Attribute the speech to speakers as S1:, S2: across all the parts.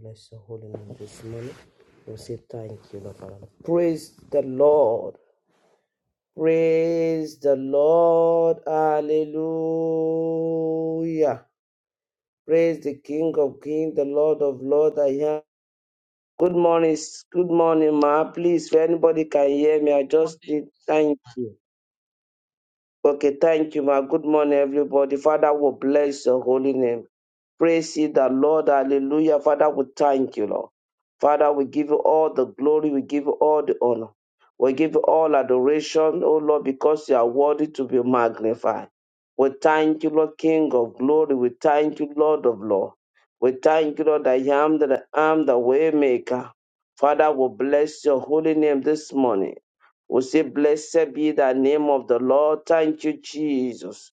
S1: Bless your holy name this morning. We say thank you, Lord Father. Praise the Lord. Praise the Lord. Hallelujah. Praise the King of Kings, the Lord of Lords. I am. Good morning. s- Good morning, ma. Please, if anybody can hear me, I just need thank you. Okay, thank you, ma. Good morning, everybody. Father we bless your holy name. Praise ye the Lord. Hallelujah. Father, we thank you, Lord. Father, we give you all the glory. We give you all the honor. We give you all adoration, O Lord, because you are worthy to be magnified. We thank you, Lord, King of glory. We thank you, Lord of Lord. We thank you, Lord, I am that I am the way maker. Father, we bless your holy name this morning. We say, Blessed be the name of the Lord. Thank you, Jesus.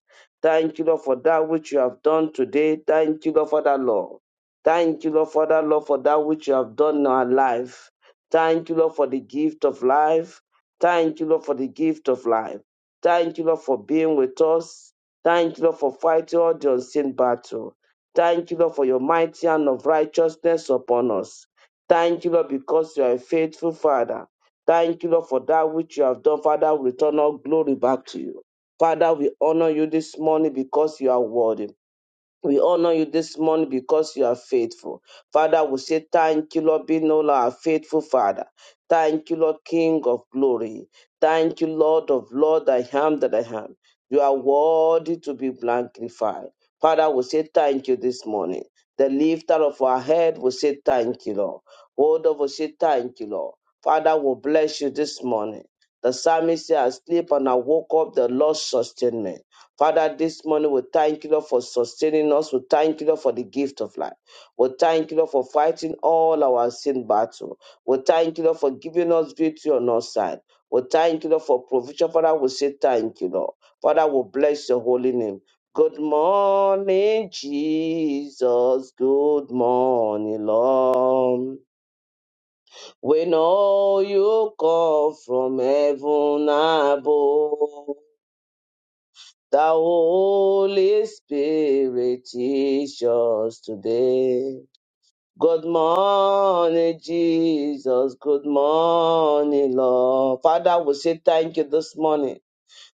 S1: Thank you, Lord, for that which you have done today. Thank you, Lord, for that, Lord. Thank you, Lord, for that, Lord, for that which you have done in our life. Thank you, Lord, for the gift of life. Thank you, Lord, for the gift of life. Thank you, Lord, for being with us. Thank you, Lord, for fighting all the unseen battle. Thank you, Lord, for your mighty hand of righteousness upon us. Thank you, Lord, because you are a faithful Father. Thank you, Lord, for that which you have done, Father. We return all glory back to you. Father, we honor you this morning because you are worthy. We honor you this morning because you are faithful. Father, we say thank you, Lord, being all our faithful Father. Thank you, Lord, King of glory. Thank you, Lord of Lord, I am that I am. You are worthy to be magnified. Father, we say thank you this morning. The lifter of our head will say thank you, Lord. Hold of us, say thank you, Lord. Father, we bless you this morning. The psalmist said, I sleep and I woke up, the Lord sustained me. Father, this morning we thank you, Lord, for sustaining us. We thank you, Lord, for the gift of life. We thank you, Lord, for fighting all our sin battle. We thank you, Lord, for giving us victory on our side. We thank you, Lord, for provision. Father, we say thank you, Lord. Father, we bless your holy name. Good morning, Jesus. Good morning, Lord. We know you come from heaven above. The Holy Spirit teach us today. Good morning, Jesus. Good morning, Lord. Father, we say thank you this morning.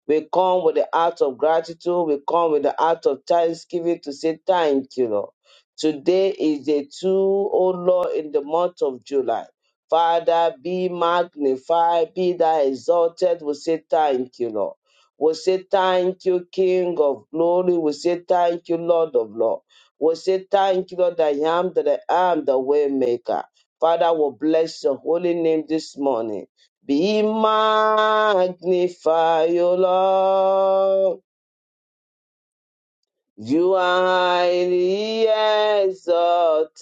S1: We come with the heart of gratitude. We come with the heart of thanksgiving to say thank you, Lord. Today is day two, O Lord, in the month of July. Father, be magnified, be thou exalted. We say thank you, Lord. We say thank you, King of glory. We say thank you, Lord of Lord. We say thank you, Lord, that I am that I am the way maker. Father, we bless your holy name this morning. Be magnified, O Lord. You are highly exalted,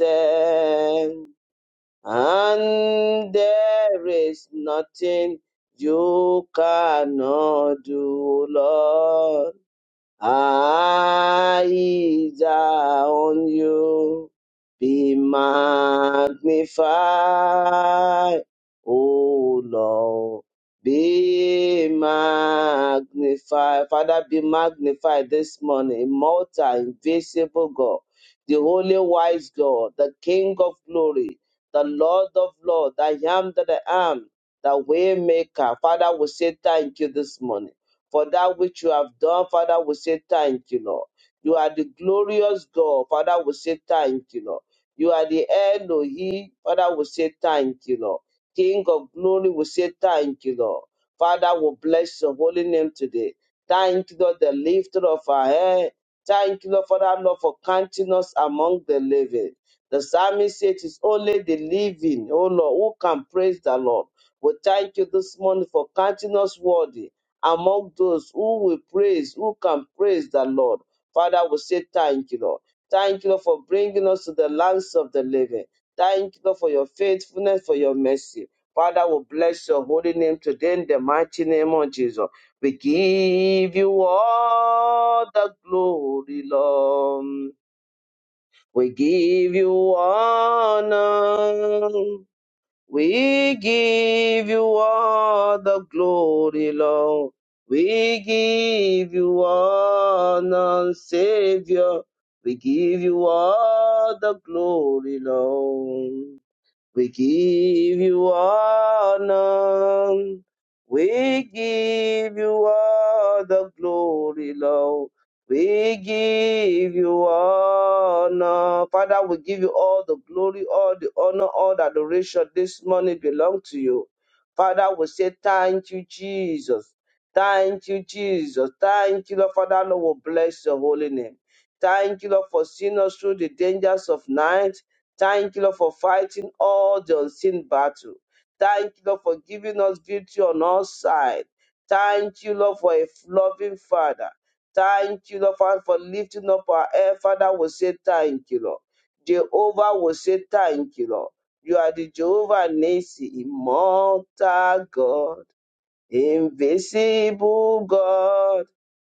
S1: and there is nothing you cannot do, O Lord. Aija on you be magnified, O Lord. Be magnified, Father. Be magnified this morning, immortal, invisible God, the only wise God, the King of glory, the Lord of Lords, I am that I am, the Waymaker. Father, we say thank you this morning for that which you have done. Father, we say thank you, Lord. You are the glorious God. Father, we say thank you, Lord. You are the Elohim. Father, we say thank you, Lord. King of glory, we say thank you, Lord. Father, we bless your holy name today. Thank you, Lord, the lifter of our head. Thank you, Lord, for that, Lord, for counting us among the living. The psalmist said it is only the living, oh Lord, who can praise the Lord. We thank you this morning for counting us worthy among those who will praise, who can praise the Lord. Father, we say thank you, Lord. Thank you, Lord, for bringing us to the lands of the living. Thank you, Lord, for your faithfulness, for your mercy. Father, we bless your holy name today in the mighty name of Jesus. We give you all the glory, Lord. We give you honor. We give you all the glory, Lord. We give you honor, Savior. We give you all the glory, Lord. We give you honor. We give you all the glory, Lord. We give you honor. Father, we give you all the glory, all the honor, all the adoration this morning belong to you. Father, we say thank you, Jesus. Thank you, Jesus. Thank you, Lord. Father, Lord, we bless your holy name. Thank you, Lord, for seeing us through the dangers of night. Thank you, Lord, for fighting all the unseen battle. Thank you, Lord, for giving us victory on all sides. Thank you, Lord, for a loving Father. Thank you, Lord, Father, for lifting up our air. Father will say thank you, Lord. Jehovah will say thank you, Lord. You are the Jehovah Nisi, immortal God. Invisible God,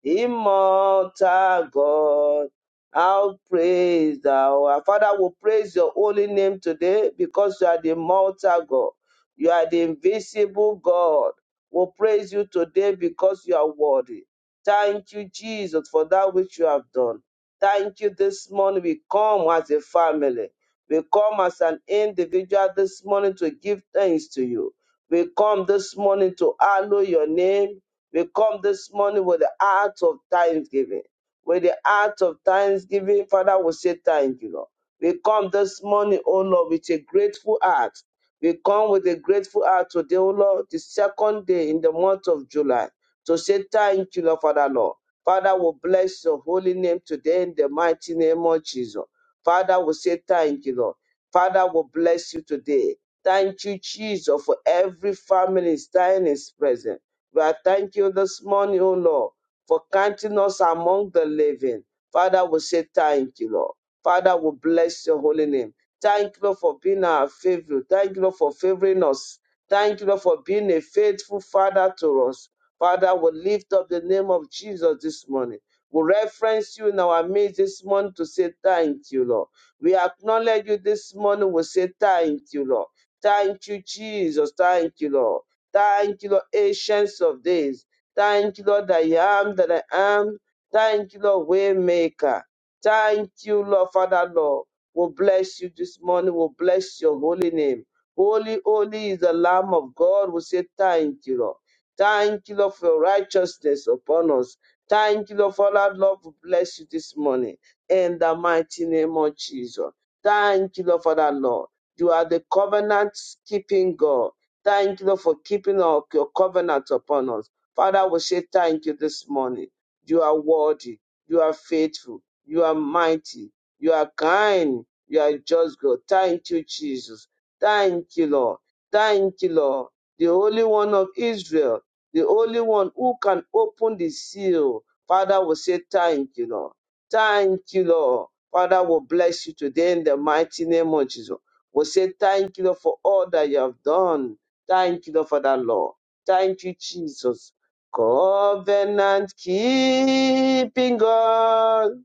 S1: immortal God, I'll praise thou. Our Father will praise your holy name today because you are the immortal God. You are the invisible God. We'll praise you today because you are worthy. Thank you, Jesus, for that which you have done. Thank you this morning. We come as a family. We come as an individual this morning to give thanks to you. We come this morning to hallow your name. We come this morning with the heart of thanksgiving. With the heart of thanksgiving, Father, we say thank you, Lord. We come this morning, O Lord, with a grateful heart. We come with a grateful heart today, O Lord, the second day in the month of July, to say thank you, Lord, Father, Lord. Father, we bless your holy name today in the mighty name of Jesus. Father, we say thank you, Lord. Father, we bless you today. Thank you, Jesus, for every family standing is present. We are thanking you this morning, O Lord, for counting us among the living. Father, we say thank you, Lord. Father, we bless your holy name. Thank you, Lord, for being our favorite. Thank you, Lord, for favoring us. Thank you, Lord, for being a faithful Father to us. Father, we lift up the name of Jesus this morning. We reference you in our midst this morning to say thank you, Lord. We acknowledge you this morning. We say thank you, Lord. Thank you, Jesus. Thank you, Lord. Thank you, Lord, Ancients of Days. Thank you, Lord, that I am that I am. Thank you, Lord, Waymaker. Thank you, Lord, Father, Lord. We'll bless you this morning. We'll bless your holy name. Holy, holy is the Lamb of God. We say thank you, Lord. Thank you, Lord, for your righteousness upon us. Thank you, Lord, Father, Lord. We bless you this morning. In the mighty name of Jesus. Thank you, Lord, Father, Lord. You are the covenant keeping God. Thank you Lord, for keeping our, your covenant upon us. Father, we say thank you this morning. You are worthy. You are faithful. You are mighty. You are kind. You are just God. Thank you, Jesus. Thank you, Lord. Thank you, Lord. The Holy One of Israel, the only one who can open the seal. Father, we say thank you, Lord. Thank you, Lord. Father, we bless you today in the mighty name of Jesus. We say thank you Lord, for all that you have done. Thank you Lord, for that, Lord. Thank you, Jesus. Covenant keeping God.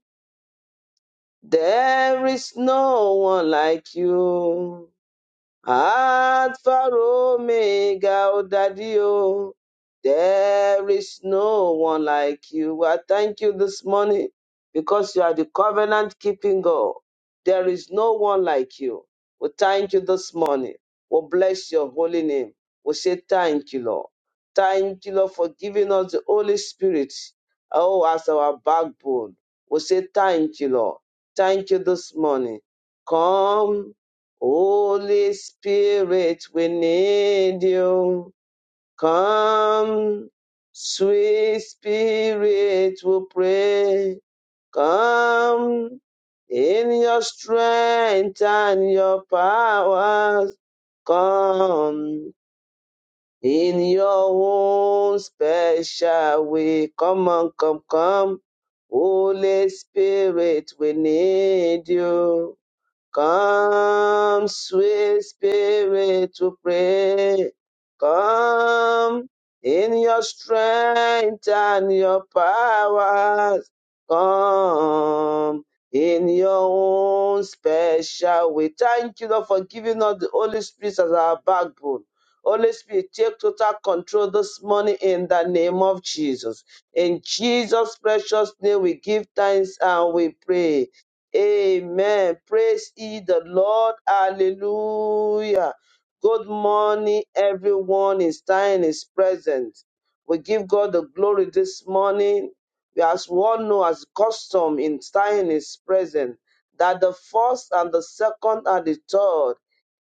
S1: There is no one like you. Alpha Omega, oh Daddy, oh, there is no one like you. I thank you this morning because you are the covenant keeping God. There is no one like you. We thank you this morning. We bless your holy name. We say thank you, Lord. Thank you, Lord, for giving us the Holy Spirit. Oh, as our backbone. We say thank you, Lord. Thank you this morning. Come Holy Spirit, we need you. Come, sweet Spirit, we pray. Come in your strength and your powers. Come in your own special way. Come on, come, come. Holy Spirit, we need you. Come, sweet spirit, to pray. Come in your strength and your powers. Come in your own special way. Thank you, Lord, for giving us the Holy Spirit as our backbone. Holy Spirit, take total control this morning in the name of Jesus. In Jesus' precious name, we give thanks and we pray. Amen. Praise ye the Lord. Hallelujah. Good morning, everyone. It's time, His present. We give God the glory this morning. We as one know as custom in time is present that the first and the second and the third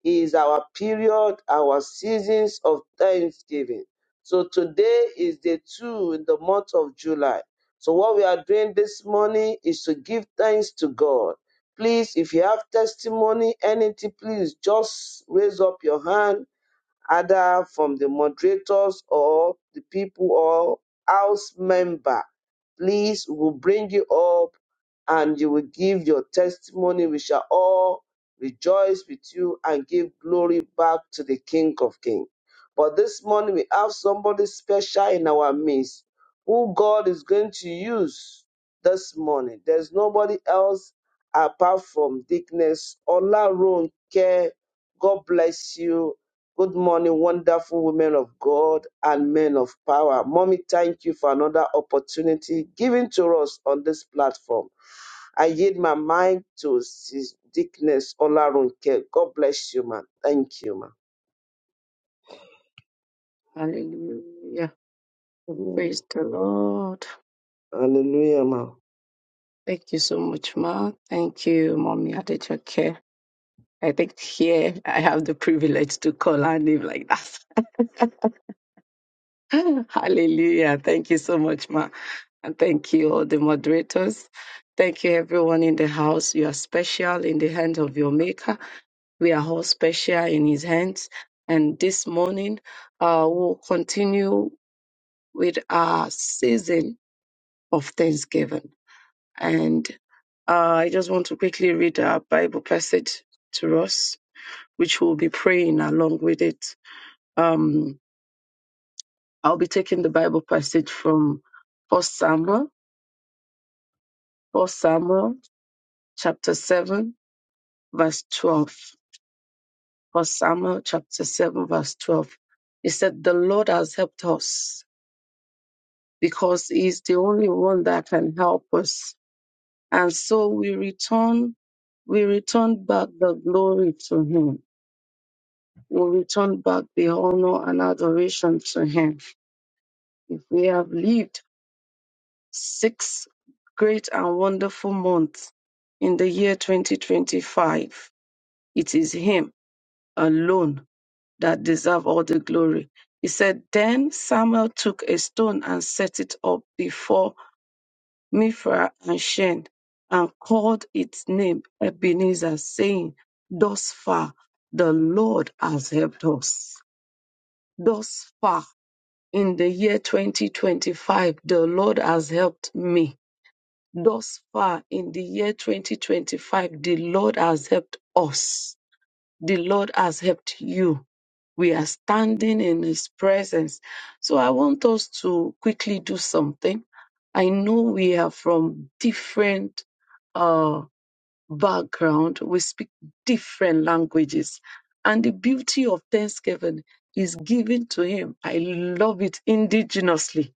S1: is our period, our seasons of thanksgiving. So today is day two in the month of July. So, what we are doing this morning is to give thanks to God. Please, if you have testimony, anything, please just raise up your hand either from the moderators or the people or house member. Please, we'll bring you up and you will give your testimony. We shall all rejoice with you and give glory back to the King of Kings. But this morning we have somebody special in our midst who God is going to use this morning. There's nobody else apart from Dickness. Ola Ronke, God bless you Good morning, wonderful women of God and men of power. Mommy, thank you for another opportunity given to us on this platform. I yield my mind to Sis Dickness Olarunke. God bless you, man. Thank you, man.
S2: Hallelujah.
S1: Amen.
S2: Praise the Lord.
S1: Hallelujah, man.
S2: Thank you so much, Ma. Thank you, Mommy Adejoke. I think here I have the privilege to call her name like that. Hallelujah. Thank you so much, Ma. And thank you, all the moderators. Thank you, everyone in the house. You are special in the hands of your Maker. We are all special in His hands. And this morning, uh, we'll continue with our season of Thanksgiving And uh, I just want to quickly read our Bible passage to us, which we'll be praying along with it. Um, I'll be taking the Bible passage from First Samuel, First Samuel chapter 7, verse 12. First Samuel chapter 7, verse 12. He said, The Lord has helped us because He is the only one that can help us. And so we return, we return back the glory to Him will return back the honor and adoration to him. If we have lived six great and wonderful months in the year 2025, it is him alone that deserve all the glory. He said, Then Samuel took a stone and set it up before Mifra and Shen and called its name Ebenezer, saying, Thus far the Lord has helped us. Thus far in the year 2025, the Lord has helped me. Thus far in the year 2025, the Lord has helped us. The Lord has helped you. We are standing in His presence. So I want us to quickly do something. I know we are from different uh, background, we speak different languages. And the beauty of Thanksgiving is given to Him. I love it indigenously.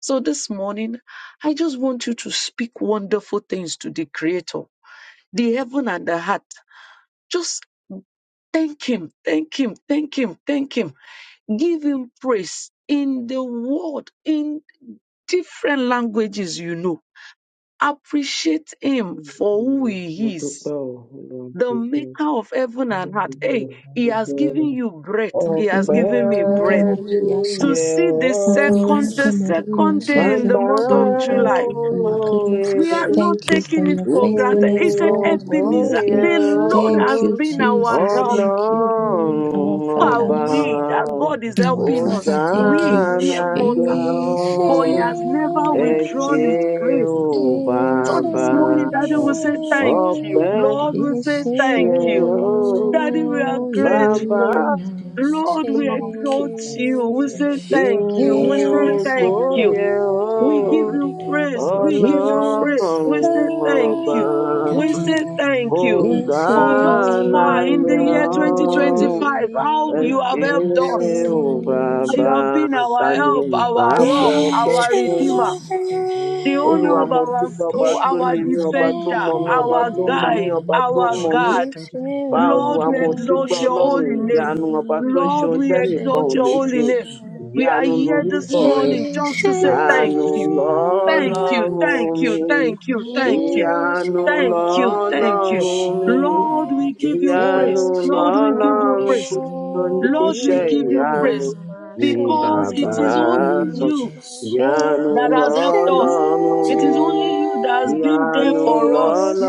S2: So this morning, I just want you to speak wonderful things to the Creator, the heaven and the heart. Just thank Him, thank Him, thank Him, thank Him. Give Him praise in the world, in different languages you know. Appreciate Him for who
S1: Hallelujah. mo
S2: He is
S1: dúpẹ́ o ọlọ́run
S2: the
S1: dúpẹ́
S2: maker of heaven and earth.
S1: dúpẹ́
S2: Hey, he has
S1: dúpẹ́
S2: given
S3: Hallelujah.
S2: you breath. He has
S4: Kura
S1: Ọpẹ́
S3: Taking
S2: given
S3: over
S2: me
S4: kana
S2: breath
S4: kamaru
S1: ló
S3: everything to
S4: yasha.
S2: to
S1: yẹ
S2: see
S3: Jesus.
S2: the
S4: Nakana
S1: ọ́,
S2: second,
S3: For
S2: the
S3: the
S4: kamaru
S3: mother of
S2: second
S4: yasha.
S2: day in
S3: Jesus,
S2: the
S1: bàbá
S4: Thank
S2: month
S3: we
S4: you,
S2: of
S3: give you
S4: thank
S2: July.
S4: you for your
S3: glory.
S5: Father, Lord
S4: goodness.
S5: God, I
S2: We are
S3: Thank
S2: not
S1: olóore.
S4: Thank
S3: you,
S4: you for
S2: taking it
S4: your
S3: Jesus, for
S2: for
S3: your
S2: granted.
S4: faithfulness,
S2: He said,
S3: goodness.
S4: Lord.
S3: Thank
S1: Ìyókò
S3: you for
S4: Thank
S2: Ebenezer,
S3: your
S4: you,
S1: yẹ
S2: the
S3: mercy.
S2: Lord
S4: thank
S3: Thank
S2: has
S4: you,
S2: been
S5: That we have
S2: our
S4: Jesus.
S2: help.
S5: worshipped
S4: Thank
S5: your
S4: you,
S5: holy
S3: you
S1: ọlọ́run
S4: Lord,
S3: for
S4: our
S5: name,
S2: Who
S5: Lord
S3: blessing
S5: God,
S2: Are
S4: Father.
S5: in
S1: ọba
S3: us, O
S5: the name
S2: we
S3: Lord.
S5: of
S3: Thank
S2: that
S3: you for
S2: God
S5: Jesus.
S2: is
S3: making a
S4: Our
S2: helping
S3: way
S2: us?
S3: for
S4: Father,
S5: That we
S3: us, O
S4: thank
S5: have
S2: We
S4: you.
S3: Lord.
S1: òsánà
S2: mere
S5: worshipped your
S2: mortal,
S1: jẹ́
S3: Thank you,
S5: holy
S4: Ishe,
S5: name, Lord
S2: but He
S3: Jesus.
S1: ọ́
S5: God,
S2: has
S5: in
S3: Thank you,
S5: the
S3: the
S2: never
S1: ẹ
S5: name of Jesus.
S2: withdrawn
S3: glory.
S1: ṣé
S2: His grace.
S1: o
S3: You
S5: That,
S3: are
S5: Lord God,
S3: worthy
S2: So
S5: in
S3: of
S5: the
S1: bàbá
S2: this
S3: our
S5: name
S2: morning,
S5: of
S2: Daddy will
S3: praise.
S2: say,
S5: Jesus.
S2: Thank you.
S4: Ishe,
S1: ọpẹ́
S5: That they
S2: Lord
S3: Hallelujah.
S2: will
S5: have
S3: We
S2: say,
S4: Ishe,
S3: say
S5: worshipped
S2: Thank
S1: yẹ
S3: thank
S5: you,
S2: you.
S3: you,
S5: that they have
S3: Lord.
S5: said
S1: ọ́
S2: Daddy,
S3: We
S2: we
S3: give
S2: are
S5: thank
S3: you
S4: oh,
S5: you.
S3: praise.
S1: bàbá
S2: grateful.
S3: We
S5: That they
S3: thank
S5: have
S3: you,
S5: said
S2: Lord,
S3: Jesus.
S2: we
S5: thank
S2: exalt
S5: you.
S3: Thank
S2: you.
S3: you
S2: We
S3: for the
S4: Imashe.
S5: That
S2: say
S5: the
S3: we
S5: Lord
S2: thank
S5: God,
S2: you.
S5: I
S3: exalt
S2: We
S5: worship
S3: you,
S2: say
S5: your
S4: Yes,
S5: holy
S1: ìyókò
S2: thank
S3: you
S4: I,
S3: are
S2: you.
S5: name,
S1: yẹ ọ́
S3: worthy
S2: We
S5: Lord
S2: give
S3: of
S5: God,
S2: you
S5: in the
S3: our
S5: name
S2: praise.
S5: of
S2: We
S3: praise.
S2: give you
S5: Jesus, Lord
S2: praise.
S4: yes,
S5: God.
S2: We
S3: Hallelujah.
S2: say
S1: ọlọ́run
S2: thank
S1: ọba.
S2: you.
S3: Blessed
S5: That
S3: be
S2: We
S5: they
S3: your
S5: have
S2: say
S5: worshipped.
S4: I,
S2: thank you.
S5: Daddy, I
S4: yes, I
S5: say
S2: For
S3: name.
S2: thus
S5: thank you,
S1: Hosanna,
S5: Lord
S2: far
S3: Thank
S5: God,
S2: in
S3: you,
S2: the
S5: in the
S2: year
S5: name
S3: Jesus.
S5: of
S4: oh,
S5: Jesus.
S1: yo,
S2: 2025,
S3: Hallelujah.
S4: ye
S2: how
S3: We
S2: you have
S3: say
S5: Daddy,
S2: helped
S3: Thank
S5: Lord
S4: must
S3: you,
S5: God,
S2: us.
S1: eskeu
S5: in the
S3: Jesus.
S4: say.
S5: name of
S2: You
S1: baba,
S5: Jesus.
S2: have been
S3: Hallelujah.
S2: our
S1: tani
S2: help,
S5: Daddy, Lord
S2: our
S5: God,
S3: Thank
S1: papo
S5: in
S2: rock,
S3: you,
S5: the name of
S4: Yes,
S2: our
S4: I,
S3: Jesus.
S1: peku.
S3: Only
S2: redeemer,
S5: Jesus,
S3: you
S5: Lord
S3: are
S5: God.
S4: yes, I,
S2: the
S3: worthy of
S5: Daddy,
S2: owner
S1: Olúwa
S3: our
S2: of
S5: Lord
S1: mo
S5: God,
S2: our
S1: dúpẹ́
S5: I
S3: praise.
S1: ọba
S2: soul,
S1: tó
S5: worship
S2: our
S1: ní
S5: your
S3: Thank
S1: mí,
S4: yes,
S3: you
S4: I
S1: ọba
S3: for
S5: holy
S1: tó
S5: name,
S2: defender,
S1: mọ mí,
S3: keeping
S1: ọba
S3: us.
S2: our
S5: Lord
S1: tó
S5: God,
S3: We
S1: mọ mí,
S5: in
S2: guide,
S5: the
S3: Thank
S1: ọba
S3: you,
S5: name
S1: tó
S5: of
S2: our
S1: mọ
S3: Lord.
S1: mí.
S5: Jesus.
S2: God.
S3: Thank you
S5: Lord.
S3: for
S1: Bá
S3: guiding
S2: Lord,
S1: Olúwa
S3: us.
S2: we
S1: mo
S5: Daddy,
S3: Thank
S5: I
S3: you
S2: exalt
S1: dúpẹ́
S2: your
S3: for
S5: worship
S1: ọlọ́run
S4: oh,
S3: answering.
S5: you,
S2: holy
S5: Lord
S2: name.
S3: prayer.
S1: ìyanu,
S5: God,
S1: ọba
S4: ye
S1: tó ń ṣe
S3: Thank
S5: in
S2: Lord,
S1: ohun
S3: you
S5: the
S2: we
S3: for
S4: must
S1: tẹ́nìkan
S5: name
S3: divine
S1: ò
S2: exalt
S5: of
S2: your
S1: lè
S2: holy
S1: ṣe.
S2: name.
S3: protection.
S5: Jesus,
S4: say.
S5: Lord.
S3: Thank you
S2: We
S3: for
S2: are
S1: Ìyanu
S3: being
S2: here
S3: us
S5: Daddy,
S3: and
S2: this
S1: lorúkọ
S5: Lord
S3: covering
S1: rẹ̀,
S5: God,
S2: morning
S3: us.
S5: in the
S2: just
S4: Yes,
S2: to
S5: name
S2: say
S5: of
S3: We are
S2: thank
S1: ìyanu
S4: yes,
S5: Jesus,
S2: you.
S3: keeping
S5: Lord.
S3: our
S2: Thank you,
S5: Daddy,
S3: door.
S5: I
S2: thank
S1: lọ́lọ́run
S2: you,
S5: worship
S1: mi,
S5: you.
S2: thank you,
S3: Yes,
S2: thank you,
S3: yes,
S1: ìyanu
S2: thank
S3: Lord.
S2: you, thank
S5: I
S2: you.
S1: lọ́lọ́run
S5: share
S1: mi.
S3: We
S2: Lord,
S5: it
S3: are
S2: we
S5: with the
S2: give you
S5: people.
S1: Ìyanu
S2: praise.
S4: yes,
S2: Lord,
S3: together.
S2: we give you
S1: lọ́lọ́run
S2: praise.
S5: Every
S4: oh,
S2: Lord, we
S1: oníṣẹ́
S3: In
S2: give
S3: one
S4: yeah,
S2: you
S4: my
S1: ìyanu
S2: praise
S5: time
S1: ni
S3: accord.
S2: because it
S1: bàbá.
S3: From
S2: is
S3: the
S2: only
S4: Savior.
S2: you
S1: Ìyanu
S2: that has
S4: yes,
S2: helped us.
S1: lọ́lọ́run
S2: It is
S1: mi,
S2: only you that has been there
S1: ìyanu
S2: for us
S4: yes,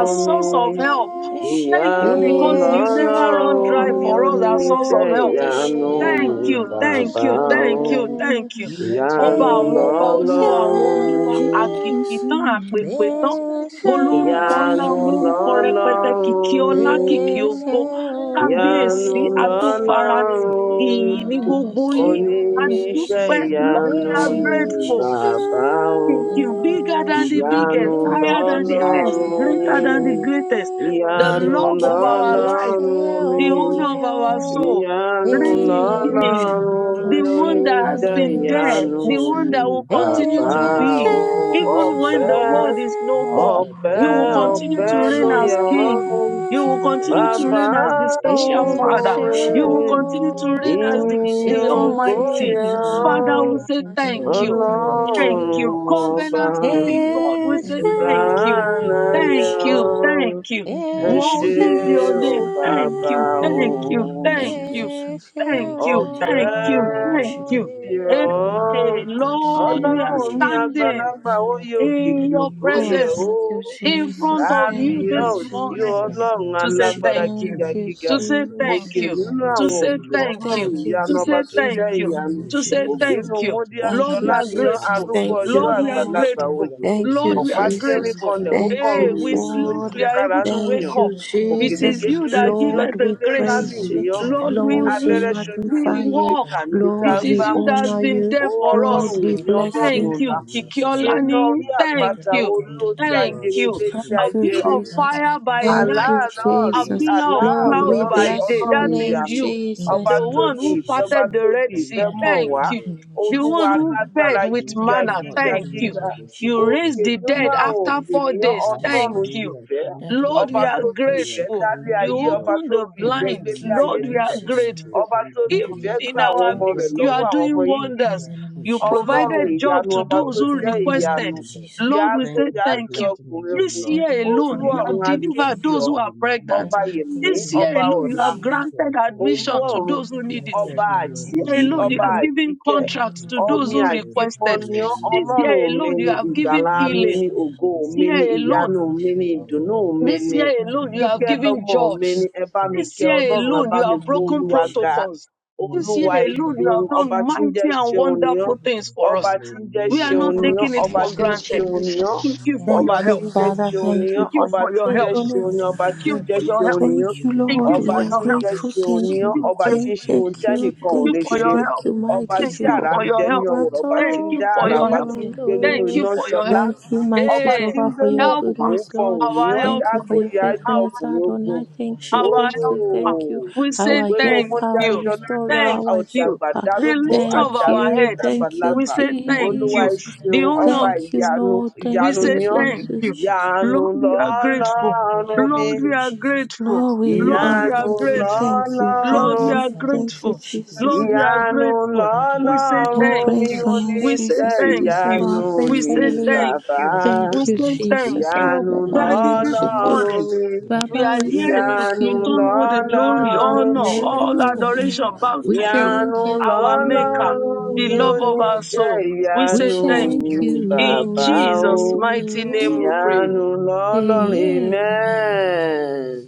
S3: From
S1: mi,
S2: source of help.
S3: the We
S2: Thank
S3: are
S2: you
S1: ìyanu
S2: because
S3: together.
S2: you
S4: yes,
S2: never run
S1: lọ́lọ́run
S2: dry
S1: mi
S2: for us as source
S4: oh,
S2: of
S1: oníṣẹ́
S2: help.
S3: Just
S1: ìyanu
S3: praise
S4: yeah,
S3: the
S4: my
S1: ni
S2: Thank you, thank
S1: bàbá.
S2: you,
S3: Lord.
S1: o.
S2: thank you, thank
S4: Savior.
S2: you.
S3: We are
S2: Ọba
S1: Ìyanu
S3: together
S2: àwọn ọba
S4: Patient,
S2: olúwa àwọn
S1: lọ́lọ́run
S2: olúwa
S3: again.
S1: mi,
S2: àkìkì tán àpèpè tán
S3: Just praise the
S4: patient
S2: olórúkọ
S3: Lord.
S2: ńlá
S1: ìyanu
S2: olórúkọ rẹpẹtẹ kìkì
S1: lọ́lọ́run mi.
S3: We
S2: ọlá
S3: are
S2: kìkì
S4: is
S3: together
S2: ògo
S3: again.
S1: Ìyanu
S2: kábíyèsí
S5: I wash
S2: atófaratì
S3: We
S4: you,
S1: lọ́lọ́run
S2: ìyìn
S3: are
S2: ní
S5: Daddy,
S1: mi,
S3: not
S4: my
S5: I
S2: gbogbo
S5: give
S2: yín
S5: you praise
S4: Savior.
S5: this
S1: oníṣẹ́
S2: adúpẹ́
S5: morning in
S1: ìyanu
S3: alone.
S2: lọ́kàn
S5: the
S1: ni
S5: name of
S2: grateful
S3: Just
S5: Jesus.
S3: to
S1: bàbá
S3: do
S1: o.
S2: Thank
S3: the
S2: you.
S5: Daddy, we
S3: glory
S2: Bigger
S4: Patient,
S2: than the
S5: worship
S3: Just
S5: you,
S3: God.
S1: Ìyanu
S2: biggest,
S5: Lord God, in
S2: higher
S5: the
S2: than
S4: patient
S2: the
S5: name of
S2: highest,
S3: Shouting
S5: Jesus.
S1: lọ́lọ́run
S3: together
S1: mi,
S2: greater than the greatest.
S3: again.
S2: The
S3: We
S5: Daddy,
S1: ìyanu
S3: are
S5: we
S2: love of
S5: give you
S2: our
S5: praise.
S4: is
S2: life,
S1: lọ́lọ́run
S3: together
S1: mi,
S2: the
S5: We give
S2: honor
S5: you
S2: of
S3: again.
S2: our
S5: honor.
S4: you,
S2: soul,
S5: We
S1: ìyanu
S5: give you
S2: reigning
S3: Just
S4: my
S2: king,
S1: lọ́lọ́run
S3: praising
S5: adoration,
S3: the
S5: Lord God,
S2: the
S1: mi,
S2: one
S3: Lord.
S2: that
S5: in
S2: has
S1: oníṣẹ́
S5: the
S2: been
S5: name of
S3: Thank
S2: there,
S1: ìyanu
S4: Savior.
S2: the
S5: Jesus,
S2: one
S5: Lord
S1: ni
S2: that
S5: God.
S2: will
S3: you,
S2: continue
S3: Jesus,
S1: bàbá
S3: for
S2: to
S5: Daddy,
S3: your
S5: we
S4: Yes,
S2: be.
S1: o.
S3: praise.
S5: give you
S2: Even
S5: praises,
S2: when
S5: Lord
S2: the
S1: Ọpẹ́
S5: God.
S3: Hallelujah.
S2: world is no
S4: sir.
S2: more,
S5: Daddy,
S3: Blessed be
S5: Lord
S1: ọpẹ́
S2: you
S5: God,
S3: your
S2: will
S5: in the
S3: name.
S2: continue
S5: name
S1: ọpẹ́
S2: to
S5: of
S4: yes,
S2: reign
S1: ló
S3: Hallelujah.
S5: Jesus.
S2: as
S1: yẹ
S2: king.
S3: Thank
S5: Daddy,
S1: ọ́
S3: you,
S5: we
S2: You
S5: give
S2: will
S3: Jesus.
S5: you
S3: Thank
S2: continue
S3: you
S2: to
S3: for
S4: sir.
S1: Baba
S5: praises,
S2: reign
S5: Lord.
S2: as
S3: keeping
S2: the
S3: us,
S2: special
S5: Daddy,
S3: Lord.
S4: yes,
S5: we
S2: father.
S5: worship
S4: sir.
S1: olore
S3: Whatever
S2: You
S5: your
S2: will
S3: we
S5: holy
S2: continue to
S3: want
S5: name.
S3: to,
S2: reign as
S4: oh,
S3: thank
S2: the,
S3: you
S5: We
S3: for
S5: say
S2: the
S1: iniyan
S3: provision.
S5: thank you,
S4: yes,
S2: almighty.
S1: goya
S5: Jesus,
S3: Thank
S5: Lord.
S3: you,
S2: Father, we
S3: Lord.
S2: say
S3: Thank you that
S2: thank
S5: Daddy,
S3: we
S2: you.
S3: can
S5: Lord God,
S3: call
S5: we give
S3: upon
S2: Thank
S5: you
S1: Ọlọ́run
S2: you.
S3: you.
S5: praises,
S1: ọba
S2: Covenant
S5: Lord
S3: Thank you
S5: God.
S3: for
S2: keeping
S3: your
S2: God, we
S4: Yes,
S3: grace.
S2: say
S5: Daddy, Lord
S2: thank
S3: Covenant
S5: God,
S2: you.
S5: in the
S3: keeping God,
S5: name
S3: we
S5: of
S1: ọ̀dánayẹ
S3: say
S2: Thank you.
S3: thank
S5: Jesus.
S4: sir.
S3: you,
S2: Thank
S3: Lord.
S2: you.
S5: Daddy,
S1: ẹ
S5: we
S3: Thank
S4: Yes,
S5: give
S3: you,
S1: ṣe
S2: What
S5: you
S2: is
S3: Jesus.
S2: your
S1: o
S5: praises,
S2: name?
S5: Lord God.
S2: Thank
S3: Thank
S1: bàbá
S2: you.
S3: you,
S5: In
S1: o.
S3: Lord.
S2: Thank
S5: the
S4: sir.
S3: Thank
S2: you.
S5: name of
S3: you,
S2: Thank
S3: Jesus.
S2: you.
S5: Jesus, Lord.
S4: Yes,
S2: Thank
S4: sir.
S3: Thank you,
S2: you.
S5: Daddy,
S3: you are
S5: Lord
S2: Thank
S5: God,
S2: you.
S5: we
S3: Jehovah
S1: Ọ̀pẹ́
S2: Thank
S5: worship
S4: Oh,
S3: Jireh,
S5: you.
S2: you.
S3: you are
S1: yẹ
S2: Hey,
S3: Jehovah
S4: in
S5: Holy name,
S3: Nissi.
S1: ọ́,
S5: Lord
S4: my
S5: God, in the
S3: Father,
S2: Lord, we
S4: sin.
S5: name of
S2: are
S1: Ọlọ́run
S3: we
S1: mi
S5: Jesus.
S2: standing
S3: exalt
S1: àgbàlagbà
S5: Daddy,
S1: ó
S3: you.
S5: Lord
S1: yẹ
S5: God, in
S2: in
S5: the
S1: òkìkí
S3: Thank
S2: your
S3: you,
S5: name
S1: ògo
S5: of
S4: Oh,
S3: Lord.
S1: yẹ
S5: Jesus.
S2: presence
S4: thank you,
S1: o
S2: in
S5: Daddy, Lord
S2: front
S4: Jesus.
S5: God,
S2: of
S5: in the
S4: Thank
S2: you
S5: name
S4: you,
S5: of
S2: this
S1: kábíyèsí
S2: morning
S3: Hallelujah,
S5: Daddy,
S4: Jesus.
S5: we
S1: ọlọ́run
S2: to say
S5: worship
S1: alágbára
S2: thank
S3: hallelujah.
S5: your
S2: you,
S5: holy.
S1: gíga
S4: Thank
S3: Thank
S4: you,
S3: you,
S5: name.
S1: gíga
S2: to say
S3: Jesus.
S5: Daddy,
S2: thank
S1: òkè
S5: Lord
S2: you,
S4: Jesus.
S5: God,
S1: nínú
S5: we
S2: to
S1: àwọn
S5: give
S2: say
S5: you
S1: òkè
S3: Hallelujah.
S2: thank
S5: praises,
S2: you,
S1: ọlọ́run
S3: Thank
S4: Thank
S5: Lord
S3: you,
S4: you,
S5: God.
S1: ìyanu
S2: to
S1: ọba
S2: say
S1: tó ń
S3: Jesus.
S4: Jesus.
S2: thank
S1: jẹ́
S5: In the
S2: you,
S4: Thank
S1: ìyanu
S5: name
S4: you,
S5: of
S3: We
S2: to say
S4: Jesus.
S5: Jesus,
S3: say thank
S1: ògbénu
S5: Lord.
S2: thank
S3: you,
S2: you. Lord,
S4: Thank
S5: Daddy,
S2: we
S4: you,
S1: múdíàṣọlá
S5: we
S3: Jesus.
S2: are
S5: say
S1: nìyàn
S4: Jesus.
S2: grateful.
S5: thank you,
S1: arúgbó
S4: Thank
S3: Hallelujah.
S1: ọjọ́
S4: you,
S2: Lord, we are
S4: Lord.
S5: Jesus,
S1: àgbàlagbà
S3: We
S5: Lord.
S2: grateful.
S3: bless
S1: oyè
S3: your
S4: Thank
S2: Lord,
S4: you,
S3: name.
S2: we
S5: Random
S1: ọ̀pá
S2: are
S3: I
S5: Lord
S3: will
S1: tí ń rí
S5: God,
S3: say
S4: Jesus.
S5: we
S2: grateful.
S1: kanlẹ̀
S3: thank
S5: give
S1: ó
S5: you
S4: Thank
S2: Hey,
S1: kọrùn
S3: you.
S4: you,
S2: we
S5: praises,
S1: mìrìnlòlò
S5: Lord
S1: tí
S2: slept,
S4: Lord.
S3: Thank
S2: we
S5: God.
S1: jẹ́
S3: you,
S2: are
S1: kára
S2: able
S1: ń
S2: to wake
S3: Jesus.
S4: Thank
S1: tùyàn
S5: Random
S2: up.
S4: you,
S5: Lord God,
S2: It
S5: in
S1: òkèlè
S5: the
S3: Thank
S4: Jesus.
S2: is
S5: name
S3: you,
S5: of
S2: you
S1: kékeré
S2: that
S3: Jesus.
S2: give
S5: Jesus.
S1: nìyàn
S2: us
S4: Lord,
S1: tí ń
S2: the
S4: we
S1: gbé ńlá
S3: Keeping
S2: grace.
S1: mì
S5: Daddy,
S3: our
S4: praise
S5: we
S4: you.
S1: nìyàn
S3: waking
S5: give
S3: up
S5: you
S2: Lord,
S3: and
S2: we,
S3: keep
S4: Lord, we
S3: thank
S2: we,
S5: praises,
S1: abẹ́rẹ́
S5: Lord.
S3: you.
S1: ṣoṣo
S2: we
S1: tí ń
S4: magnify
S1: gúnni
S4: you.
S2: walk.
S1: ta
S3: Thank you
S1: níbi tá
S3: for
S2: It
S1: a
S4: Lord,
S1: ń
S5: Daddy,
S3: taking
S2: is
S4: we
S1: gbá
S3: a
S5: we
S1: mú
S2: you
S3: moment
S2: that
S3: and
S2: has
S5: worship
S4: honor
S2: been
S5: you.
S4: you.
S1: ó
S3: making a
S2: there
S3: look.
S2: for
S4: Lord,
S3: Thank
S2: us.
S1: ọlọrun
S5: Daddy,
S4: we
S3: you.
S5: Lord
S1: èmi
S5: God, in
S4: bless
S5: the
S1: ọlọrun
S2: Thank
S4: you.
S3: Thank
S5: name
S1: ọlá
S2: you,
S3: you,
S5: of
S3: Lord.
S5: Jesus,
S3: Thank
S5: Lord.
S3: you,
S1: iná
S2: Kikiolani.
S1: orí
S3: Jesus.
S2: Thank
S5: Daddy,
S1: àpáta
S5: Lord
S2: you.
S5: God,
S3: Thank
S1: olójú
S5: in the
S3: you,
S5: name
S2: Thank
S5: of
S3: Lord.
S1: ajere
S2: you.
S3: Thank
S1: létí
S5: Jesus,
S3: you,
S2: A
S4: Thank
S5: Lord.
S4: you,
S1: ajere
S2: pillar
S3: Jesus.
S2: of
S4: Jesus.
S5: Daddy, Lord
S2: fire
S5: God,
S2: by
S5: in the
S4: Thank
S5: name
S3: Thank
S2: night
S5: of
S3: you
S4: you,
S1: aláàánú
S3: for
S5: Jesus.
S3: the
S1: ọ̀rí
S2: a
S3: love
S4: Jesus.
S3: of
S2: pillar
S3: you.
S2: of
S5: Daddy,
S4: Lord,
S1: aláàánú
S2: cloud
S3: Thank
S5: we
S4: we
S1: ọ̀rí
S3: you
S2: by
S5: worship
S3: for
S4: bless
S5: you,
S2: day.
S4: your
S3: the
S1: ọlọ́run
S2: That is
S5: holy,
S4: name,
S3: love.
S1: ìyanu
S2: you.
S5: in the
S3: Thank
S1: ọba
S2: The
S4: Jesus.
S1: tó
S3: you,
S5: name
S2: one
S5: of
S1: ní
S2: who
S1: ìfẹ́
S5: Jesus,
S1: ọba
S2: parted
S5: Lord.
S1: tó
S2: the
S3: Jesus.
S2: Red
S1: fi
S3: Thank
S1: ìfẹ́
S2: Sea.
S3: you,
S5: Daddy,
S1: mọ̀
S5: Lord
S2: Thank
S1: wá
S5: God,
S2: you.
S5: in
S3: Jesus.
S5: the name of
S2: The
S1: olúwa
S2: one
S5: Jesus, Lord.
S2: who
S3: Thank
S5: God.
S3: you,
S1: lágbára
S2: fed with
S3: Jesus.
S1: gíga
S5: Daddy,
S3: We're
S2: manna.
S5: Lord
S3: not
S1: gíga
S5: God,
S2: Thank
S5: in
S3: leaving
S5: the
S2: you.
S3: us
S1: gíga
S3: with
S5: name
S3: the
S5: of
S3: sick
S2: You
S5: Jesus.
S3: of the
S1: òkè
S2: raised the
S3: sick.
S1: nínú
S5: Daddy,
S2: dead
S3: Thank
S5: we
S1: àwọn
S3: you.
S2: after
S5: give
S1: òkè
S5: you
S2: four
S1: nìyẹn
S2: days.
S5: praises,
S2: Thank
S5: Lord.
S1: ọlọ́run
S2: you.
S3: Hallelujah.
S1: ìfẹ́
S3: Thank you
S5: Daddy,
S3: for
S5: Lord
S2: Lord,
S1: ọba
S2: we
S5: God,
S2: are
S1: tó
S5: we
S3: answered
S1: fi
S3: prayer.
S1: ìfẹ́
S5: worship
S2: grateful.
S5: your
S1: dálé
S3: Thank
S2: You
S5: holy
S3: you,
S1: ayé
S5: name.
S1: ọba
S3: Lord.
S2: opened
S1: tó
S2: the
S1: fi ìfẹ́
S3: Thank
S5: Daddy, I
S2: blind.
S3: you,
S1: gbélé
S5: give
S3: Lord.
S5: you
S1: ayé
S2: Lord, we
S3: Thank you,
S1: sílẹ̀
S2: are
S5: praise Lord. morning.
S3: Jesus.
S2: grateful.
S1: ọba
S3: Thank
S1: tó
S3: you,
S1: fi
S2: Even
S5: Daddy, we are
S1: ìfẹ́
S3: Jesus.
S2: in
S1: gba àwọn
S2: our
S3: For
S1: ọmọ
S5: grateful, Lord
S1: rẹ̀
S2: midst,
S3: joining
S2: you
S5: God.
S1: lọ́wọ́
S2: are
S3: us
S1: àwọn
S3: in
S2: doing
S1: ọmọ
S3: this good
S5: In
S2: wonders.
S1: íjíbítì
S5: the
S3: thank
S5: name of
S3: you.
S2: You
S5: Jesus,
S3: Going
S5: Lord.
S1: ọlọ́run
S3: out
S2: provided
S3: and
S2: job
S1: ìyanu
S2: to
S1: ọba
S3: coming
S1: tó
S2: those
S5: Lord
S3: in
S2: who
S3: this
S5: God,
S1: jẹ́
S3: good
S5: in the
S3: thank
S2: requested.
S5: name
S1: ìyanu
S5: of
S3: you, Lord.
S5: Jesus.
S1: ìyá
S2: Lord, we
S1: gbó
S3: Thank
S2: say
S3: you
S1: ìyá
S3: for
S2: thank
S1: jẹ́
S2: you.
S3: blessing us,
S1: ọkùnrin
S3: oh
S1: ogun
S2: This
S3: Lord.
S5: Daddy,
S2: year
S5: Lord
S1: olú
S2: alone,
S5: God,
S3: Thank
S2: you
S5: in the
S3: you,
S1: ọrun
S2: have
S5: name of
S1: ajé
S3: Jesus.
S2: delivered
S5: Jesus.
S2: those who are
S3: Hallelujah.
S2: pregnant.
S1: ọba
S5: Daddy, Lord God,
S1: yẹmi
S5: in
S2: This
S5: the
S3: Thank
S2: year
S1: ọba
S3: you,
S2: alone,
S5: name of
S2: you
S1: ọla
S2: have
S3: Jesus.
S5: Jesus.
S3: for
S2: granted
S3: your
S1: olú
S2: admission
S3: name.
S2: to
S1: ọrun
S5: Daddy,
S2: those who
S5: Lord
S2: need it.
S5: God,
S1: ọba
S3: Blessed
S5: in
S3: be
S5: the
S3: your
S2: This
S5: name of
S2: year
S1: àjíkí
S2: alone, you
S5: Jesus.
S1: ọba
S3: name.
S2: have given
S1: àjíkẹ
S5: Daddy,
S3: Thank
S2: contracts
S3: you,
S5: Lord
S2: to
S5: God,
S2: those
S1: omi
S2: who
S5: we give
S3: Jesus.
S5: you
S1: àjípọ
S2: requested.
S1: ni ọ
S5: praise Lord. morning.
S2: This
S3: Hallelujah.
S2: year
S1: ọlọrun mi
S2: alone, you
S1: ni
S5: Daddy, Lord
S3: Thank
S2: have
S5: God, in
S2: given
S5: the
S1: ìgbàlà
S3: you,
S5: name
S1: mi
S5: of
S2: healing.
S3: Jesus.
S1: ni
S5: Jesus.
S1: ògo
S2: This
S3: Amen.
S1: mi ni
S2: year
S5: Lord
S2: alone,
S1: ìyanu
S5: God,
S1: mi ni
S3: Heavenly
S5: Lord
S1: ìdùnnú
S5: God,
S3: award
S1: mi
S3: is
S2: this
S1: ni
S3: you.
S2: year
S5: Daddy,
S2: alone,
S3: Thank
S2: you
S5: Lord
S3: you,
S2: have
S1: kíkẹ
S5: God, in
S2: given
S1: lọmọ
S5: the
S3: Jesus.
S5: name of
S1: mi ni
S2: jobs.
S5: Jesus.
S1: ẹ bá mi
S3: Thank
S2: This
S1: kẹ
S3: you,
S5: Daddy,
S2: year
S5: Lord
S1: ọlọrun ẹ
S2: alone,
S5: God,
S1: bá
S3: Jesus.
S2: you
S5: in
S1: mi
S5: the
S2: have
S1: gbó
S2: broken
S5: name of
S1: olúwa ga
S5: Jesus.
S3: Hallelujah.
S2: protocols.
S3: Thank
S2: This
S5: Lord
S2: year
S1: olúwa
S3: you,
S1: ẹ
S5: God, in the
S2: alone, you
S5: name
S1: ṣeun
S5: of
S2: have
S3: Jesus.
S1: ọba
S2: done
S1: tí
S5: Jesus,
S1: ń jẹ
S2: mighty and
S3: Thank
S1: ṣeun
S3: you,
S1: ni
S5: Lord
S1: ọ
S5: God,
S2: wonderful
S5: we
S2: things
S5: keep
S3: Jesus.
S2: for
S1: ọba
S2: us.
S1: tí ń jẹ
S2: We are
S3: Hallelujah.
S1: ṣeun
S2: not
S1: ni
S3: Thank
S1: ọ
S4: Lord,
S2: taking
S5: God
S2: it
S5: in
S3: you,
S5: the
S1: ọba
S2: for
S4: thank
S1: tí ń
S4: you,
S5: name of
S3: Jesus.
S2: granted.
S5: Jesus.
S1: ṣeun ni ọ
S2: Thank
S4: Jesus.
S2: you
S5: That
S2: for
S3: Amen.
S1: ọba
S2: your
S4: Thank
S5: Lord
S4: you,
S1: tí
S2: help.
S1: ń
S5: God,
S1: jẹ
S5: in the
S4: Father.
S5: name, of
S1: ṣeun ni
S4: Thank
S1: ọ
S4: you
S2: Thank you
S4: for
S1: ọba
S4: your
S2: for
S1: tí ń
S2: your
S5: that
S1: jẹ
S2: help.
S3: Thank
S5: Lord
S3: you,
S1: ṣeun ni
S5: God,
S4: faithfulness.
S1: ọ́,
S5: in the
S1: ọba
S2: Thank
S1: tí ń
S5: name
S2: you
S5: of
S1: jẹ
S2: for
S3: Jesus.
S2: your
S1: ṣeun
S5: Jesus,
S2: help.
S3: Thank
S1: ni ọ
S4: Thank you,
S3: you,
S2: Thank
S5: that
S4: Lord.
S2: you
S5: I
S1: ọba
S4: We
S2: for
S4: are
S1: tí
S2: your
S5: give
S1: ń
S5: you
S2: help.
S3: Jesus.
S1: jẹ́
S4: grateful.
S1: ṣeun ni
S5: praises,
S4: Thank
S2: Thank
S3: We
S5: Lord.
S1: ọ́
S2: you
S3: say
S4: you.
S1: ọba
S2: for your,
S3: thank
S1: tí
S4: Thank,
S1: ń ṣe
S3: you,
S5: That
S1: ohun
S5: we
S4: thank you.
S3: Jesus.
S5: give you
S1: tẹ́nìkan
S2: thank
S1: ò
S2: you
S1: lè
S4: Thank you.
S2: for
S5: praises,
S1: ṣe
S3: Thank
S2: your
S3: you
S4: Thank
S2: help.
S3: for
S4: you,
S5: we
S1: ọba
S3: answer
S4: mighty
S2: Thank
S1: tí
S5: give you
S2: you
S3: prayers
S1: àrà ń
S3: and
S2: for
S4: Jehovah.
S2: your
S1: bẹ
S5: honor.
S3: for
S4: We
S1: ní
S2: help.
S1: ọwọ́
S4: want
S3: saying
S1: rẹ̀ ọba tí
S2: Thank
S1: ń
S4: to
S1: dá
S2: you for
S1: àrà
S5: That
S2: your
S3: thank
S1: ọba
S5: Lord
S3: you,
S2: help.
S1: tí
S5: God,
S1: ń
S5: in the
S1: gbé
S5: name of
S1: nínú
S3: Jesus.
S2: Thank
S4: overflow.
S5: Jesus,
S2: you
S1: iná ń
S2: for your help.
S1: ṣọlá
S4: Thank
S5: that
S4: you,
S5: we
S3: Hallelujah.
S4: mighty
S1: ọba
S5: give you
S2: Hey,
S1: tí ń
S4: Jehovah,
S3: Thank
S1: gbé
S4: for
S3: you,
S1: ní
S5: praises,
S4: your
S2: help
S3: Jesus.
S5: Lord
S3: Thank
S2: us.
S5: God.
S1: òkùnkùn ń
S4: goodness, Lord.
S1: fọhùn ní
S2: Our
S5: That
S1: ọ́
S2: help,
S4: Thank you
S5: we give
S4: for
S1: yáágbó
S5: you
S4: your
S3: you,
S1: yáágbé
S5: honor.
S2: our,
S3: Jesus.
S4: faithfulness,
S1: ọkùnrin
S5: That
S1: ogun
S5: we
S4: Adonai. Thank
S5: worship
S4: you.
S3: for
S5: your
S2: our
S5: holy
S4: Thank
S3: answer
S5: name,
S2: help.
S4: you.
S3: prayers.
S2: us.
S4: Thank
S3: Thank
S5: Lord
S4: you.
S1: ooo
S5: God.
S2: We
S3: thank
S2: say
S4: Our
S3: you.
S1: ògbénú
S5: That
S2: thank
S4: helper,
S5: Lord
S1: mọ́díá
S5: God,
S4: our
S2: you.
S3: Thank
S5: in the
S1: ṣọlá
S3: you,
S5: name
S1: ni
S4: restorer,
S5: of
S1: ọ́
S2: Thank
S4: our
S3: Jesus.
S5: Jesus,
S2: you.
S5: Lord.
S1: ọ̀dàgbà
S4: helper.
S3: Lord, you
S2: The
S3: for
S1: darúgbó
S5: That
S3: the
S2: lift
S5: Lord
S2: of
S3: love.
S4: Thank
S5: God, in
S2: our
S1: àdárúgbó
S5: the
S4: you.
S5: name
S2: head.
S3: Thank
S5: of
S3: you,
S5: Jesus.
S4: Thank you,
S2: We
S1: dàgbàlagbà
S3: Jesus.
S2: say
S5: That
S2: thank
S3: Thank
S5: Lord
S1: olúwa
S3: you,
S2: you.
S1: ẹ
S5: God,
S3: Jesus.
S5: in
S4: Jesus.
S5: the
S2: The
S1: ṣeun
S3: Thank
S5: name
S3: you,
S5: of
S2: owner of
S1: ọba
S5: Jesus.
S3: Jesus.
S4: Thank you,
S3: Thank you, Jesus. Thank you,
S1: ìyanu
S4: Lord.
S5: That
S2: We
S4: Thank
S1: ìyanu
S5: Lord
S4: you,
S2: say
S1: ni
S3: Jesus.
S5: God,
S1: ọ́
S5: in the
S2: thank
S5: name
S4: Jesus.
S2: you.
S5: of Jesus.
S1: ìyanu
S3: Thank
S2: Lord,
S3: you,
S2: we are
S5: Father,
S2: grateful.
S5: Lord God,
S1: lọ́lọ́run
S5: in the
S1: mi
S2: Lord,
S3: Jesus.
S5: name of
S2: we
S3: Thank
S2: are
S3: you,
S5: Jesus,
S3: Lord.
S2: grateful.
S4: Lord,
S5: that
S3: Bless
S4: we
S5: we are
S3: you,
S2: Lord,
S4: are
S2: we are
S1: Ìyanu
S5: grateful,
S3: Jesus.
S4: grateful.
S5: Lord God.
S2: grateful.
S4: Thank you.
S3: Hallelujah.
S2: Lord, we
S4: Thank
S1: lọ́lọ́run,
S5: Heavenly
S4: you.
S2: are
S5: Father, we
S4: Thank you,
S2: grateful.
S5: worship your
S4: Jesus.
S2: Lord,
S5: holy
S2: we are
S3: Thank
S5: name.
S3: you,
S1: ìyanu
S2: grateful.
S3: Jesus.
S5: That,
S3: I
S2: We
S5: Lord
S2: say
S5: God, in
S4: We
S1: lọ́lọ́run
S5: the
S2: thank
S1: mi
S5: name
S4: praise
S5: of
S2: you.
S4: your name,
S2: We
S5: Jesus,
S3: love
S2: say
S3: you,
S1: oníṣẹ́
S4: Jesus. You
S3: Jesus.
S2: thank
S5: that
S4: deserve
S5: we
S3: Thank you,
S2: you.
S4: our
S1: ìyanu
S5: say
S2: We
S4: praise.
S1: ni
S2: say
S5: thank you.
S4: Hallelujah.
S2: thank
S1: bàbá.
S2: you.
S5: That we
S2: We
S4: Thank
S5: say
S4: you,
S2: say
S5: thank
S3: Thank
S5: you.
S2: thank
S4: Jesus.
S2: you.
S4: Oh,
S3: you,
S1: Ìyanu
S5: That
S4: Baba,
S3: Jesus.
S5: we
S4: we
S2: Daddy,
S5: say
S2: this
S4: worship
S5: thank
S4: you.
S5: you.
S1: lọ́lọ́run
S2: morning,
S1: mi,
S3: Thank
S5: That
S3: you,
S2: we
S5: we
S4: Baba,
S2: are
S4: we
S5: give you
S3: Jesus.
S2: here
S4: thank
S2: to
S5: praise,
S1: ìyanu
S5: Lord
S2: return
S5: God.
S2: all
S3: Hallelujah.
S2: the
S4: you.
S5: That
S2: glory,
S5: we
S1: lọ́lọ́run
S2: honor,
S1: mi,
S3: Thank
S5: worship
S3: you,
S5: your
S2: all
S5: holy
S3: Jesus.
S5: name.
S2: adoration back
S4: We
S2: to
S5: Father,
S2: you,
S5: Lord
S3: Hallelujah.
S1: ìyanu
S4: thank
S5: God, I glorify
S2: our
S5: your
S2: Maker,
S1: lọ́lọ́run
S5: holy
S2: the
S1: mi
S5: name,
S4: you.
S2: love
S5: Lord
S2: of
S5: God,
S2: our
S5: in the name
S1: oníṣẹ́
S2: soul. We
S5: of
S4: We
S2: say
S1: ìyanu
S5: Jesus,
S2: thank
S1: ni
S4: thank
S2: you.
S5: Lord God, in the
S2: In
S5: name
S1: bàbá
S5: of Jesus.
S1: o.
S2: Jesus'
S5: That
S2: mighty
S5: we give
S2: name we
S5: you praise.
S2: pray.
S4: you.
S1: Ìyanu
S3: Hallelujah.
S1: lọ́lọ́run,
S4: Amen.
S1: amen.
S5: Amen.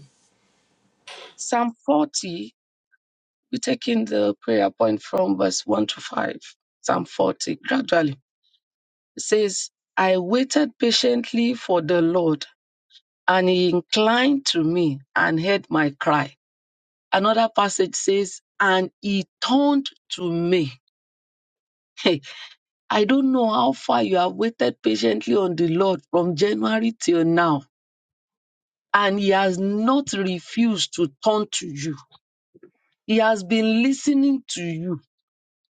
S2: Psalm 40, we're taking the prayer point from verse 1 to 5. Psalm 40, gradually. It says, I waited patiently for the Lord, and he inclined to me and heard my cry. Another passage says, and he turned to me Hey, I don't know how far you have waited patiently on the Lord from January till now, and He has not refused to turn to you. He has been listening to you,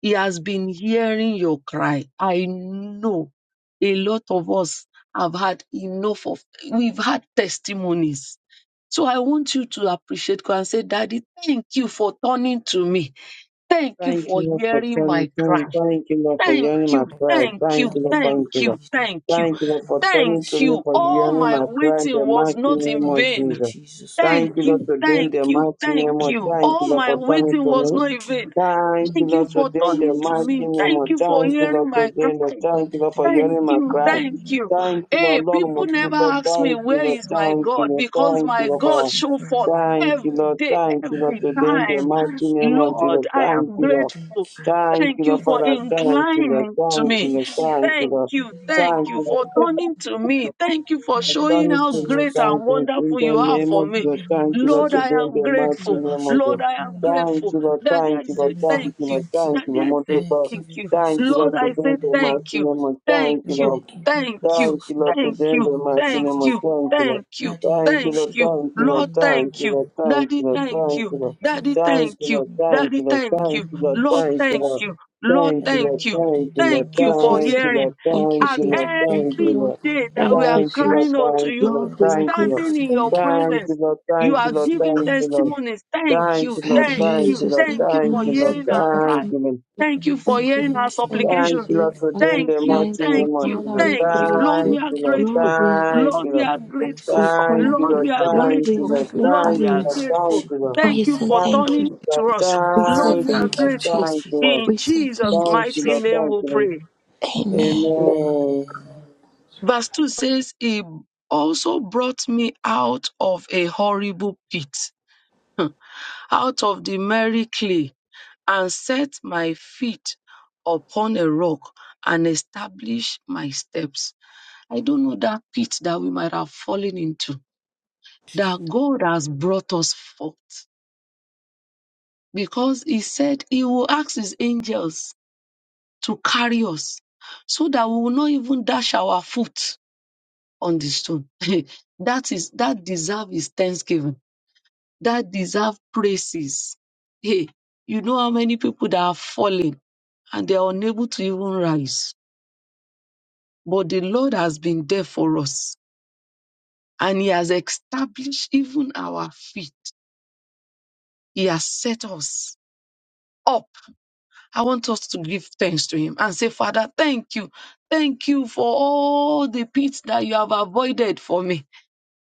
S2: He has been hearing your cry. I know a lot of us have had enough of, we've had testimonies. So I want you to appreciate God and say, Daddy, thank you for turning to me. Thank you
S1: Thank
S2: for
S1: you, Lord, for
S2: hearing
S1: turning.
S2: my cry.
S1: Thank, thank you, Lord, for
S2: Thank
S1: hearing my
S2: you,
S5: Lord
S1: cry.
S5: God,
S2: thank
S5: in
S1: Thank
S5: the
S2: you,
S1: you, Lord,
S5: name
S2: thank
S1: thank
S5: of
S1: you,
S2: you,
S1: Lord.
S5: Jesus,
S2: thank you,
S1: Thank you,
S5: I
S1: Lord, for
S5: will
S2: thank
S1: turning to
S5: bless you,
S1: me
S2: you.
S1: for
S5: holy
S2: All
S1: hearing
S5: name,
S2: my
S1: my
S5: Lord
S1: cry in
S5: God,
S2: waiting
S1: the
S2: was
S1: mighty
S2: not
S5: in
S1: name
S5: the
S2: in
S1: of
S5: name
S2: vain.
S5: of
S1: Jesus.
S5: Jesus, Lord
S2: Thank
S1: Thank you, Lord,
S5: I
S2: you,
S1: today in
S5: thank
S2: thank
S1: the
S5: you,
S2: you,
S1: mighty name
S2: thank
S5: that
S1: of
S2: you.
S5: I
S1: Thank you,
S2: All
S1: Lord,
S5: worship
S2: my
S1: for
S5: your holy
S1: turning
S2: waiting
S1: to
S2: was
S1: me.
S5: name,
S2: not
S5: Lord
S2: in
S5: God,
S2: vain.
S1: Thank
S5: in
S1: you,
S2: Thank
S5: the
S2: you
S1: Lord,
S2: for
S5: name of
S1: today in the
S2: turning to
S5: Jesus,
S1: mighty
S5: I
S2: me.
S5: give
S1: name of
S2: Thank
S5: you
S2: you for
S1: Thank you,
S5: praises,
S1: Lord,
S2: hearing
S5: Lord,
S2: my
S1: today in the
S2: cry.
S5: that
S1: Thank you,
S5: I
S1: Lord, for
S5: thank you
S2: Thank
S1: hearing
S5: for
S1: my
S2: you,
S1: cry.
S5: hearing
S2: thank
S5: my
S2: you.
S1: Thank
S5: prayer,
S1: you, Lord,
S2: Hey,
S1: Lord, mo
S5: in
S2: people
S5: the
S2: never
S1: dúpẹ́.
S5: name
S2: ask me
S1: Thank
S5: of
S1: you,
S2: where
S5: Jesus,
S1: Lord,
S2: is
S5: Lord
S2: my
S5: God,
S1: thank you,
S2: God
S1: Lord,
S5: that
S2: because
S1: thank you,
S5: I
S2: my
S1: Lord,
S2: God
S5: bless
S1: for
S5: you,
S2: show
S5: holy
S2: forth
S5: name,
S1: Thank
S5: Lord
S1: you,
S5: God,
S2: every
S1: Lord.
S2: day,
S1: Thank you, Lord.
S5: in
S2: every
S5: the
S1: Today,
S5: name
S1: in the
S2: time.
S5: of
S1: mighty
S5: Jesus, Lord
S1: name of
S5: God,
S1: Jesus,
S2: Lord, I
S1: thank
S2: am
S1: you,
S5: that I
S1: Lord.
S2: grateful.
S5: thank you,
S1: Thank you,
S2: Thank you
S1: Lord
S5: that I
S2: for
S1: Father.
S5: thank you,
S1: Thank you, Lord.
S2: inclining to
S5: I
S1: Thank you,
S2: me.
S1: Lord.
S5: thank you,
S1: Thank you,
S2: Thank
S1: Lord.
S5: that I
S2: you, thank
S1: Thank
S2: you
S1: you,
S5: give
S2: for
S5: you
S1: Lord.
S2: turning
S5: praises,
S2: to
S5: Lord God.
S2: me. Thank you for
S5: In the
S2: showing
S5: name
S1: Thank
S5: of
S2: how
S1: you, Lord.
S2: great
S5: Jesus, Lord.
S1: Thank
S2: and
S1: you. Lord. In
S2: wonderful you
S5: Father,
S1: the
S2: are
S5: Lord
S1: name
S2: for
S1: of
S5: God,
S2: me.
S5: in the
S1: Jesus,
S5: name
S1: thank
S5: of
S1: you, Lord.
S2: Lord,
S5: Jesus,
S1: Today,
S2: I
S1: in
S2: am
S1: the
S5: Father,
S1: mighty
S2: grateful.
S5: I
S1: name
S5: worship
S1: of Jesus.
S2: Lord,
S5: your
S2: I am
S5: holy name,
S1: Thank
S2: grateful.
S5: Lord
S1: you, Lord.
S5: God.
S2: Daddy, I
S1: Thank you,
S5: Father,
S1: Lord.
S2: say
S5: Lord God, I
S2: thank
S1: Thank you,
S2: you.
S1: Lord.
S5: thank you.
S1: Thank you,
S2: Daddy,
S1: Lord.
S2: I
S1: Most
S5: Father,
S2: say
S1: of
S5: I
S1: all,
S2: thank
S5: give you
S2: you.
S1: Thank you,
S5: praises,
S2: Lord,
S5: Lord
S1: Lord. Today,
S2: I
S5: God, in
S2: say
S1: in the
S5: the name
S2: thank
S1: mighty
S2: you.
S5: of
S1: name
S5: Jesus.
S1: of Jesus.
S2: Thank
S1: Thank you,
S2: you.
S1: Lord.
S5: Father, I give you
S2: Thank you.
S1: Thank
S5: praises,
S1: you,
S5: Lord
S1: Lord,
S5: God,
S2: Thank
S5: in
S1: today
S5: the
S1: in
S2: you.
S1: the
S5: name of
S1: mighty
S2: Thank
S1: name
S5: Jesus,
S1: of
S2: you.
S5: Lord.
S1: thank you, Lord.
S2: Thank you.
S5: Daddy, I
S1: Thank you,
S2: Thank
S1: Lord,
S5: worship
S2: you.
S5: your
S1: thank you,
S5: holy
S1: Lord,
S2: Lord,
S5: name,
S1: thank
S5: Lord
S2: thank
S1: you,
S2: you.
S1: Lord,
S5: God.
S1: thank you,
S2: Daddy,
S1: Lord,
S5: Daddy,
S2: thank
S5: Lord
S1: thank
S2: you.
S1: you,
S5: God,
S1: Lord.
S5: I give
S2: Daddy,
S5: you
S1: Thank you,
S2: thank
S5: praises,
S2: you.
S1: Lord,
S5: Lord God,
S1: thank you,
S2: Daddy,
S1: Lord,
S2: thank
S5: in the
S1: thank
S2: you.
S1: you, Lord,
S5: name of
S2: Lord,
S1: thank you,
S2: thank
S5: Jesus,
S1: Lord.
S2: you.
S5: Lord.
S2: Lord,
S1: Thank you,
S5: Daddy,
S1: Lord,
S2: thank
S5: Lord
S2: you.
S5: God, in
S1: thank
S5: the
S1: you,
S2: Thank
S1: Lord,
S5: name of
S4: you,
S2: you for
S5: Jesus,
S1: thank
S4: Jesus.
S1: you, Lord,
S5: Lord.
S2: hearing.
S1: thank
S4: Thank you,
S2: At
S1: you,
S4: Jesus.
S5: Daddy,
S1: Lord,
S5: we give
S4: Thank
S1: thank
S5: you,
S4: you,
S1: you,
S2: every
S5: Lord
S4: Lord.
S1: Lord.
S5: God,
S2: day
S5: in the
S2: that
S5: name
S2: we
S5: of
S4: Thank
S2: are
S4: you,
S5: Jesus.
S1: Thank you, Lord,
S4: Jesus.
S2: crying unto
S1: thank
S2: you,
S1: you, Lord,
S4: Lord,
S5: Father,
S4: we are
S5: Lord
S1: thank you,
S5: God,
S1: Lord.
S5: we
S4: grateful.
S2: standing
S5: say
S2: in your
S4: Thank you.
S5: thank
S1: Thank
S5: you.
S1: you,
S2: presence,
S1: Lord,
S2: you
S5: Daddy,
S1: thank you,
S2: are
S5: we
S1: Lord,
S5: say
S2: giving
S1: thank you,
S5: thank you.
S1: Lord.
S2: testimonies.
S5: Daddy,
S2: Thank
S1: Thank
S5: we
S2: you.
S1: you,
S5: say
S1: Lord,
S4: Thank you,
S2: Thank
S1: thank
S5: thank you.
S1: you,
S2: you.
S4: Jesus.
S1: Lord,
S2: Thank
S4: Thank
S2: you
S4: you,
S1: thank
S2: for
S5: Daddy,
S1: you,
S4: my
S5: we
S4: sister.
S1: Lord,
S5: say
S2: hearing our
S4: Thank
S5: thank
S2: cry.
S1: thank
S5: you.
S4: you,
S1: you, Lord.
S4: Jesus.
S2: Thank
S5: Daddy,
S2: you
S5: we
S2: for
S5: say
S4: Thank you,
S2: hearing our
S4: Lord.
S5: thank you,
S4: Thank
S5: Lord
S4: you,
S2: supplications.
S1: Thank
S5: God, in
S1: you, Lord,
S4: Jesus.
S5: the
S1: for
S5: name of
S1: doing
S2: Thank
S1: the
S5: Jesus.
S2: you,
S1: mighty
S4: Thank you,
S2: thank
S1: name of
S2: you,
S5: Daddy,
S4: Father.
S1: Jesus.
S5: Lord
S4: We
S5: God,
S2: thank
S5: we
S2: you.
S5: say
S4: praise
S2: Lord,
S4: you.
S2: we
S1: Thank
S2: are
S1: you,
S5: thank you.
S1: Lord.
S4: Lord,
S2: grateful.
S4: we,
S1: Thank
S5: Daddy,
S2: Lord,
S1: you,
S2: we
S1: Lord.
S5: we
S2: are
S5: give you
S2: grateful.
S4: we
S5: praises, Lord
S1: Thank
S4: honor
S5: God,
S1: you,
S5: in
S2: Lord,
S4: you.
S1: Lord.
S2: we
S5: the
S2: are
S5: name of
S4: Lord,
S1: Thank
S4: we
S1: you,
S2: grateful.
S1: Lord.
S5: Jesus.
S4: magnify
S2: Lord,
S1: Thank
S2: we
S1: you,
S2: are
S4: you.
S5: Daddy,
S1: Lord.
S5: we
S1: Thank
S2: grateful.
S5: worship
S1: you,
S5: your holy
S2: Thank
S4: We
S2: you
S4: say
S5: name,
S2: for
S5: Lord
S4: thank you.
S2: turning
S5: God.
S1: Lord.
S2: to
S1: Thank you,
S2: us.
S5: Daddy,
S4: We
S5: Lord
S4: say
S2: Lord,
S5: God,
S1: Lord. Thank
S2: we
S5: in
S2: are
S1: you,
S4: thank
S5: the
S4: you,
S1: Lord.
S5: name of
S2: grateful.
S4: Jesus.
S1: Thank you,
S5: Jesus.
S1: Lord.
S2: In
S4: We say
S2: Jesus'
S5: Daddy,
S4: thank you,
S1: Thank
S5: we
S1: you,
S4: Jesus.
S2: mighty
S1: Lord.
S5: worship
S2: name
S5: your
S1: Thank
S2: we
S1: you,
S2: pray.
S5: holy name.
S1: Lord. Amen.
S5: Amen.
S2: Verse 2 says, He also brought me out of a horrible pit, out of the merry clay and set my feet upon a rock and establish my steps. I don't know that pit that we might have fallen into, that God has brought us forth. Because He said He will ask His angels to carry us so that we will not even dash our foot on the stone. that is that deserve is thanksgiving. That deserve praises. Hey, you know how many people that are falling and they are unable to even rise but the Lord has been there for us and He has established even our feet. He has set us up. I want us to give thanks to Him and say, Father, thank you. Thank you for all the pits that you have avoided for me.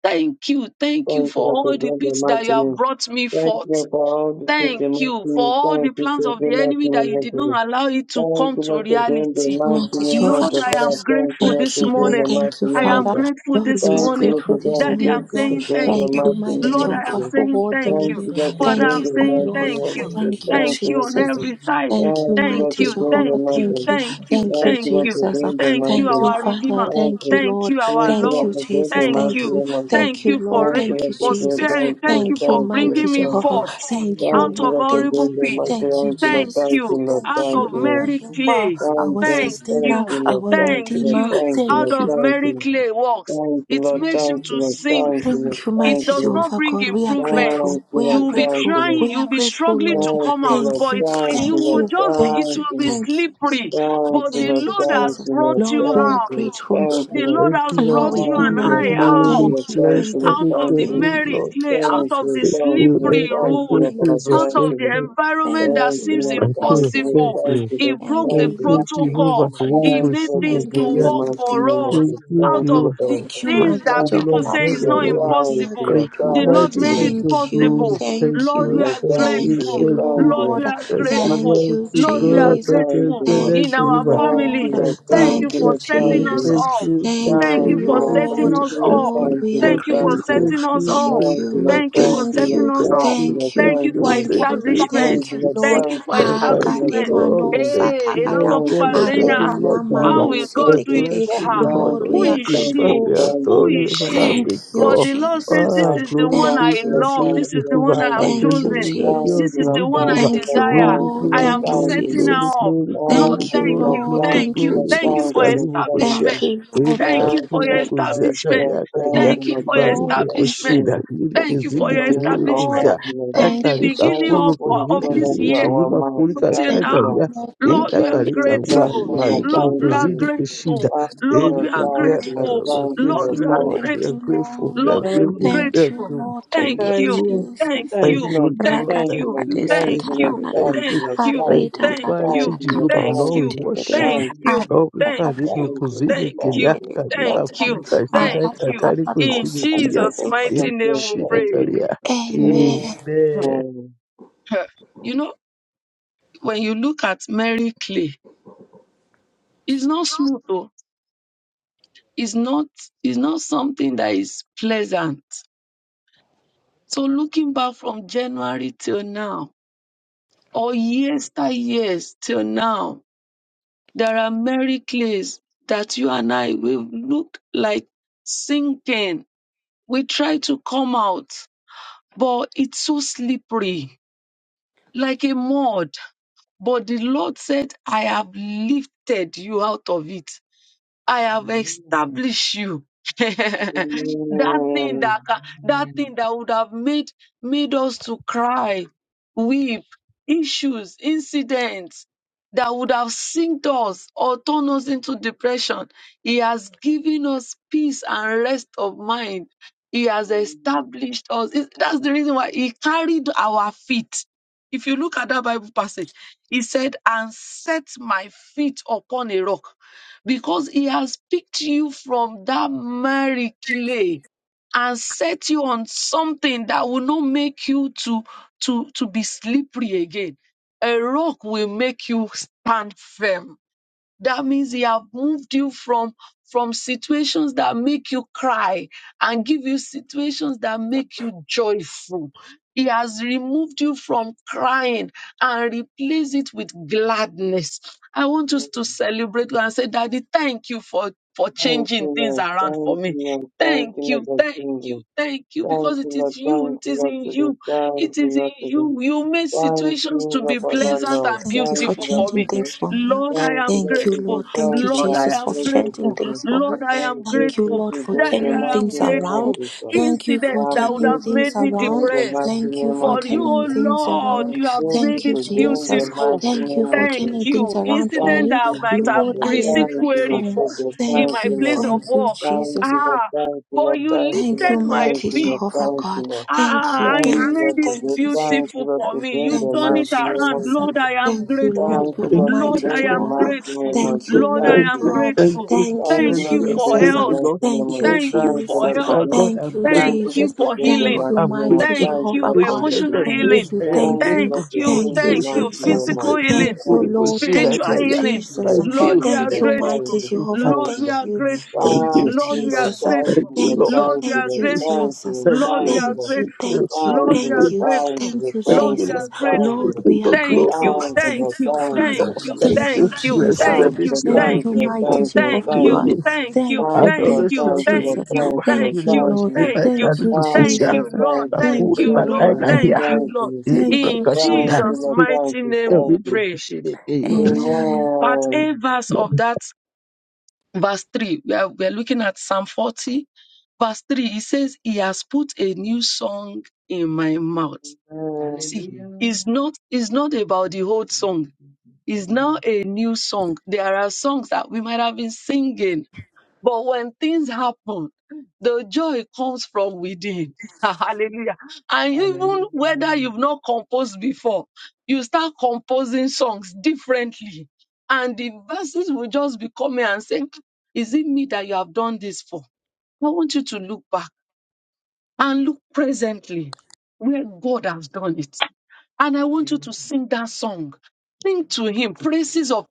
S2: Thank you. Thank you
S1: Thank
S2: for
S1: you, Lord, for
S2: all the
S1: doing the
S2: pits that
S1: mighty
S2: you have
S1: name.
S2: brought me
S1: Thank you
S2: forth.
S1: Lord, for all the sweet and
S2: Thank
S1: mighty
S2: you for
S1: name.
S2: all the
S1: Thank you
S2: plans
S1: for
S2: of
S1: the
S2: the
S1: mighty
S2: enemy that
S1: name
S2: you
S1: of
S2: did
S1: Jesus.
S2: not allow it to
S1: Thank
S2: come
S1: you,
S2: to
S1: Lord, for doing the
S2: reality.
S1: mighty
S4: Mighty
S1: name of
S4: Jehovah
S2: Lord,
S1: Jesus.
S2: I
S1: Father,
S2: am
S4: Jesus,
S1: Thank you,
S2: grateful
S1: Lord,
S4: thank
S2: this
S1: for
S4: you,
S1: doing
S4: Lord.
S1: the
S2: morning.
S1: mighty
S4: Thank you,
S2: I
S1: name of
S2: am
S1: Jesus.
S4: Father.
S2: grateful
S4: Lord,
S2: this
S4: we are
S1: Thank you,
S2: morning.
S1: Lord, for
S4: grateful
S5: Daddy, I
S4: this
S5: am
S1: being
S2: Daddy,
S4: morning,
S2: I'm
S1: faithful,
S4: Lord.
S1: for
S5: grateful.
S2: saying
S1: being
S2: thank
S1: the
S4: Thank you,
S2: you.
S5: Daddy, I
S1: mighty
S3: Thank
S5: say
S4: mighty
S3: you
S1: name
S2: Lord,
S1: of
S3: for
S2: I
S3: the
S5: thank
S4: Jehovah,
S2: am
S1: Jesus.
S5: you.
S4: for
S2: saying
S4: all the
S3: question.
S2: thank
S5: Heavenly
S1: Thank
S2: you.
S4: wind.
S1: you,
S5: Father,
S1: Lord,
S5: I
S1: for
S3: I
S5: am
S2: Father,
S3: love
S1: being
S4: Thank
S2: I'm
S4: you,
S1: the
S3: you,
S5: grateful.
S4: oh
S2: saying
S3: Jesus.
S5: Father,
S1: mighty
S5: I
S4: Lord.
S5: say
S2: thank
S1: name of
S2: you.
S1: Jesus.
S5: thank
S3: Hallelujah.
S4: Thank
S5: you.
S4: you,
S1: Thank you,
S2: Thank you
S1: Lord,
S2: on
S1: for
S4: Jesus.
S3: Thank
S1: being-
S2: every
S3: you,
S2: side.
S4: Thank
S3: Lord.
S4: you,
S1: Thank you,
S2: Thank
S1: Lord,
S4: mighty
S1: for
S2: you,
S5: This
S1: being
S5: morning,
S1: the
S4: Jehovah.
S2: thank
S5: every
S1: mighty.
S2: you,
S5: praise to
S3: Thank
S4: Thank
S1: name.
S5: God,
S4: you.
S3: you,
S2: thank
S3: Lord.
S2: you,
S4: Thank
S3: Thank
S4: you,
S3: you
S1: Thank you,
S2: thank
S3: for all
S1: Lord,
S2: you.
S1: for
S4: Jesus.
S1: being the
S3: that
S2: Thank
S3: you have
S2: you,
S1: mighty.
S4: Thank you,
S1: name.
S2: our
S3: done
S4: Father.
S2: Redeemer.
S3: for me.
S1: Thank
S4: Thank you,
S1: you.
S2: Thank
S4: Lord.
S2: you, our
S1: Thank you,
S3: Thank you
S4: Thank
S1: Lord,
S2: Lord.
S4: you,
S3: for
S1: for being
S4: Jesus.
S1: the
S2: Thank
S3: everything you
S1: mighty
S4: Thank
S3: have
S4: you.
S2: you.
S1: name
S3: done,
S1: of Jesus.
S2: Thank
S4: Thank you,
S2: you
S3: Lord.
S4: Lord.
S2: for,
S3: Thank
S1: Thank
S2: ra-
S4: Thank you,
S3: you,
S2: for
S1: you, Lord,
S4: Jesus.
S3: Jesus.
S2: sparing.
S1: for
S2: Thank
S1: being thank you,
S2: you
S4: Thank you,
S2: for
S1: thank you,
S4: mighty
S2: bringing
S3: Father,
S1: Lord,
S2: me
S1: thank
S3: thank you
S4: Jehovah.
S1: you.
S3: for
S2: forth
S3: saving
S4: Thank you,
S3: our
S2: out
S1: Thank you,
S2: of
S4: Lord.
S1: Lord,
S3: family.
S1: for
S4: Thank
S2: horrible
S1: being
S4: you.
S1: the
S3: Thank
S2: pit.
S3: you,
S1: mighty.
S4: Thank
S1: name.
S5: hallelujah.
S4: you,
S1: Thank you, Lord,
S3: Jesus.
S2: Thank
S4: Jesus.
S1: thank you,
S2: you.
S3: Now
S1: Lord,
S3: we
S2: Out
S3: are
S4: Thank
S2: of
S1: thank
S5: That I
S4: you,
S1: you,
S5: will
S3: busy
S1: Lord.
S4: our
S3: and
S2: merry
S3: know
S5: fulfill
S3: that
S4: helper,
S2: clay.
S3: it's a
S4: our
S1: Thank you,
S3: coming
S5: as
S2: Thank
S3: here.
S1: thank
S4: sustainer,
S1: you,
S2: you.
S1: Lord,
S4: our
S3: Thank you
S1: thank
S3: for
S2: Thank
S1: you,
S3: your
S1: Lord,
S4: redeemer.
S2: you.
S3: power,
S1: thank you,
S2: How
S1: Lord,
S4: Thank
S3: Lord.
S2: does
S4: you.
S3: Thank
S1: thank
S2: merry
S1: you.
S3: you,
S2: clay
S3: Jesus.
S2: works? It
S5: a
S3: Thank
S2: makes
S5: long
S2: him
S3: you,
S2: to
S5: reason.
S3: Jesus.
S2: sing
S4: Thank you,
S2: it
S4: mighty
S3: Hallelujah.
S2: does not
S4: Jehovah
S2: bring
S4: God. We
S3: We
S4: are
S3: are so
S2: improvements.
S4: grateful.
S3: grateful
S4: We
S3: to
S4: are
S2: You will be
S3: you.
S4: grateful.
S2: trying,
S4: We
S2: you
S4: are
S2: will be
S3: Thank you, Hallelujah.
S4: grateful,
S3: Thank
S2: struggling
S4: Lord.
S2: to come out,
S4: Thank
S2: but
S4: you.
S2: it,
S3: you,
S2: you
S4: Thank
S2: will
S4: you.
S2: just, it
S4: Thank you.
S2: will
S3: Jesus.
S2: be
S4: Thank you.
S3: Thank
S4: Thank
S2: slippery.
S4: you.
S3: you for
S2: But
S3: answering
S2: the
S4: Thank you,
S2: Lord
S3: prayer.
S2: has
S4: Jesus.
S2: brought you
S4: Lord,
S3: Hallelujah.
S4: we are
S2: out.
S4: grateful.
S3: Thank you,
S2: The Lord
S6: Thank
S2: has
S3: Jesus.
S6: you,
S4: Lord,
S2: brought
S4: we
S6: mighty
S2: you and
S6: King
S4: honor
S6: of
S2: I
S3: Hallelujah.
S4: you.
S2: out,
S6: glory.
S4: Thank you. Thank
S6: Blessed
S4: you.
S6: be
S2: out of
S6: your
S2: the
S4: Thank you.
S2: merry
S4: Thank
S6: Lord.
S2: clay,
S4: you,
S2: out of
S4: Jesus.
S2: the
S6: Thank you,
S4: Thank
S6: Lord.
S2: slippery
S4: you, Lord.
S6: Thank
S2: road,
S6: you,
S4: Thank you,
S6: Jesus.
S2: out
S4: Jesus.
S6: Thank
S2: of the
S6: you.
S2: environment that
S4: Thank you,
S2: seems
S6: I
S4: Lord.
S6: could.
S4: Thank you,
S6: Thank
S2: impossible.
S4: Jesus.
S6: you.
S2: He broke
S4: Thank
S2: the
S6: Thank
S4: you,
S6: you,
S4: Lord. Thank
S6: Jehovah.
S4: you,
S2: protocol. He
S4: Jesus.
S2: made things to
S4: Thank you,
S6: Hulubushilikiya.
S2: work
S4: Lord.
S2: for
S4: Thank you,
S2: us
S6: Thank you,
S2: out
S4: Jesus.
S2: of
S6: Jehovah.
S2: the
S4: Thank you,
S6: Thank
S2: things
S1: Thank
S4: mighty
S2: that
S6: you,
S2: people
S6: Lord
S4: Jehovah.
S2: say
S6: God
S2: is
S6: of
S1: you.
S2: not
S1: Thank you,
S4: Lord,
S6: heaven.
S4: we are
S1: thank
S2: impossible.
S6: Thank you,
S2: The
S4: grateful.
S2: Lord
S6: mighty
S2: made it
S6: King of
S4: Thank you,
S6: glory.
S2: possible.
S6: Thank
S4: thank
S2: Lord,
S4: you,
S2: we
S6: you.
S2: are
S6: Thank you.
S4: thank you,
S2: grateful.
S6: Thank you.
S2: Lord, we
S4: Lord.
S2: are
S6: Thank you,
S2: grateful.
S4: Thank you,
S6: mighty
S2: Lord, we are
S6: God.
S4: Jesus.
S6: Thank you,
S2: grateful
S5: Father, Lord God,
S2: in
S4: Thank you,
S5: in
S2: our
S5: the
S6: Jehovah.
S5: name
S4: Lord.
S2: family.
S6: Thank you,
S2: Thank you
S4: Thank you,
S2: for
S6: thank you,
S2: setting us
S6: thank
S4: Jesus.
S2: up.
S6: you, thank
S4: Thank
S2: Thank
S4: you,
S2: you
S6: you,
S2: for
S6: thank
S2: setting
S4: Lord.
S6: you,
S2: us
S6: thank
S2: up.
S4: Lord,
S6: you,
S4: we are
S6: thank
S2: Thank you for
S6: you,
S4: grateful.
S6: thank
S2: setting us
S6: you,
S2: up.
S4: Thank
S6: thank
S4: you,
S6: you,
S2: Thank you
S6: thank
S2: for
S6: you,
S4: thank
S2: setting
S4: you,
S2: us
S6: thank
S3: Hallelujah.
S2: up.
S6: you,
S4: thank
S6: thank
S4: you.
S2: Thank you
S6: you,
S3: Thank
S2: for
S3: you.
S4: Thank you,
S6: thank
S3: for
S6: you,
S3: the
S2: establishment.
S6: thank
S4: thank you,
S6: you.
S3: amazing.
S4: Lord.
S2: Thank you for
S3: Thank you.
S6: Almighty
S3: for
S2: establishment.
S3: the
S6: God,
S3: good.
S4: Akademano
S6: thank you,
S2: Hey, a lot
S6: Lord
S4: satakadam,
S2: of people
S6: God
S2: are
S3: Hallelujah.
S6: of
S2: saying,
S3: Thank
S2: ah,
S6: heaven,
S3: you.
S6: Lord
S3: for the good.
S6: Jehovah.
S2: how
S4: arenanamano
S2: will
S6: We
S2: God do
S3: Thank
S2: it
S3: you.
S4: setekede.
S6: bless
S2: for
S6: you,
S3: for the
S2: her?
S6: we
S3: good.
S4: Lord,
S6: honor
S2: Who
S4: we are
S6: you,
S2: is
S3: Thank
S6: Jehovah.
S2: she?
S4: grateful.
S6: We
S2: Who
S6: adore you,
S2: is
S3: you. for
S2: she?
S4: Thank
S3: the
S6: everlasting
S3: good.
S4: you,
S2: But
S6: God.
S2: the Lord says,
S3: Thank
S4: Jesus.
S2: This
S3: you,
S6: Ah,
S2: is
S3: Lord.
S2: the
S6: glory
S2: one
S6: be to
S2: I
S4: Thank you,
S3: Thank
S6: your
S3: you
S1: you,
S3: for
S2: love.
S6: name,
S4: Jesus.
S1: thank
S2: This is
S1: you,
S2: the
S3: blessing
S2: one
S6: Jehovah.
S3: us
S2: I
S1: thank
S2: have
S1: you,
S3: with it.
S4: Thank you,
S2: chosen.
S1: Thank
S6: Hallelujah, be
S3: Thank
S4: Jesus.
S1: you,
S2: This
S6: unto
S2: is
S3: you,
S1: Lord.
S6: you,
S2: the one
S3: Jesus.
S2: I
S1: Thank
S6: Jehovah.
S4: Thank
S1: you,
S4: you,
S2: desire.
S1: Lord. Thank
S6: Glory,
S4: Lord.
S1: you, Lord.
S2: I
S6: glory,
S2: am
S4: Thank you,
S1: Thank
S6: glory,
S2: setting
S1: you,
S2: her
S6: glory,
S4: Jesus.
S2: up.
S6: glory,
S3: Thank you,
S2: Lord,
S1: Lord.
S6: glory,
S4: Thank
S3: Jesus.
S1: Thank
S4: you,
S3: Thank
S2: thank
S1: you,
S6: glory,
S1: Lord.
S2: you.
S4: Lord.
S6: glory,
S1: Thank
S3: you,
S2: Thank
S4: Thank
S1: you,
S2: you.
S4: you,
S6: glory.
S2: Thank
S3: Jesus.
S2: you
S6: Sisi
S1: Lord. Thank
S2: for
S4: Jesus.
S3: Thank
S1: you,
S3: you,
S6: karibu
S3: Jesus.
S1: Lord. Thank
S6: kushia.
S2: establishment.
S1: you.
S4: Thank you, Lord. Thank
S2: Thank
S6: Ilika
S3: Amen.
S4: you,
S2: you
S1: Thank you,
S2: for
S3: Thank
S2: your
S6: kulu
S1: Lord.
S3: you,
S6: kuzia
S1: Thank
S3: Jesus.
S1: you,
S2: establishment.
S6: kari
S1: Lord.
S6: hata
S1: Thank
S6: hia.
S2: Thank
S4: thank
S2: you
S1: you, Lord.
S4: you
S3: Amen. Amen.
S2: for your
S1: Thank you,
S3: Thank
S4: Lord.
S6: Maribu
S1: thank
S4: Thank you,
S2: establishment.
S1: you.
S6: kushida.
S1: We
S4: Jesus.
S6: Ilike
S2: Thank you
S3: you,
S1: seek
S3: Jesus.
S2: for
S6: zidi
S2: your
S4: Thank
S1: your
S4: you,
S6: karibu
S3: Thank
S1: mercy.
S4: Lord.
S2: establishment.
S1: Thank
S6: kuzia.
S1: you, Lord.
S2: From the
S4: Thank
S1: We
S4: you,
S3: you,
S6: Akarika
S1: thank
S2: beginning
S1: the
S3: Jesus.
S4: Jesus.
S2: of,
S6: kulu
S1: fullness,
S2: of
S6: kuzidi
S1: Lord,
S4: Thank
S1: that
S2: this
S4: you,
S6: zidi
S1: you
S2: year,
S4: Jesus.
S3: Amen.
S1: are our
S6: hima
S1: mighty.
S6: kulika
S2: till
S1: Thank
S4: Thank
S3: Thank
S6: kaka
S1: you,
S2: now.
S4: you,
S1: Lord.
S6: ya.
S4: Lord.
S3: you,
S2: Lord,
S4: Thank
S6: Ita
S4: you.
S2: we are
S1: Thank
S3: Jesus.
S1: you,
S6: karika
S1: Lord.
S6: wa.
S1: Thank
S2: grateful.
S1: you, Lord.
S4: Thank you.
S6: Malikulu
S2: Lord,
S1: Thank
S2: we are
S1: you,
S6: kuzidi
S4: Thank you,
S6: kushida.
S2: grateful.
S1: Lord. Thank
S2: Lord, we
S1: you, Lord.
S2: are
S6: Ilike
S1: Thank
S6: ya.
S1: you, Lord.
S2: grateful.
S6: We are
S1: Thank you,
S2: Lord,
S1: Lord.
S6: grateful,
S4: Jesus.
S2: we are
S6: Lord.
S4: Thank
S6: We
S4: you,
S6: are
S2: grateful.
S6: grateful.
S4: Lord.
S6: We are
S2: Lord, we
S1: Thank
S2: are
S6: grateful.
S1: you.
S6: We
S4: Thank
S6: are
S4: you,
S2: grateful.
S4: Lord.
S2: Thank
S4: Thank
S6: grateful.
S4: you,
S1: Thank
S2: you.
S1: you.
S2: Thank
S4: Jesus.
S6: Thank
S1: Thank you,
S2: you.
S6: you,
S1: Lord.
S2: Thank
S6: Lord.
S1: Thank
S6: Thank
S1: you,
S2: you.
S1: Lord.
S6: you,
S4: Ratatakadesa
S1: Thank
S2: Thank
S6: thank
S1: you,
S6: you,
S1: Lord.
S2: you.
S4: taranana.
S6: thank
S1: Thank you,
S2: Thank
S6: you,
S1: Lord.
S2: you.
S1: Thank
S6: thank you.
S2: Thank
S6: Mighty
S2: you.
S1: you,
S6: Jehovah,
S2: Thank
S1: Lord.
S4: Aridadadadakadosa
S1: Thank
S6: Lord,
S2: you.
S6: we
S1: you,
S4: tegede.
S6: worship you.
S2: Thank
S1: Lord. Thank you,
S2: you.
S6: Lord, we
S2: Thank
S4: Aridadadakadesiata.
S2: you.
S6: karibu
S1: Lord. Thank you,
S6: kuzidi
S2: Thank
S1: Lord.
S2: you.
S1: Thank you, Lord.
S6: kinyaka,
S2: Thank
S6: nipa
S1: Thank you,
S2: you.
S6: kuka
S1: Lord.
S2: Thank
S6: shida
S2: you.
S6: kakari
S2: In
S6: kuzidi
S4: Aradadadadosa
S6: kinyaka,
S1: Thank
S2: Jesus'
S4: tegede.
S1: you, Lord.
S2: mighty
S6: ili
S1: Thank
S2: name
S1: you, Lord.
S2: we
S6: shida
S1: Thank
S2: pray.
S1: you,
S6: kalia.
S3: Thank
S4: Amen.
S6: Amen.
S3: you.
S2: Hmm. You know, when you look at Mary Clay, It's not smooth though. It's not it's not something that is pleasant. So looking back from January till now, or years that years till now, there are miracles that you and I we've looked like sinking. We try to come out, but it's so slippery, like a mud. But the Lord said, I have lifted you out of it. I have established you. that
S1: Lord. Thank you,
S2: thing
S1: Lord. Amen.
S2: that ca- that
S3: Hallelujah.
S2: thing that would have made made us to cry, weep, issues, incidents that would have sinked us or turned us into depression. He has given us peace and rest of mind. He has
S1: Amen.
S2: established us. It- That's the reason why he carried our feet. If you look at that Bible passage, he said, and set my feet upon a rock because he has picked you from that miry clay and set you on something that will not make you to to to be slippery again a rock will make you stand firm that means he have moved you from from situations that make you cry and give you situations that make you joyful he has removed you from crying and replaced it with gladness i want us
S1: Amen.
S2: to celebrate and say daddy thank you for for
S1: Thank
S2: changing
S1: you,
S2: things
S1: Lord.
S2: around for
S1: Thank you,
S2: me
S1: Lord. Thank
S2: Thank
S1: you, Lord.
S2: you,
S1: for
S2: thank you,
S1: singing.
S2: thank you, because
S1: Thank
S2: it
S1: you, Lord.
S2: is you,
S1: Thank
S2: it
S1: you,
S2: is
S1: Lord,
S2: in
S1: today.
S2: you,
S1: Thank
S2: it
S1: you,
S2: is in
S1: Lord, today.
S2: you. You made
S1: Thank
S2: situations
S1: you,
S2: to
S1: Lord,
S2: be
S1: for that,
S4: Thank
S2: pleasant
S4: you.
S1: Lord.
S2: and
S4: Thank you
S1: Thank
S4: for
S1: you,
S2: beautiful
S1: Lord,
S2: for
S4: changing
S2: me.
S1: today.
S4: things for me.
S2: Lord, I
S1: Thank you,
S2: am
S1: Lord,
S4: Thank
S1: for
S4: you,
S2: grateful.
S1: this.
S4: Lord. Thank
S1: Thank
S4: you,
S1: you,
S2: Lord,
S1: Lord.
S2: I
S4: Jesus,
S1: I'm
S4: for
S2: am
S1: grateful
S4: changing
S1: for
S2: grateful.
S1: this.
S4: things for me.
S2: Lord, I
S1: I'm
S2: am
S4: Thank you,
S1: grateful
S2: grateful.
S4: Lord,
S1: to
S4: for
S1: bring
S2: Daddy,
S1: the
S4: turning
S2: I
S1: mighty
S2: am
S4: things
S1: name of
S4: around.
S2: grateful.
S1: Jesus.
S4: Thank you for
S2: Incidents
S1: I'm
S2: that would
S4: turning
S1: grateful
S2: have
S1: to
S4: things
S2: made me
S1: bring
S4: around.
S1: the
S2: depressed.
S3: But
S1: mighty
S3: I'm
S4: Thank you
S1: name
S4: for
S1: of
S3: going
S2: But
S3: to
S2: you,
S4: turning
S2: oh
S1: Jesus.
S4: things
S3: thank
S1: I
S3: you,
S2: Lord,
S4: around.
S1: am
S2: you have
S1: grateful
S2: made
S1: to
S3: Jesus.
S4: Thank you,
S2: it
S1: bring
S3: Even
S1: the
S4: Jesus.
S3: you are
S2: beautiful.
S1: mighty
S4: Thank
S3: working
S4: you
S1: name
S3: our
S1: of
S4: for
S2: Thank
S4: turning
S3: faith,
S1: Jesus.
S4: things
S2: you.
S3: Lord.
S4: around for
S2: Incident
S1: Thank
S4: me.
S2: that
S1: you,
S2: I
S3: Thank
S2: might
S3: you,
S2: have
S4: Lord,
S1: Jesus.
S4: I
S3: Jesus.
S4: am
S2: received
S1: Thank you,
S2: query
S1: Lord,
S4: grateful.
S1: for
S2: for
S1: this.
S3: Hallelujah.
S2: in
S1: Thank
S4: Thank
S2: my
S1: you,
S4: you.
S2: place
S1: Lord.
S2: of
S3: Thank
S4: Thank you,
S3: you,
S2: work.
S1: Thank
S4: Jesus.
S1: you,
S3: Jesus.
S1: Lord.
S2: Ah,
S1: Thank you,
S2: but
S1: Lord.
S2: you
S3: Thank you,
S1: Thank you,
S4: Thank
S1: Lord.
S4: you,
S2: lifted
S3: Lord,
S2: my
S3: for
S1: Thank
S4: mighty
S1: you,
S2: feet.
S1: Lord.
S3: protecting
S4: Jehovah
S1: Thank
S3: them.
S1: you,
S4: God.
S1: Lord.
S3: Thank
S4: Thank you.
S2: Ah,
S3: you,
S4: Thank
S2: you
S1: Thank you,
S3: Lord.
S4: you.
S1: Lord,
S2: made
S1: for
S3: Thank
S2: it
S4: Thank
S1: this.
S4: you, Jesus.
S1: Thank you,
S2: beautiful
S1: Lord,
S2: for
S1: to
S2: me.
S1: bring
S3: you,
S2: You
S4: Thank
S1: the
S2: turn
S4: you,
S3: Lord,
S2: it
S1: mighty
S3: Jesus.
S1: name
S2: around.
S1: of
S4: Jesus.
S3: Thank
S2: Lord,
S1: Jesus.
S2: I
S3: you,
S2: am
S4: Thank
S3: thank
S4: you,
S3: you for
S4: Lord
S2: grateful.
S1: Thank
S4: God
S1: you,
S3: telling
S6: Thank
S3: us
S1: Lord, to
S3: to
S2: Lord,
S4: Almighty
S2: I
S1: bring the
S2: am
S3: do.
S6: you,
S1: mighty
S4: Jehovah.
S2: grateful.
S1: name of
S4: Thank you,
S1: Jesus.
S2: Lord,
S3: Thank
S1: Thank
S4: Lord
S6: thank
S2: I
S3: you,
S1: you,
S2: am
S6: you,
S1: Lord.
S4: God.
S6: thank
S3: Jesus.
S2: grateful.
S6: you,
S4: Thank
S1: Thank
S4: you,
S1: you,
S6: thank
S2: Thank
S1: Lord,
S3: Thank
S2: you
S6: you.
S1: to
S3: you,
S6: I'm
S2: for
S1: bring
S4: Jesus.
S1: the
S6: grateful,
S2: health.
S3: Jesus.
S6: Lord.
S1: mighty
S6: I'm
S1: name
S4: Thank
S1: of
S4: you,
S1: Jesus.
S2: Thank
S3: Hallelujah.
S6: grateful.
S2: you
S1: Thank
S3: Thank
S1: you,
S2: for
S3: you
S4: Jesus.
S1: Lord,
S6: Oh,
S3: for
S1: to
S6: My
S2: health.
S1: bring.
S6: God,
S4: Thank
S6: I'm
S3: helping
S4: you,
S6: grateful.
S3: me.
S1: Thank
S2: Thank
S1: you, Lord,
S2: you
S4: Jesus.
S1: to
S2: for
S1: bring the
S6: God,
S4: Thank
S2: healing.
S4: you,
S1: mighty
S6: I'm
S1: name of
S4: mighty
S1: Jesus.
S6: grateful.
S2: Thank
S3: Thank
S1: Thank you,
S2: you.
S4: Jehovah
S1: Lord, for
S4: God.
S6: Ancient
S2: Emotional
S1: giving.
S6: of
S4: Thank
S2: healing.
S6: this,
S3: you,
S6: I
S4: you,
S6: am
S1: Thank
S4: thank
S1: you,
S4: you,
S3: Lord.
S2: Thank
S6: grateful.
S1: Lord, to
S6: I
S2: you.
S1: bring
S6: am
S4: thank
S1: the
S4: you,
S2: Thank
S6: grateful.
S2: you.
S1: mighty
S6: I am
S4: Jesus.
S1: name of
S2: Physical
S6: grateful.
S1: Jesus.
S4: Thank
S2: healing.
S4: you,
S6: Holy
S1: Thank you,
S4: Lord.
S1: Lord.
S6: Bushi, like
S4: Thank
S2: Spiritual
S6: I
S4: you,
S3: Thank you
S6: am.
S3: for
S1: This
S2: healing.
S1: is
S3: keeping
S4: Jesus.
S1: your
S3: them
S6: Thank
S1: thank
S2: Lord,
S6: you.
S2: we
S1: you,
S3: waiting.
S2: are
S4: Thank
S6: Thank
S1: Lord.
S4: you,
S3: Thank
S6: you.
S3: you,
S1: Thank
S4: mighty
S2: grateful.
S1: you,
S6: Thank
S3: Jesus.
S6: you.
S4: Jehovah.
S1: Lord. Thank
S2: Lord, we
S1: you,
S4: Thank
S2: are
S4: you,
S3: Thank you,
S2: grateful.
S6: Thank
S4: thank
S1: Lord.
S6: you.
S4: you,
S3: Jesus.
S1: Thank
S2: Lord,
S1: you,
S2: we
S1: Lord.
S2: are
S4: Jesus.
S3: Thank
S6: Thank
S1: Thank you,
S2: grateful.
S6: you,
S3: you,
S1: Lord.
S6: Lord.
S4: Thank you,
S3: Jesus.
S2: Lord, we
S1: Thank you, Lord. Thank you, Lord. Thank you, Lord. Thank you, Lord. Thank you,
S2: are
S4: thank
S1: Lord. Thank
S4: you,
S2: grateful.
S4: Jesus.
S6: Thank
S2: Lord, we
S6: you. Thank you.
S2: are
S4: Thank you,
S6: Thank
S2: grateful.
S4: thank you,
S2: Lord, we are
S4: thank
S6: you.
S4: you,
S2: grateful.
S4: thank you,
S6: Thank
S2: Lord,
S3: Thank
S6: you, Lord. Thank you,
S2: we
S1: you,
S6: Lord.
S3: you,
S2: are
S4: Jesus.
S1: Lord.
S3: Lord. We
S1: Thank
S3: give
S1: you,
S2: grateful.
S6: Thank
S1: Lord.
S4: Lord,
S3: you
S4: we are
S2: Thank
S3: glory.
S4: grateful.
S2: you,
S1: Thank you,
S2: thank
S1: Lord.
S4: Thank you,
S2: you,
S3: Thank
S1: Thank
S6: you,
S1: you,
S3: you,
S2: thank
S4: Father.
S6: Lord.
S1: Lord.
S2: you,
S6: Thank
S1: Thank
S4: Thank
S1: you.
S6: you.
S2: thank
S4: you,
S3: Jesus.
S2: you,
S6: Bless
S4: Jesus.
S2: thank
S6: them.
S1: Thank you,
S2: you,
S6: It's
S3: Hallelujah.
S1: Lord.
S6: your
S4: Thank
S6: name.
S1: Thank
S2: thank
S4: you,
S1: you, Lord.
S2: you,
S6: Oh,
S3: Thank
S4: mighty
S3: you,
S1: Thank you, Lord.
S2: thank
S3: Lord. Thank you,
S6: to
S4: Jehovah
S6: your
S1: Thank
S2: you,
S4: God.
S1: you.
S6: name.
S2: thank
S3: Lord.
S2: you,
S4: Thank
S1: Thank
S4: you,
S1: you,
S2: thank
S1: Lord.
S4: thank you,
S2: you,
S6: Adoration
S1: Thank
S6: to
S1: you,
S2: thank
S6: you,
S4: Jesus.
S2: you,
S6: Jehovah.
S1: Lord.
S2: thank
S4: Thank
S6: Holy
S4: you,
S2: you,
S1: Thank
S6: Bushi,
S4: Lord.
S1: you,
S2: thank
S6: like I
S2: you,
S6: am.
S4: Thank you,
S6: Holy
S1: Lord. Thank
S2: thank
S6: Bushi,
S1: you,
S6: like
S4: Jesus.
S2: you, Lord,
S1: Lord.
S6: I
S1: Thank
S6: am.
S1: you, Lord.
S2: thank
S4: Thank
S6: Holy
S2: you,
S4: you,
S1: Thank you, Lord. Thank
S2: Lord,
S4: Lord. Thank
S2: thank you,
S4: you.
S2: Lord.
S1: you,
S3: Thank
S4: Thank you,
S2: In
S6: Bushi, like
S3: you,
S1: Lord.
S6: I
S1: Thank you. Thank you,
S2: Jesus'
S4: Jesus.
S3: Jesus.
S1: Lord.
S6: am.
S2: mighty
S6: So
S2: name
S6: we
S2: we
S6: look for
S2: pray.
S6: shit the-
S4: Amen.
S2: Part A verse of that, verse 3, we are, we are looking at Psalm 40 Verse 3, he says, He has put a new song in my mouth.
S3: Amen.
S2: See,
S3: Hallelujah.
S2: it's not, it's not about the old
S3: Thank
S2: song.
S3: you, Jesus.
S2: It's now
S3: Amen.
S2: a new song. There are songs that we might have been singing, but when things happen, the joy comes from within. Hallelujah. And even whether
S3: Hallelujah.
S2: you've not composed before, you start composing songs differently. And the verses will just be coming and saying, Is it me that you have done this for? I want you to look back and look presently where God has done it. And I want you to
S3: Amen.
S2: sing that song. Sing to him praises of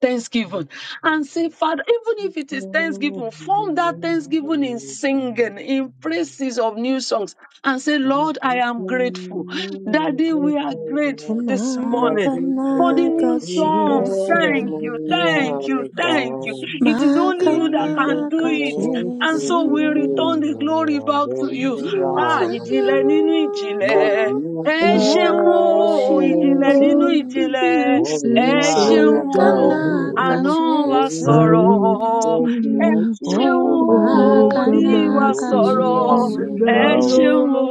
S3: Thank
S2: thanksgiving
S3: you,
S2: and say,
S3: Jesus.
S2: Father, even if it is
S1: Thank you.
S2: thanksgiving, form that
S3: Thank you,
S1: Thank
S2: thanksgiving in
S1: you.
S2: singing, in praises of new songs, and say, Lord, I
S1: Amen. Amen.
S2: am grateful.
S1: Amen. We are
S2: Daddy, we are grateful
S1: grateful,
S2: this
S1: Lord
S2: morning
S1: Jesus,
S2: for the
S4: Makanaka
S2: new
S1: and
S2: songs.
S4: Jesus.
S2: Thank you,
S1: we are
S2: thank you,
S1: the
S2: thank you.
S1: Father.
S2: It is only
S1: Mo
S2: you
S1: ti
S2: that
S1: fẹ́
S2: can do
S4: Makanaka
S1: mo
S2: it.
S1: rí
S2: And so we
S4: Jesus.
S2: return the glory back to you. Ah,
S1: àánú gbà
S2: ìjìnlẹ̀
S1: o.
S2: nínú
S1: Mo
S4: Yutaruwago
S2: ìjìnlẹ̀. Ẹ
S1: dúpẹ́
S2: ṣeun o, ìjìnlẹ̀
S4: Ragoshiti
S2: nínú
S6: Oh, the
S2: ìjìnlẹ̀, ẹ
S6: mercies
S2: ṣeun
S6: of
S2: o,
S6: the
S4: Makanaka
S6: Lord,
S2: àná wa
S4: Jesu
S6: I will
S2: sọ̀rọ̀, ẹ
S6: sing
S2: ṣeun
S4: Oh
S2: o,
S6: of the
S2: òní wa
S4: Makanaka
S6: mercies
S2: sọ̀rọ̀,
S4: Jesu
S6: of
S2: ẹ
S6: the
S2: ṣeun
S6: Lord
S2: o,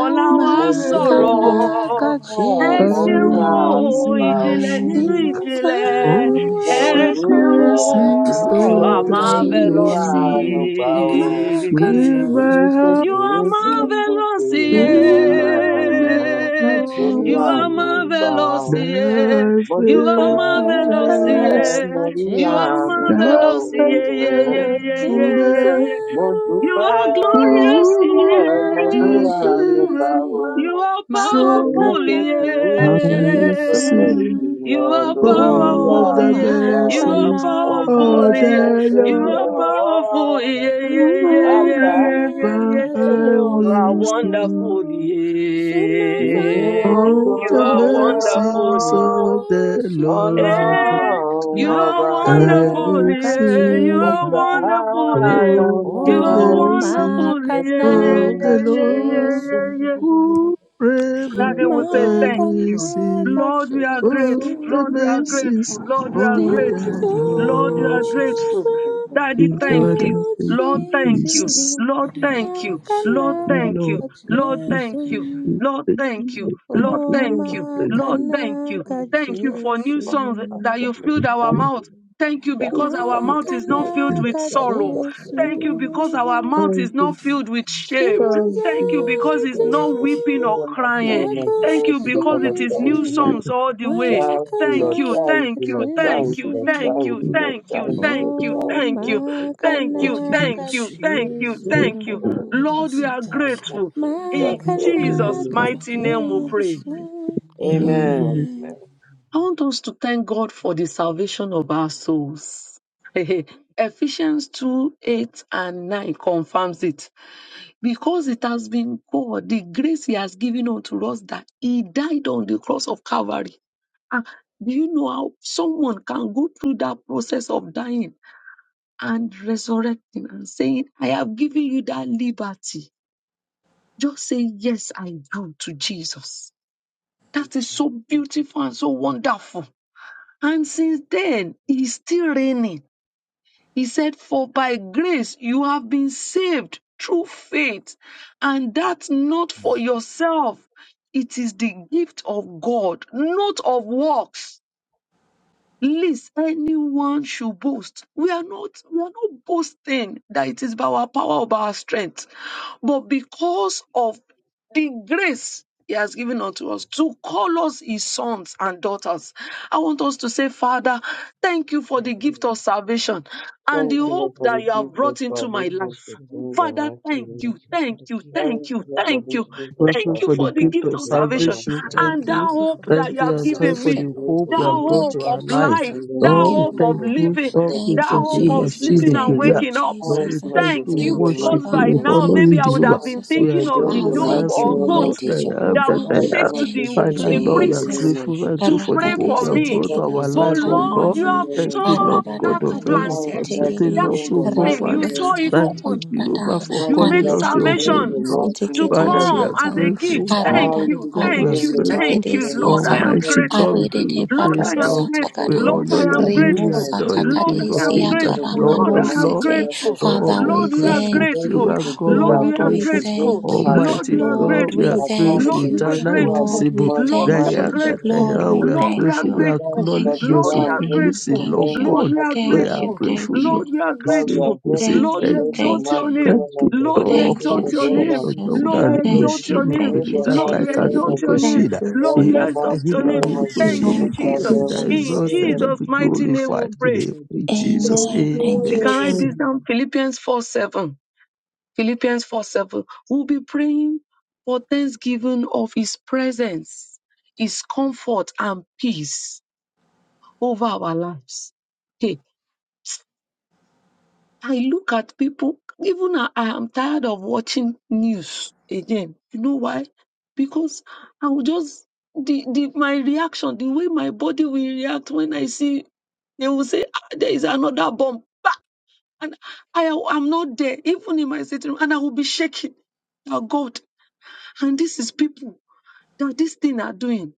S2: ọ̀la wa
S5: of
S2: sọ̀rọ̀,
S4: Makanaka
S5: Jesus.
S2: ẹ
S6: I
S2: ṣeun
S5: Ah,
S2: o,
S6: will
S5: we
S4: Jesu
S2: ìjìnlẹ̀ nínú
S6: sing
S2: ìjìnlẹ̀,
S6: of
S5: worship
S2: ẹ
S5: you,
S6: the
S4: Simutaruwago
S2: ṣeun
S5: Father,
S2: o,
S5: I
S6: blessings
S5: thank you
S2: you
S5: for
S2: are
S6: of
S1: mo
S5: loving
S6: the
S1: rí
S2: marvelous.
S5: protection.
S1: àánú
S6: Lord
S4: Ragoshiti
S1: gbà
S5: Thank you for
S1: o.
S5: the natural
S6: with my
S5: blessings
S4: Makanaka
S5: that
S6: heart
S2: You
S5: you
S2: are
S5: brought our
S1: oríṣiríṣi
S4: Jesu
S1: gbogbo
S2: marvelous,
S5: us.
S4: Oh,
S6: will I
S1: ènìyàn
S4: makanaka
S2: yeah.
S3: Jesus.
S1: lórí
S2: You
S6: make
S2: are
S1: àánú
S4: Jesu.
S3: for
S1: gbà
S2: marvelous,
S1: ó.
S2: yeah.
S6: Thy
S1: mo
S2: You are
S1: dúpẹ́
S2: marvelous,
S3: the
S6: faithfulness,
S2: yeah.
S4: Makanaka
S1: lórí
S2: You are
S3: Thank
S1: àánú
S3: you,
S1: gbà
S6: thy
S3: Jesus.
S2: marvelous,
S4: Jesu.
S2: yeah,
S1: ó.
S2: yeah, yeah,
S3: Hallelujah.
S2: yeah,
S3: Thank
S2: yeah,
S3: you, Lord.
S2: yeah,
S4: Immortal
S6: faithfulness,
S2: yeah.
S3: Thank
S1: mo
S3: you, Lord.
S2: You
S1: dúpẹ́
S2: are
S3: Glory
S2: glorious,
S6: through
S3: to
S2: yeah.
S3: you,
S1: lórí
S3: Jesus.
S1: àánú gbà
S6: generation
S1: ó.
S4: Abuchiti.
S2: You are
S1: torí
S2: powerful,
S1: pé kì í
S4: Makanaka
S1: ṣe
S6: I
S1: gbogbo
S2: yeah.
S6: sing
S4: Jesu.
S2: You
S1: ènìyàn
S2: are
S1: lórí
S6: of
S4: Oh,
S2: powerful,
S6: the
S1: àánú
S2: yeah.
S1: gbà ó.
S2: You
S5: and we
S2: are
S6: mercies
S4: makanaka
S1: ọ̀pẹ́
S2: powerful,
S6: of
S2: yeah.
S6: the
S1: tó
S2: You
S4: Jesu.
S1: yẹ
S2: are
S6: Lord.
S1: ọ́
S2: powerful, yeah, yeah, yeah, yeah,
S1: àgbà
S2: yeah, yeah,
S6: Forever
S2: yeah.
S4: Maranatha,
S6: I
S2: You
S1: olórí.
S4: Jesus.
S2: are
S6: will sing
S2: wonderful,
S1: Thank
S4: Simazaroko,
S1: you.
S2: yeah.
S6: of
S2: You
S6: the
S2: are wonderful,
S6: mercies of the Lord.
S4: Marushiti,
S2: yeah. You are
S6: I
S2: wonderful,
S6: will
S4: Makanaka,
S2: yeah. You
S6: sing.
S4: Jesus.
S2: are wonderful, yeah.
S6: Oh, the
S2: You are
S4: Oh,
S6: mercy
S2: wonderful, yeah, yeah,
S6: of the
S4: Makanaka,
S2: yeah, yeah, yeah,
S6: Lord,
S2: yeah, yeah.
S4: Jesus.
S6: forever
S2: That we say
S6: I
S2: thank
S6: will
S2: you.
S4: Maranatha,
S6: sing.
S2: Lord, we are
S4: Jesus.
S6: Oh,
S2: grateful.
S6: the
S2: Lord, we are grateful.
S6: mercies
S2: Lord, we are
S5: brother and
S6: of
S5: our God
S2: grateful.
S6: the
S5: in the
S2: Lord, we
S5: Lord
S2: are
S6: Lord.
S5: Jesus.
S2: grateful.
S4: simazorowanga
S2: Daddy,
S6: Give
S2: thank
S5: Father,
S6: God
S2: you.
S6: and thank
S2: Lord,
S6: you,
S2: thank
S4: vanochiti
S2: you.
S6: Jesus.
S5: Father, I
S2: Lord,
S5: am
S2: thank you.
S5: grateful,
S2: Lord,
S6: We
S2: thank
S4: makanaka
S6: love
S2: you.
S6: you,
S2: Lord,
S5: I
S6: thank
S5: am
S4: jesu
S2: thank you.
S5: grateful
S6: you,
S2: Lord,
S6: thank you,
S2: thank you.
S6: thank
S2: Lord,
S4: oh
S6: you,
S2: thank
S6: Lord.
S2: you.
S6: Thank
S2: Lord, thank you.
S4: makanaka
S2: Thank you for new
S4: jesu
S2: songs that you filled our
S6: you,
S2: mouth. Thank you because our mouth is
S6: thank
S2: not filled
S6: you, thank you, thank you, thank you, thank
S2: with
S4: makanaka
S5: that you
S2: sorrow.
S5: are God
S4: jesu
S5: in the
S2: Thank you
S5: name of
S2: because
S5: Jesus.
S2: our mouth is
S1: Thank you.
S2: not filled with shame.
S4: Silaza
S2: Thank you
S5: Father,
S2: because
S5: we
S2: it's
S4: ku
S5: thank
S2: not
S5: you.
S2: weeping or
S5: Father,
S2: crying.
S5: we worship
S2: Thank you
S1: Thank
S5: your
S2: because
S5: holy
S2: it is
S5: name, O
S4: rakoshiji
S2: new
S1: you.
S5: God.
S2: songs all the
S5: Father,
S1: Thank
S5: we
S2: way.
S1: you,
S4: makana
S2: Thank
S1: Lord.
S2: you,
S5: thank you.
S1: Thank
S4: ka
S2: thank
S1: you,
S2: you,
S1: Lord.
S5: Father, we
S2: thank
S1: Thank
S4: Jesu.
S1: you,
S2: you,
S5: say
S1: Lord.
S5: thank you.
S2: thank
S1: Thank
S2: you,
S1: you, Lord.
S2: thank you,
S1: Thank you,
S5: Father, we
S2: thank
S1: Lord.
S4: Oh,
S2: you,
S5: say
S1: Thank you,
S2: thank
S1: Lord.
S5: thank
S2: you,
S5: you.
S1: Thank you, Lord.
S2: thank
S4: makana
S1: Lord,
S2: you,
S5: Daddy,
S1: we
S5: we
S4: ka
S2: thank
S1: sing,
S5: bless
S2: you,
S5: you.
S1: we sing,
S5: holy
S2: thank
S1: we
S2: you,
S5: Hallelujah,
S1: praise
S5: Lord.
S2: thank
S1: you,
S2: you.
S1: Lord.
S5: Daddy, we
S2: Lord, we
S5: say
S2: are
S1: Thank
S5: thank you.
S1: you,
S2: grateful.
S1: Lord. That
S5: Daddy,
S2: In
S5: we're
S1: trust
S5: grateful,
S4: Makana
S6: you,
S1: the
S2: Jesus'
S1: name
S5: Lord
S4: ka
S6: thank
S5: God,
S2: mighty
S5: in
S6: you,
S5: the
S2: name we
S5: name of
S2: pray.
S4: Jesu.
S5: Jesus.
S6: thank
S1: Amen.
S6: you.
S5: Amen.
S1: Amen.
S2: I want us to thank God for the salvation of our souls. Ephesians 2 8 and 9 confirms it because it has been God, the grace He has given unto us that He died on the cross of Calvary. Ah, do you know how someone can go through that process of dying and resurrecting and saying, I have given you that liberty? Just say, Yes, I do to Jesus.
S1: Thank
S2: That is
S1: you.
S2: so beautiful and so wonderful. And since then, He's still reigning. He said, For by grace you have been saved through faith, and that not for yourself. It is the gift of God, not of works least anyone should boast. We are not we are not boasting that it is by our power or by our strength, but because of the grace he has given unto us to call us his sons and daughters. I want us to say, Father, thank you for the
S3: Thank you,
S2: gift
S3: Lord.
S2: of
S3: God.
S2: salvation and the
S1: Thank you,
S3: Thank you
S1: Lord,
S2: hope
S3: for
S1: for
S2: that
S1: the
S2: you have
S1: gift of
S2: brought into
S1: salvation
S2: my life.
S1: to bring the
S2: Father,
S1: mighty
S2: thank
S1: name.
S2: you, thank
S3: the
S2: you,
S3: gift
S1: Thank
S2: thank
S3: of
S2: you,
S1: you, Lord, for
S2: thank
S1: the
S2: you,
S3: salvation.
S1: gift
S3: Thank you for the gift
S1: of
S3: of salvation. Thank
S2: thank
S3: you,
S6: grateful
S2: you
S6: for the
S2: for the
S1: salvation
S3: Jesus.
S6: gift
S1: to
S2: gift
S6: of
S2: of
S1: bring the
S2: salvation
S1: mighty
S6: salvation.
S3: Thank
S6: Thank
S4: Lord.
S2: and
S3: you
S1: name.
S2: that
S4: Thank
S3: for
S6: you.
S3: the
S4: you for
S2: hope
S3: gift
S4: the
S1: Thank
S6: Thank
S2: that
S3: of
S1: you,
S2: you
S4: gift
S1: Lord,
S6: you.
S4: of
S2: have
S6: And
S1: for
S6: thank you
S2: given
S1: the
S6: for
S4: salvation,
S2: me,
S6: the
S4: Lord.
S1: gift of salvation to
S6: hope
S1: the
S2: that
S6: you
S3: salvation.
S6: have brought
S1: mighty
S4: Thank
S2: hope
S6: to
S2: of
S4: you,
S6: our lives.
S3: We
S2: life,
S4: Jesus.
S1: In the
S2: that
S4: Thank
S6: Lord,
S4: you,
S1: name
S6: we
S1: of
S2: hope
S3: should
S2: of
S6: thank
S1: Jesus,
S4: Lord.
S1: thank
S3: Thank
S6: you.
S2: living,
S1: you,
S3: you.
S6: Lord,
S1: Lord,
S6: we
S1: for
S4: Thank
S2: that
S4: you,
S6: thank
S1: bringing the
S2: hope
S6: you. my
S2: of
S1: mighty
S4: Jesus.
S6: shield
S1: name.
S2: sleeping
S6: and
S1: of
S2: and
S4: Thank
S6: glory.
S4: you,
S2: waking up.
S1: Oh,
S6: Lord,
S4: Jesus.
S6: we
S1: blessed
S6: thank
S1: be
S2: Thank
S6: you. We
S1: in
S2: you,
S1: the
S4: Thank you,
S6: worship
S1: mighty
S2: because by
S6: you.
S4: Father.
S1: name
S6: We
S1: of
S2: now
S6: honor
S4: Thank
S2: maybe
S6: you,
S4: you,
S2: I would
S6: Jehovah.
S2: have
S1: Thank
S2: been
S4: Jesus.
S6: We
S1: you
S2: thinking
S1: be
S2: of
S6: adore
S1: being
S2: the
S4: Ah,
S6: you,
S1: the
S2: dove
S4: thank
S1: mighty
S4: you,
S6: everlasting
S2: or
S1: name of
S6: God.
S2: goat
S4: mighty
S6: I
S1: Jesus.
S6: am
S2: that
S6: that
S4: Jehovah.
S6: I
S2: will
S1: Thank
S6: am.
S2: take to
S1: you for
S4: Thank
S2: the
S4: you,
S1: being
S2: to
S6: Father,
S1: the
S2: the
S6: Lord, we
S1: mighty
S6: are
S2: priest
S4: Jesus.
S1: name of
S6: grateful. Thank
S1: Jesus.
S6: you
S2: to
S6: for the
S2: pray
S4: Arakade
S6: hope
S2: for
S6: you
S4: se
S1: Thank you
S6: have
S2: me.
S5: Daddy,
S6: brought to
S1: for
S5: Lord,
S4: tekede
S6: our
S5: God,
S2: But
S6: life,
S1: being
S5: in the
S1: the
S6: oh
S5: name
S2: Lord,
S5: of
S6: God.
S1: mighty
S2: you
S4: sataranana.
S2: have
S5: Jesus.
S1: name
S6: Thank
S1: of
S6: you,
S2: torn
S6: Lord
S1: Jesus.
S4: Aradada
S6: God of
S5: Daddy,
S2: that
S5: Lord
S4: kade
S6: heaven,
S4: se
S1: Thank
S5: God,
S6: for
S2: blanket,
S5: in the
S1: you for
S4: tekede
S6: setting
S5: name
S2: that
S5: of
S3: Jesus.
S6: us,
S1: being the
S6: oh
S5: Jesus.
S6: God,
S2: thing,
S4: redo
S1: mighty
S6: Father.
S2: you
S3: Thank
S5: Lord,
S1: name
S5: you
S2: tore
S3: you,
S1: of
S2: it
S6: Thank
S2: open
S1: Jesus.
S4: satarada.
S5: dispense
S6: you,
S3: Jesus.
S5: all
S4: Dada,
S3: Father,
S6: Jehovah,
S3: we
S6: for
S5: things,
S3: are
S2: you
S1: Thank you
S6: calling
S3: so
S5: Lord.
S2: made
S6: us
S4: arida da
S6: your
S1: for being
S6: home,
S3: familiar.
S1: the
S2: salvation
S4: manu
S6: Lord.
S4: se
S1: mighty
S2: to
S3: For
S1: name
S3: the
S4: tekede
S3: love
S6: Father,
S1: of
S6: we
S3: of
S1: Jesus.
S2: come
S6: are
S2: as
S4: tiata,
S3: Jesus,
S2: a
S3: the
S6: grateful to
S2: gift.
S3: Lord,
S6: you,
S2: Thank
S4: Arada
S1: Thank
S6: my
S3: only
S4: da
S2: you,
S1: you
S3: you
S1: for
S6: God.
S3: are
S6: We
S2: thank
S6: are
S4: bados
S1: being
S2: you,
S1: the
S3: Lord.
S2: thank
S6: grateful.
S2: you. Lord,
S1: mighty
S3: Thank
S4: tegedesiatam,
S2: I am
S3: you,
S6: Almighty
S1: name
S3: Jesus.
S6: God, we
S2: grateful.
S1: of
S4: arede
S6: give
S3: Thank
S1: Jesus.
S4: de
S6: you
S2: Lord,
S6: praise,
S2: I
S4: bados
S2: am
S6: Lord.
S1: Thank you for
S2: grateful.
S6: We
S2: Lord,
S4: atagadam,
S1: being the
S6: honor
S2: I
S6: your
S2: am
S1: mighty
S3: you,
S6: name. We
S1: woman
S2: grateful.
S4: renos
S1: of
S6: adore
S1: God.
S6: you,
S3: Jesus.
S2: Lord,
S6: King
S2: I
S6: of
S2: am
S1: Thank you
S6: Kings
S3: Thank you,
S2: grateful.
S6: and
S1: for
S3: Jesus.
S1: being
S6: Lord
S2: Lord,
S1: the
S6: of
S2: I
S6: Lords.
S2: am
S1: mighty
S3: Thank
S4: atacadesiataramanose.
S1: woman of
S2: grateful.
S3: you,
S1: God.
S6: God,
S4: Father,
S6: we are
S4: we
S2: Lord, we are
S1: And
S6: grateful.
S3: Lord.
S4: thank
S1: thank
S6: Dear
S4: you.
S2: grateful.
S1: you for
S6: God,
S1: being
S6: we
S2: Lord,
S6: are
S1: that
S2: we
S4: Lord,
S2: are
S1: come
S4: we
S1: with
S6: grateful.
S1: a
S2: grateful.
S1: grateful
S4: thank
S1: heart
S4: you.
S1: this
S2: Lord, we
S6: Almighty
S2: are
S1: morning.
S6: God,
S4: Lord,
S6: we
S4: we
S6: are
S2: grateful.
S1: I come with
S6: grateful.
S2: Lord,
S4: thank
S1: a
S2: we
S4: you.
S2: are
S1: grateful
S6: Eternal,
S1: heart this
S2: grateful.
S4: Lord,
S6: invisible.
S4: we
S1: morning, the
S2: Lord,
S6: that
S2: we
S4: thank
S2: are
S6: I
S1: mighty
S4: you.
S6: am that
S1: name
S6: I
S1: of
S2: grateful.
S4: Lord,
S6: am.
S4: we
S1: Jesus.
S6: We are
S2: Lord, we are
S4: thank
S6: grateful.
S4: you.
S6: We
S1: Thank
S2: grateful.
S1: you
S6: acknowledge
S1: that
S4: Thank you,
S6: your
S2: Lord,
S1: today
S2: we
S1: I'm
S4: thank
S2: are
S4: you,
S1: grateful
S6: supremacy,
S2: grateful.
S1: to
S6: Lord
S4: thank
S1: bring
S4: you,
S1: the
S2: Lord,
S6: God.
S2: we are
S1: mighty
S6: We
S1: name
S4: thank
S6: are
S1: of
S4: you,
S2: grateful.
S1: Jesus.
S6: grateful,
S4: thank
S6: Lord.
S4: you,
S2: Lord, we are
S6: As
S1: Father, we
S6: you-
S1: are
S2: grateful.
S6: We say
S1: grateful
S4: thank
S1: to
S2: Lord,
S4: you,
S2: we
S6: thank
S1: bring the
S6: you.
S2: exalt
S4: thank you.
S2: your
S1: mighty
S2: name.
S6: Thank
S1: name
S6: you,
S1: of God.
S2: Lord, we
S6: Lord.
S1: Grateful
S4: Thank you,
S2: exalt
S1: to
S6: Oh
S2: your
S1: bring
S6: God,
S2: name.
S1: them.
S4: Jesus.
S6: Ọlọ́run
S1: We
S2: Lord,
S1: are
S2: we exalt
S4: Thank
S1: grateful
S2: your
S4: you,
S1: to
S6: àrímọ̀ṣínì,
S2: name.
S1: bring
S4: thank you,
S1: the
S6: èríkà
S2: Lord, we
S1: mighty
S6: káíkà
S4: Jesus.
S1: name
S2: exalt
S1: of
S2: your
S1: God.
S2: name.
S4: Thank
S6: àrímọ̀kọ́ṣínà,
S4: you,
S2: Lord,
S1: In
S2: we
S1: the
S6: èríkà
S2: exalt
S4: Jesus.
S1: mighty
S2: your
S6: nínú
S2: name.
S1: name of
S4: Thank you,
S2: Thank
S1: Jesus.
S6: àrímọ̀ṣínì,
S2: you,
S1: In
S4: Lord.
S1: the
S4: Thank
S1: name
S4: you,
S6: èyí
S2: Jesus.
S6: that
S1: of
S2: In
S1: Jesus.
S4: Jesus.
S1: in
S6: exalted
S1: the
S6: and I exalt and
S2: Jesus'
S6: be
S2: mighty name we
S6: glorified today.
S2: pray.
S6: in
S3: Blessed be your
S6: Jesus.
S4: Amen. Thank
S2: We
S4: you,
S2: can
S4: Jesus.
S2: write
S6: Amen.
S2: this
S1: Amen.
S3: name.
S2: down. Philippians 4 7. Philippians 4 7. We'll be praying for thanksgiving of his presence, his comfort and peace over our lives. Hey, I look at people, even I, I am tired of watching news again. You know why? Because I will just the, the my reaction, the way my body will react when I see they will say "Ah, there is another bomb. And I am not there, even in my sitting room, and I will be shaking. Oh God, and this is people that this thing are doing.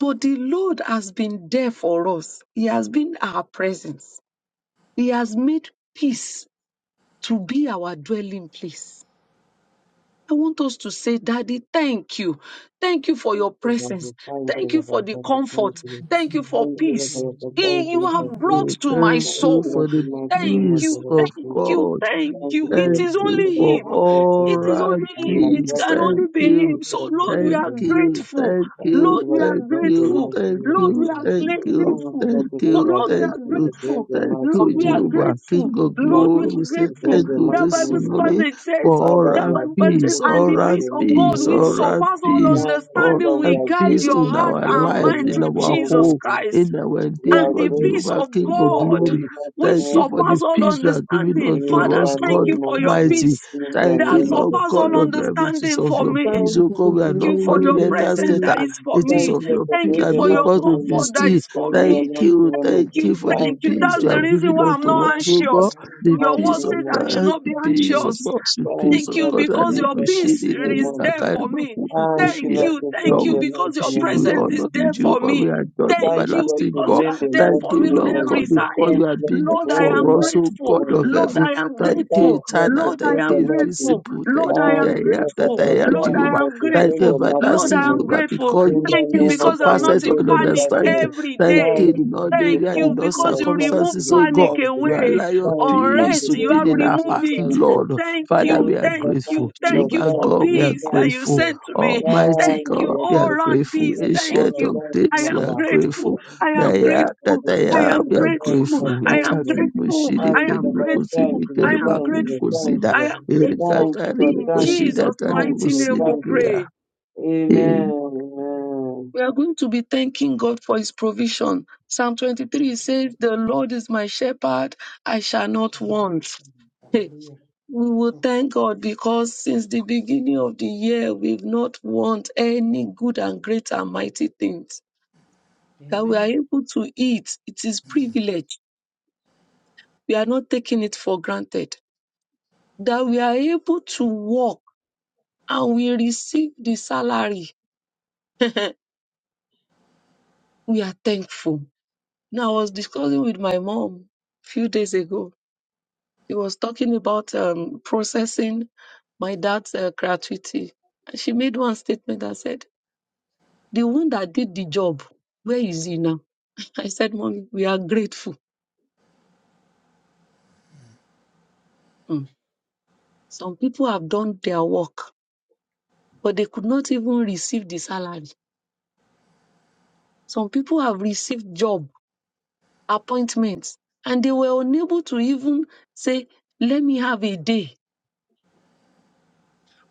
S2: But the Lord has been there for us. He has been our presence. He has made peace to be our dwelling place I want us to say, Daddy, thank you. Thank you for
S1: Thank
S2: your
S1: you, Lord.
S2: presence.
S1: Thank you,
S2: Thank you
S1: Lord. Thank
S2: for the
S1: you, Lord.
S2: comfort.
S5: Thank
S2: Thank
S5: you.
S2: you
S3: Hallelujah.
S2: for
S1: Thank you, Lord.
S2: peace.
S1: Thank you,
S3: to
S1: Lord.
S2: Eh,
S1: Thank
S3: you.
S2: You
S1: you,
S2: have brought
S3: Hallelujah.
S6: you.
S2: to my
S3: Praise
S6: Thank
S3: God
S1: Lord. Thank you,
S6: you
S3: that
S2: soul.
S6: for
S1: Lord.
S3: comes
S6: the
S3: in
S1: Thank you,
S2: Thank
S6: peace
S2: you,
S1: Lord.
S6: of
S2: thank you,
S6: God.
S2: thank
S1: Thank
S3: to
S2: you.
S1: you,
S3: you,
S2: It
S1: Lord.
S6: Thank
S2: is
S1: Thank you, Lord. Thank
S6: you
S2: only
S6: for
S3: Lord,
S1: you,
S2: Him.
S1: Lord. to
S6: all
S3: for
S2: It
S1: me.
S2: is
S6: right
S2: only
S1: And you
S2: Him.
S1: are
S2: It
S6: peace.
S1: brought
S2: can
S1: to my
S6: Thank
S2: only
S1: feet.
S2: be
S6: you.
S2: Him.
S1: Thank you,
S2: So,
S1: Lord, for
S2: Lord, we
S1: doing
S6: Thank
S2: are
S1: the
S6: you.
S1: miracle.
S2: grateful.
S6: Thank
S1: Thank
S6: you.
S1: you,
S2: Lord, we
S1: Lord,
S2: are
S1: for
S6: Thank
S1: doing the
S6: you.
S2: grateful.
S1: mighty
S6: Thank
S2: Lord, we
S6: you.
S2: are
S3: to
S1: miracle.
S3: you,
S6: Thank
S2: gra-
S6: you.
S1: Thank you,
S3: Lord.
S2: grateful.
S1: Lord,
S6: Thank
S3: Thank
S1: because
S2: But
S6: you.
S1: we are
S2: Lord, we
S6: Thank
S2: are
S3: to
S1: grateful
S6: you.
S1: for
S3: you.
S1: doing
S2: grateful.
S1: the
S6: Thank
S1: mighty
S2: Lord,
S6: you,
S2: we are
S1: miracle.
S6: Jehovah.
S3: Thank
S6: King
S2: grateful.
S1: Thank
S3: you,
S6: of
S1: you, we are
S2: Lord, we
S6: glory.
S2: are
S6: We
S1: grateful
S6: say
S1: for
S2: grateful.
S1: doing
S6: thank
S1: the
S6: you
S2: That
S1: mighty
S6: this
S2: Bible
S1: miracle.
S6: morning
S2: passage says,
S6: for all
S1: Father,
S2: that
S1: we
S6: right
S1: are
S2: Bible says,
S6: peace.
S1: grateful for
S2: And
S6: All
S2: the
S1: doing
S6: right
S2: peace
S1: the
S2: of
S1: mighty
S2: God,
S6: peace.
S2: which
S6: All
S1: miracle.
S6: right
S2: surpasses all
S1: Thank
S6: peace.
S1: you,
S6: All
S2: understanding,
S1: Lord.
S6: right
S1: We
S2: will
S1: are
S2: guide
S6: peace
S2: your
S1: grateful
S6: in
S2: heart
S1: to
S6: our
S1: them,
S2: and
S6: lives,
S2: mind
S1: the
S6: in
S1: mighty
S2: through
S6: our
S1: name
S2: Jesus
S1: of
S6: home,
S1: Jesus.
S2: Christ.
S6: in our
S1: We are
S2: And
S6: endeavor,
S2: the peace
S6: Jehovah,
S1: grateful
S2: of
S1: to
S6: King of
S1: them,
S2: God,
S6: glory.
S1: the mighty
S2: which
S6: Thank
S1: name
S6: you for
S1: of
S6: the
S2: surpasses all
S1: Jesus.
S6: peace you are giving
S2: understanding.
S1: In the
S6: unto
S2: Father,
S6: us,
S2: thank
S6: God
S2: you
S1: name
S2: for
S1: of
S2: your
S1: Jesus,
S6: Almighty.
S2: peace
S1: in the
S6: Thank
S1: name
S2: that
S6: you,
S1: of
S6: Lord
S1: the
S2: surpasses
S6: God
S2: all
S1: Thank
S6: of
S1: you.
S6: heaven. It is
S2: understanding
S6: of
S2: for
S6: your
S2: me.
S6: peace,
S1: Thank
S6: O
S1: you for
S6: God.
S1: the
S6: We are
S2: Thank
S6: not
S2: you for
S6: running
S2: your
S6: letters,
S2: presence that
S6: scatter.
S1: kingdom.
S2: is for
S6: It is
S1: Thank
S2: me.
S6: of
S1: you
S6: your peace
S2: Thank
S1: for
S2: you
S6: that
S1: the
S2: for
S6: make
S1: mighty
S2: your
S6: us to
S1: name
S6: be
S1: of
S2: comfort
S1: Jesus.
S2: that
S6: still.
S2: is for
S1: In
S6: Thank
S2: me
S1: the mighty
S6: you,
S1: name of
S6: thank
S1: Jesus.
S6: you
S2: you,
S6: for the
S2: thank
S1: Thank you
S2: you.
S1: for
S6: peace
S2: That's
S1: the
S6: you
S2: the
S6: have
S1: Lord.
S2: reason
S6: given
S2: why I'm
S6: unto
S2: not
S6: us,
S1: Thank
S6: O
S1: you
S2: anxious.
S6: God.
S1: for the
S6: The
S2: Your
S1: mighty
S2: word
S6: peace of
S2: says
S1: name
S2: I
S1: of
S2: should
S1: Jesus.
S6: God,
S2: not
S6: the
S2: be
S1: Thank
S6: peace
S1: you.
S6: of
S2: anxious.
S6: God, the
S3: you,
S6: peace
S3: Jesus.
S2: Thank
S6: of
S2: you
S1: Thank
S6: God.
S3: Thank
S1: you
S6: And
S2: because
S3: you
S6: we
S1: for
S2: your
S3: for
S1: the
S3: this
S6: worship
S2: peace
S1: mighty
S6: you,
S1: name
S6: Kiri
S2: is
S1: of
S2: there
S1: Jesus.
S3: unfolding
S6: Kakari
S2: for
S3: moment.
S2: me.
S6: Makubu
S1: Thank
S2: Thank
S1: you,
S3: Thank
S6: Kushida.
S1: Lord,
S3: you,
S2: you,
S1: for
S3: Lord.
S2: thank
S6: Lord,
S2: you
S1: the
S6: we
S1: mighty
S2: because your
S6: worship
S1: name
S3: Thank
S6: you,
S1: of
S6: we
S3: you
S2: presence
S1: Jesus.
S3: for
S2: is
S6: honor you,
S2: there for
S6: Jehovah. We
S3: unfolding
S2: me.
S3: this
S6: adore you,
S2: Thank
S1: Thank you,
S2: you
S1: Lord,
S3: beautiful
S6: everlasting
S1: for
S6: God.
S2: because you
S1: doing
S2: are
S1: the
S2: there
S6: Thank
S2: for
S1: mighty
S6: you,
S2: me
S3: moment.
S2: on
S6: Lord
S1: one,
S6: God,
S2: every
S1: Jesus.
S2: side.
S6: because
S1: Thank
S6: you
S1: you,
S6: have
S1: Lord,
S6: been
S1: for
S6: there
S2: Lord, I
S1: doing the
S3: Thank
S6: for
S2: am
S6: us,
S1: mighty
S6: O
S2: grateful.
S6: God
S1: one,
S6: of
S1: Jesus.
S2: Lord,
S6: heaven.
S2: I am
S6: Thank you,
S1: Thank
S2: grateful.
S1: you, Lord,
S6: eternal.
S1: for
S2: Lord, I
S6: Thank
S1: doing the
S2: am
S6: you,
S1: mighty.
S2: grateful.
S6: visible. Thank
S2: Lord, I
S3: you for
S6: you,
S3: your
S6: the
S1: Thank
S2: am
S1: you,
S6: I am
S1: Lord,
S3: presence.
S1: for
S6: that
S2: grateful.
S6: I
S1: all.
S6: am,
S3: Thank you
S2: Lord,
S3: for
S1: Thank you,
S6: Jehovah.
S2: I
S3: your
S1: Lord,
S2: am
S1: for
S3: presence.
S6: Thank
S1: doing
S6: you,
S1: the
S2: grateful.
S1: mighty
S2: Lord,
S6: everlasting
S2: I
S3: Thank
S1: one,
S3: you
S2: am
S3: for
S1: Jesus.
S6: Jehovah,
S2: grateful.
S6: because
S1: In the
S6: your
S3: your presence.
S2: Thank you
S1: name
S6: peace
S1: of
S2: because
S1: God,
S2: I'm
S3: Thank
S6: surpasses
S2: not
S1: Lord,
S3: you,
S2: in
S1: this
S6: all
S1: is
S3: Jesus.
S1: our
S2: panic
S3: Thank
S6: understanding.
S1: day.
S2: every
S6: Thank
S2: day.
S6: you,
S1: Thank you,
S6: in all
S1: Lord, for the
S2: Thank
S6: area,
S2: you
S6: in
S1: thank
S3: you,
S6: all
S1: you,
S2: because
S1: Lord.
S2: you
S3: Lord.
S1: Thank
S2: remove
S1: you,
S6: circumstances,
S1: Lord.
S6: O
S2: panic
S6: God.
S1: Thank you,
S3: Thank
S6: You
S1: Lord.
S3: you
S2: away.
S3: for
S6: allow
S3: the
S6: your
S3: grace
S1: Thank you, Lord,
S6: peace
S1: for
S2: Unrest,
S6: to
S3: of
S2: you
S6: be
S3: God.
S2: have
S6: in
S1: the Thank
S6: our
S2: removed
S1: you,
S6: heart,
S2: it.
S1: thank
S3: Thank
S1: you.
S6: Lord.
S2: Thank
S1: Thank
S6: Father,
S2: you,
S6: we
S1: you,
S6: are
S1: Lord.
S2: thank you,
S6: grateful.
S1: Thank you,
S2: thank
S1: Lord.
S2: you
S6: Jehovah
S2: for
S1: Thank you,
S6: God, we
S1: Lord.
S6: are
S2: peace
S3: you for
S2: that
S1: Thank
S2: you
S3: the
S1: you,
S6: grateful.
S1: Lord.
S3: grace.
S2: sent to me.
S3: Thank
S6: Almighty
S2: Thank
S3: you
S1: Thank
S3: for
S1: you,
S3: the
S6: God,
S2: you,
S1: Lord,
S6: we
S1: for
S3: grace.
S2: all
S6: are
S1: your
S2: round
S6: grateful.
S2: peace.
S1: kingdom and
S2: Thank
S6: Ancient
S1: honor.
S6: of
S2: you.
S3: Thank you
S1: Thank
S3: for
S1: you,
S2: I
S3: the
S6: days,
S1: Lord,
S6: we
S1: for
S3: grace
S6: are
S2: am
S3: you
S1: that.
S3: give us.
S6: grateful.
S2: grateful.
S3: Thank
S2: I
S1: Thank
S3: you,
S1: you, Lord.
S2: am
S6: They
S3: Lord.
S6: are
S1: Thank
S6: that
S2: grateful.
S1: you,
S6: I
S2: I
S1: Lord.
S6: am.
S1: Thank you,
S2: am
S6: We are
S2: grateful.
S1: Lord.
S6: grateful.
S2: I
S3: Thank
S1: Thank
S2: am
S1: you,
S6: Ikakli
S2: grateful.
S1: Lord.
S6: mushiri
S2: I
S1: Thank
S6: keri
S1: you,
S2: am
S1: Lord, for that.
S2: grateful.
S1: Thank
S6: mukusiri
S1: you,
S2: I
S1: Lord.
S6: keri
S2: am
S1: Thank you,
S6: makuri
S1: Lord.
S2: grateful.
S1: Thank
S6: kusida.
S1: you,
S2: I
S1: Lord.
S2: am
S3: you for the
S6: Erika
S2: grateful.
S3: grace.
S1: Thank you,
S6: kari
S1: Lord. Thank you, Lord.
S2: In
S1: Thank
S6: mukusida
S2: Jesus'
S1: you,
S6: kari
S2: mighty
S1: Lord.
S2: name
S6: mukusiri
S2: we
S1: Thank you,
S6: kriya.
S1: Lord.
S2: pray.
S1: Amen.
S3: Thank you,
S1: Amen.
S2: We are going to be thanking God for his provision. Psalm 23
S3: Lord.
S2: says, The Lord is my shepherd, I shall
S3: That's
S2: not
S3: wonderful.
S2: want. Hey,
S3: Hallelujah.
S2: we will
S3: Mm.
S2: thank God because since the beginning of the year, we've not want any good and great and mighty things. That we are
S3: Amen.
S2: able to eat, it is privilege. We are not taking it for granted. That we are able to work and we receive the salary. we are thankful. Now, I was discussing with my mom a few days ago She was talking about um, processing my dad's uh, gratuity. And she made one statement that said, The one that did the job, where is he now? I said, Mommy, we are grateful. Mm. Some people have done their work, but they could not even receive the salary. Some people have received job appointments, and they were unable to even say, 'Let me have a day.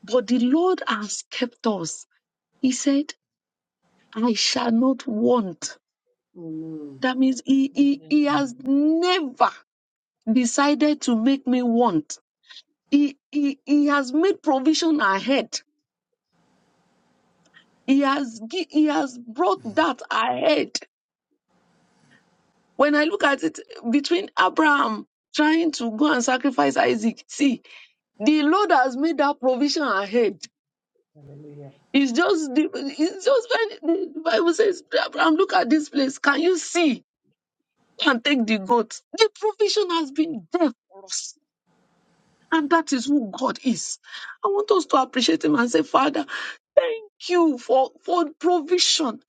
S2: But the Lord has kept us. He said, I shall not want.
S1: Amen.
S2: That means he, he, he
S3: Amen.
S2: has never decided to make me want. He, he, he has made provision ahead. He has, gi- he has brought that ahead. When I look at it between Abraham trying to go and sacrifice Isaac, see, the Lord has made that provision ahead.
S3: Hallelujah.
S2: It's just, the- it's just when the Bible says, Abraham, look at this place. Can you see? Go And take the goat. The provision has been there for us And that is who God is. I want us to appreciate Him and say, Father, thank you for, for provision.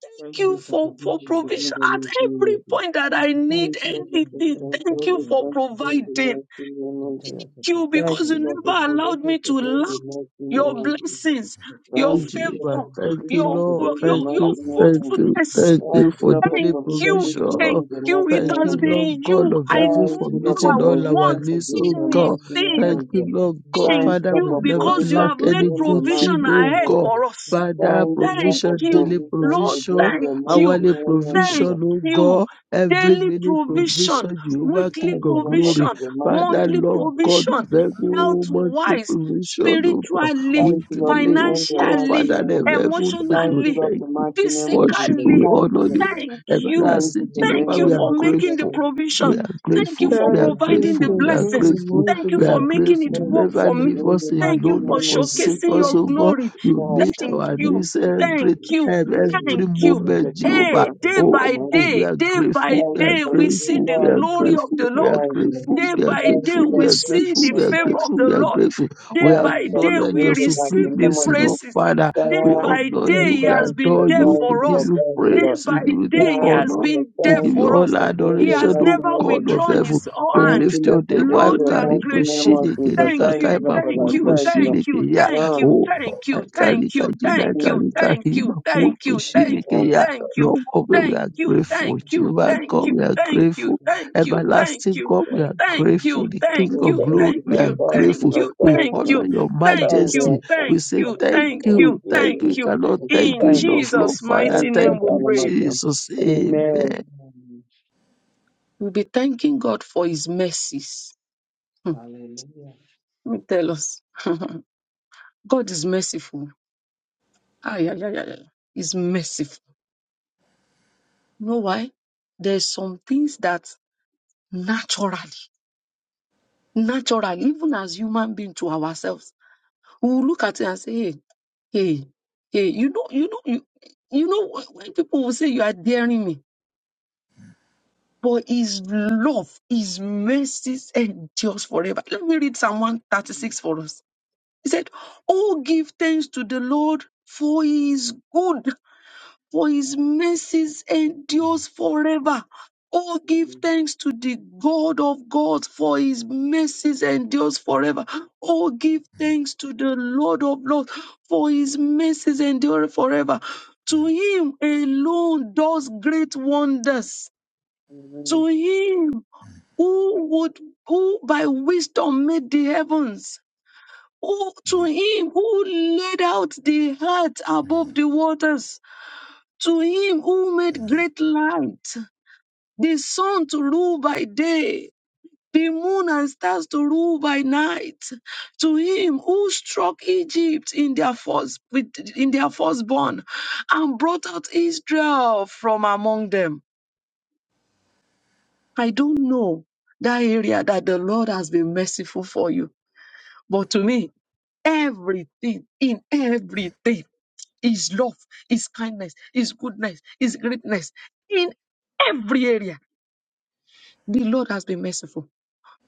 S2: Thank
S1: Thank
S3: Thank
S2: you
S3: you
S1: you
S3: for
S1: for
S2: for, for
S1: provision
S3: provision,
S1: to
S3: Lord.
S1: bring
S2: provision. At
S1: the
S2: every
S1: next
S2: point that
S3: Thank
S2: I
S3: you for
S2: need
S1: Thank you, Lord, for
S3: provision.
S2: anything,
S3: All
S1: presence,
S2: thank
S3: good
S2: you
S1: every
S3: things
S2: for
S3: is
S1: question,
S3: well.
S2: providing.
S1: the
S2: Thank
S3: And
S1: mighty name
S3: I
S1: of
S3: Thank
S1: Jesus.
S3: you for
S2: you
S1: Thank
S2: because
S3: providing,
S1: you,
S2: you
S1: Lord, for
S3: Lord.
S2: never allowed
S1: provision
S2: me
S1: to
S2: to
S1: God,
S2: lack
S1: the mighty
S3: Thank
S1: name
S2: your
S1: of
S3: you, Jesus,
S1: Jesus.
S2: blessings,
S3: for
S2: your
S6: you,
S1: Thank you, Lord,
S6: Jehovah.
S2: favor,
S1: for
S3: provision.
S6: Thank you,
S1: provision
S2: your,
S1: to
S6: Lord.
S2: your,
S1: God, the
S6: Thank
S3: Thank
S2: your
S3: you
S6: you,
S1: mighty
S3: for
S1: name
S6: thank
S1: of Jesus.
S6: you,
S3: provision,
S2: fruitfulness.
S6: thank you
S1: Thank
S3: Lord.
S1: you,
S6: for
S1: Lord, for
S6: daily
S2: Thank
S1: provision
S2: you.
S1: this
S3: Thank you
S6: provision.
S2: Thank
S3: for
S1: morning, the
S2: you.
S3: provision,
S1: mighty
S2: It
S6: Thank
S1: name
S3: Lord.
S2: has
S6: you,
S1: of Jesus.
S6: Lord
S2: been
S6: God
S2: you.
S6: of
S2: I
S6: heaven,
S1: Thank
S6: for
S1: you,
S3: Thank
S1: Lord, for
S2: never
S6: meeting
S3: you,
S6: all
S3: Lord.
S6: our
S2: want
S1: provision to
S6: needs,
S1: God,
S3: Thank
S6: oh
S1: the
S3: you,
S6: God.
S1: mighty
S3: Lord.
S1: name
S2: anything
S6: Thank
S1: of
S6: you,
S1: Jesus.
S6: Lord
S3: In
S6: God.
S2: thank
S1: Thank
S3: Jesus'
S1: you,
S6: Father,
S1: Lord,
S6: we
S3: name,
S2: you
S1: for
S6: never
S3: Thank
S2: because
S3: you
S2: you
S1: provision
S6: lack
S3: for
S2: have
S1: to
S2: made
S6: any
S1: God, the
S6: good
S3: provision.
S1: mighty
S6: thing,
S2: provision
S6: oh
S1: name
S2: ahead
S1: of Jesus.
S6: God.
S2: for us.
S3: Thank
S1: Thank
S3: you
S1: you,
S3: for
S6: Father,
S1: Lord, for
S2: Thank
S3: provision,
S6: provision,
S3: Lord.
S6: daily
S2: you,
S1: provision to God,
S2: Lord.
S1: the
S6: provision,
S2: Thank you.
S3: Thank
S6: hourly
S1: mighty name of
S3: you,
S2: Thank
S1: Jesus.
S6: provision,
S3: Jesus.
S6: oh
S2: you.
S6: God, every
S2: Daily
S6: minute
S3: Thank you,
S2: provision,
S6: provision, Jehovah,
S3: Jesus.
S2: weekly
S6: King
S1: Thank you,
S6: of
S3: Thank
S1: Lord, for
S6: glory.
S2: provision,
S1: the mighty
S6: Father,
S2: monthly
S1: name of
S6: Lord
S1: Jesus.
S6: God of
S2: provision,
S6: heaven,
S2: health
S6: monthly
S2: wise,
S6: provision, oh God
S2: spiritually,
S1: Thank you, Lord, to
S6: weekly,
S1: bless the
S6: God,
S1: mighty
S6: Father,
S2: financially,
S6: and
S1: name of
S6: of
S1: Jesus.
S6: heaven, Lord,
S1: Thank
S6: you
S1: you,
S2: emotionally,
S3: you
S1: Lord,
S6: thank
S3: for
S1: the
S6: you.
S1: mighty name of
S3: completion,
S6: Worship,
S1: Jesus.
S6: you, we
S2: physically.
S3: Lord.
S1: Thank you,
S6: honor
S1: Lord.
S6: you.
S2: Thank
S3: Thank you for
S2: you.
S3: your
S1: Thank you
S6: Everlasting
S1: for
S3: word.
S1: being
S2: Thank
S6: Jehovah,
S3: Thank
S1: the
S2: you
S6: we
S3: you
S6: are
S2: for
S3: for completion of
S1: mighty
S3: the
S2: making
S1: name
S2: the
S1: of
S6: grateful.
S3: freedom,
S1: Jesus.
S2: provision.
S6: We are
S3: Lord.
S2: Thank you
S6: grateful.
S2: for
S6: We are
S1: Thank
S3: Thank you
S2: providing
S1: you,
S3: for
S6: grateful.
S2: the
S6: We
S1: God, God,
S6: are
S3: completion of
S2: blessings.
S1: the
S6: grateful.
S3: the wisdom,
S1: mighty
S2: Thank you
S6: We
S1: name of
S3: Lord.
S2: for
S6: are
S1: Jesus.
S2: making it
S6: grateful.
S1: Thank you, Lord,
S2: work
S6: Never
S2: for
S1: to
S2: me.
S6: leave
S1: bless
S6: us
S1: the
S2: Thank
S3: Thank
S1: mighty
S2: you
S3: you,
S6: alone or
S2: for
S1: name of
S3: Lord.
S6: forsake
S1: Jesus.
S2: showcasing
S6: us,
S2: your
S1: Thank you,
S6: oh God.
S2: glory.
S6: You
S1: God, for the
S6: meet
S1: power of God.
S2: Thank
S6: our
S2: you.
S1: thank
S6: needs every
S2: Thank you.
S6: time,
S1: you, Jesus.
S6: every
S2: Thank you.
S1: And the
S6: moment,
S1: mouth
S6: Jehovah.
S2: Hey,
S1: that is
S2: day
S1: in the
S6: Oh,
S2: by
S1: mighty
S6: oh, we
S2: day,
S1: name.
S6: are
S3: Thank
S2: day
S3: you for
S6: grateful.
S2: by
S1: Thank
S6: We are
S1: you,
S3: completion
S2: day,
S3: of
S1: Lord, to bless,
S2: we see
S3: the
S6: grateful.
S2: the
S6: We
S3: forgiveness,
S1: thank
S6: are
S3: Lord.
S1: you,
S2: glory
S1: Lord,
S2: of
S1: to
S6: grateful.
S2: the
S1: bless,
S6: We are
S2: Lord.
S1: thank
S3: And
S1: you,
S3: we
S1: Lord.
S6: grateful.
S2: Day
S6: We
S3: want
S6: are
S3: to
S1: Thank you, Lord, thank you, Lord, Thank you,
S2: by
S1: Lord,
S3: thank you
S2: day,
S6: grateful.
S1: to
S6: We
S1: bless
S2: we
S3: for
S6: are
S2: see
S3: completion.
S6: grateful.
S2: the
S6: We are
S2: favor of
S6: grateful.
S2: the
S6: We are
S2: Lord.
S6: grateful.
S3: Thank
S2: Day
S6: We
S2: by day,
S6: acknowledge
S2: we
S6: your
S1: the mighty
S2: receive
S1: name
S2: the
S3: you,
S1: of
S6: supremacy,
S1: Jesus.
S6: Lord
S3: Jesus.
S2: praises.
S3: Lord,
S6: Father.
S1: Thank
S2: Day
S6: We
S1: you,
S2: by
S6: honor
S1: Lord.
S2: day,
S6: you.
S2: He
S6: We
S2: has
S1: Thank
S2: been
S1: you,
S6: adore
S2: there
S6: you. We
S2: for
S6: give
S1: Lord.
S2: us.
S6: you
S1: Thank you,
S2: Day
S1: Lord.
S6: praise. We
S2: by
S6: give you the
S2: day, He
S1: Thank
S2: has
S1: you,
S6: honor.
S1: Lord.
S2: been
S6: We
S2: there
S6: give
S1: Thank
S6: you
S3: We
S1: you,
S3: are
S2: for
S3: in
S6: all
S2: us.
S3: the
S2: He
S6: adoration,
S2: has
S6: O
S2: never
S1: Lord.
S6: God of
S2: withdrawn
S6: heaven.
S2: His
S6: We
S1: Thank
S2: hand.
S1: you,
S6: lift your
S1: Lord, for
S6: name. why
S1: being
S6: We
S2: Lord,
S1: the
S2: we
S6: high.
S3: name
S2: are
S6: Karibu
S1: mighty name
S2: grateful.
S1: of
S6: shiniki,
S1: Jesus. Thank you, Lord, for being the mighty name of Jesus. Thank
S6: nikakai
S1: you,
S3: of
S1: Lord, for that.
S6: makulu
S1: Thank
S3: Jesus.
S1: you, Lord.
S6: kushiniki ya.
S1: Now,
S3: Amen.
S6: Oh, Ikarika jina
S1: the-
S6: Ikarika hima kulu kushiniki
S1: oh,
S6: ya.
S1: God,
S6: Lord God, we are grateful. Jehovah God, we are grateful. Everlasting God, we are
S1: God.
S6: grateful. The King
S1: Oh,
S6: of
S1: Thank
S6: glory,
S1: you,
S6: we
S1: Lord.
S6: are
S1: Thank
S6: grateful.
S1: you, Lord.
S6: We
S1: Thank you, Lord.
S6: honor your
S1: Thank you,
S6: majesty.
S1: Lord. Thank you, Lord.
S6: We say
S1: Thank
S6: thank you.
S1: you,
S6: Thank you. We cannot thank you
S1: Lord. Thank you,
S6: enough, Lord Father. Thank
S1: Lord, for all
S6: you,
S1: the mighty name.
S6: Jesus. Amen.
S1: Amen.
S3: Hallelujah.
S2: Ay, yeah yeah yeah yeah, yeah. It's merciful. You know why? There's some things that naturally, naturally, even as human being to ourselves, we will look at it and say, hey, hey, hey, you know, you know, you, you know, when when people will say you are daring me, but his love, his mercies endures forever. Let me read Psalm 136 for us. He said, Oh, give thanks to the Lord, for he is good. for his mercies endures forever. Oh, give thanks to the God of gods, for his mercies endures forever. Oh, give thanks to the Lord of lords, for his mercies endure forever. To him alone does great wonders.
S1: Amen.
S2: To him who would, who by wisdom made the heavens. Oh, to him who laid out the earth above the waters to him who made great light, the sun to rule by day, the moon and stars to rule by night. To him who struck Egypt in their first with, in their firstborn, and brought out Israel from among them. I don't know that area that the Lord has been merciful for you, but to me, everything in everything. His love, His kindness, His goodness, His greatness in every area The Lord has been merciful.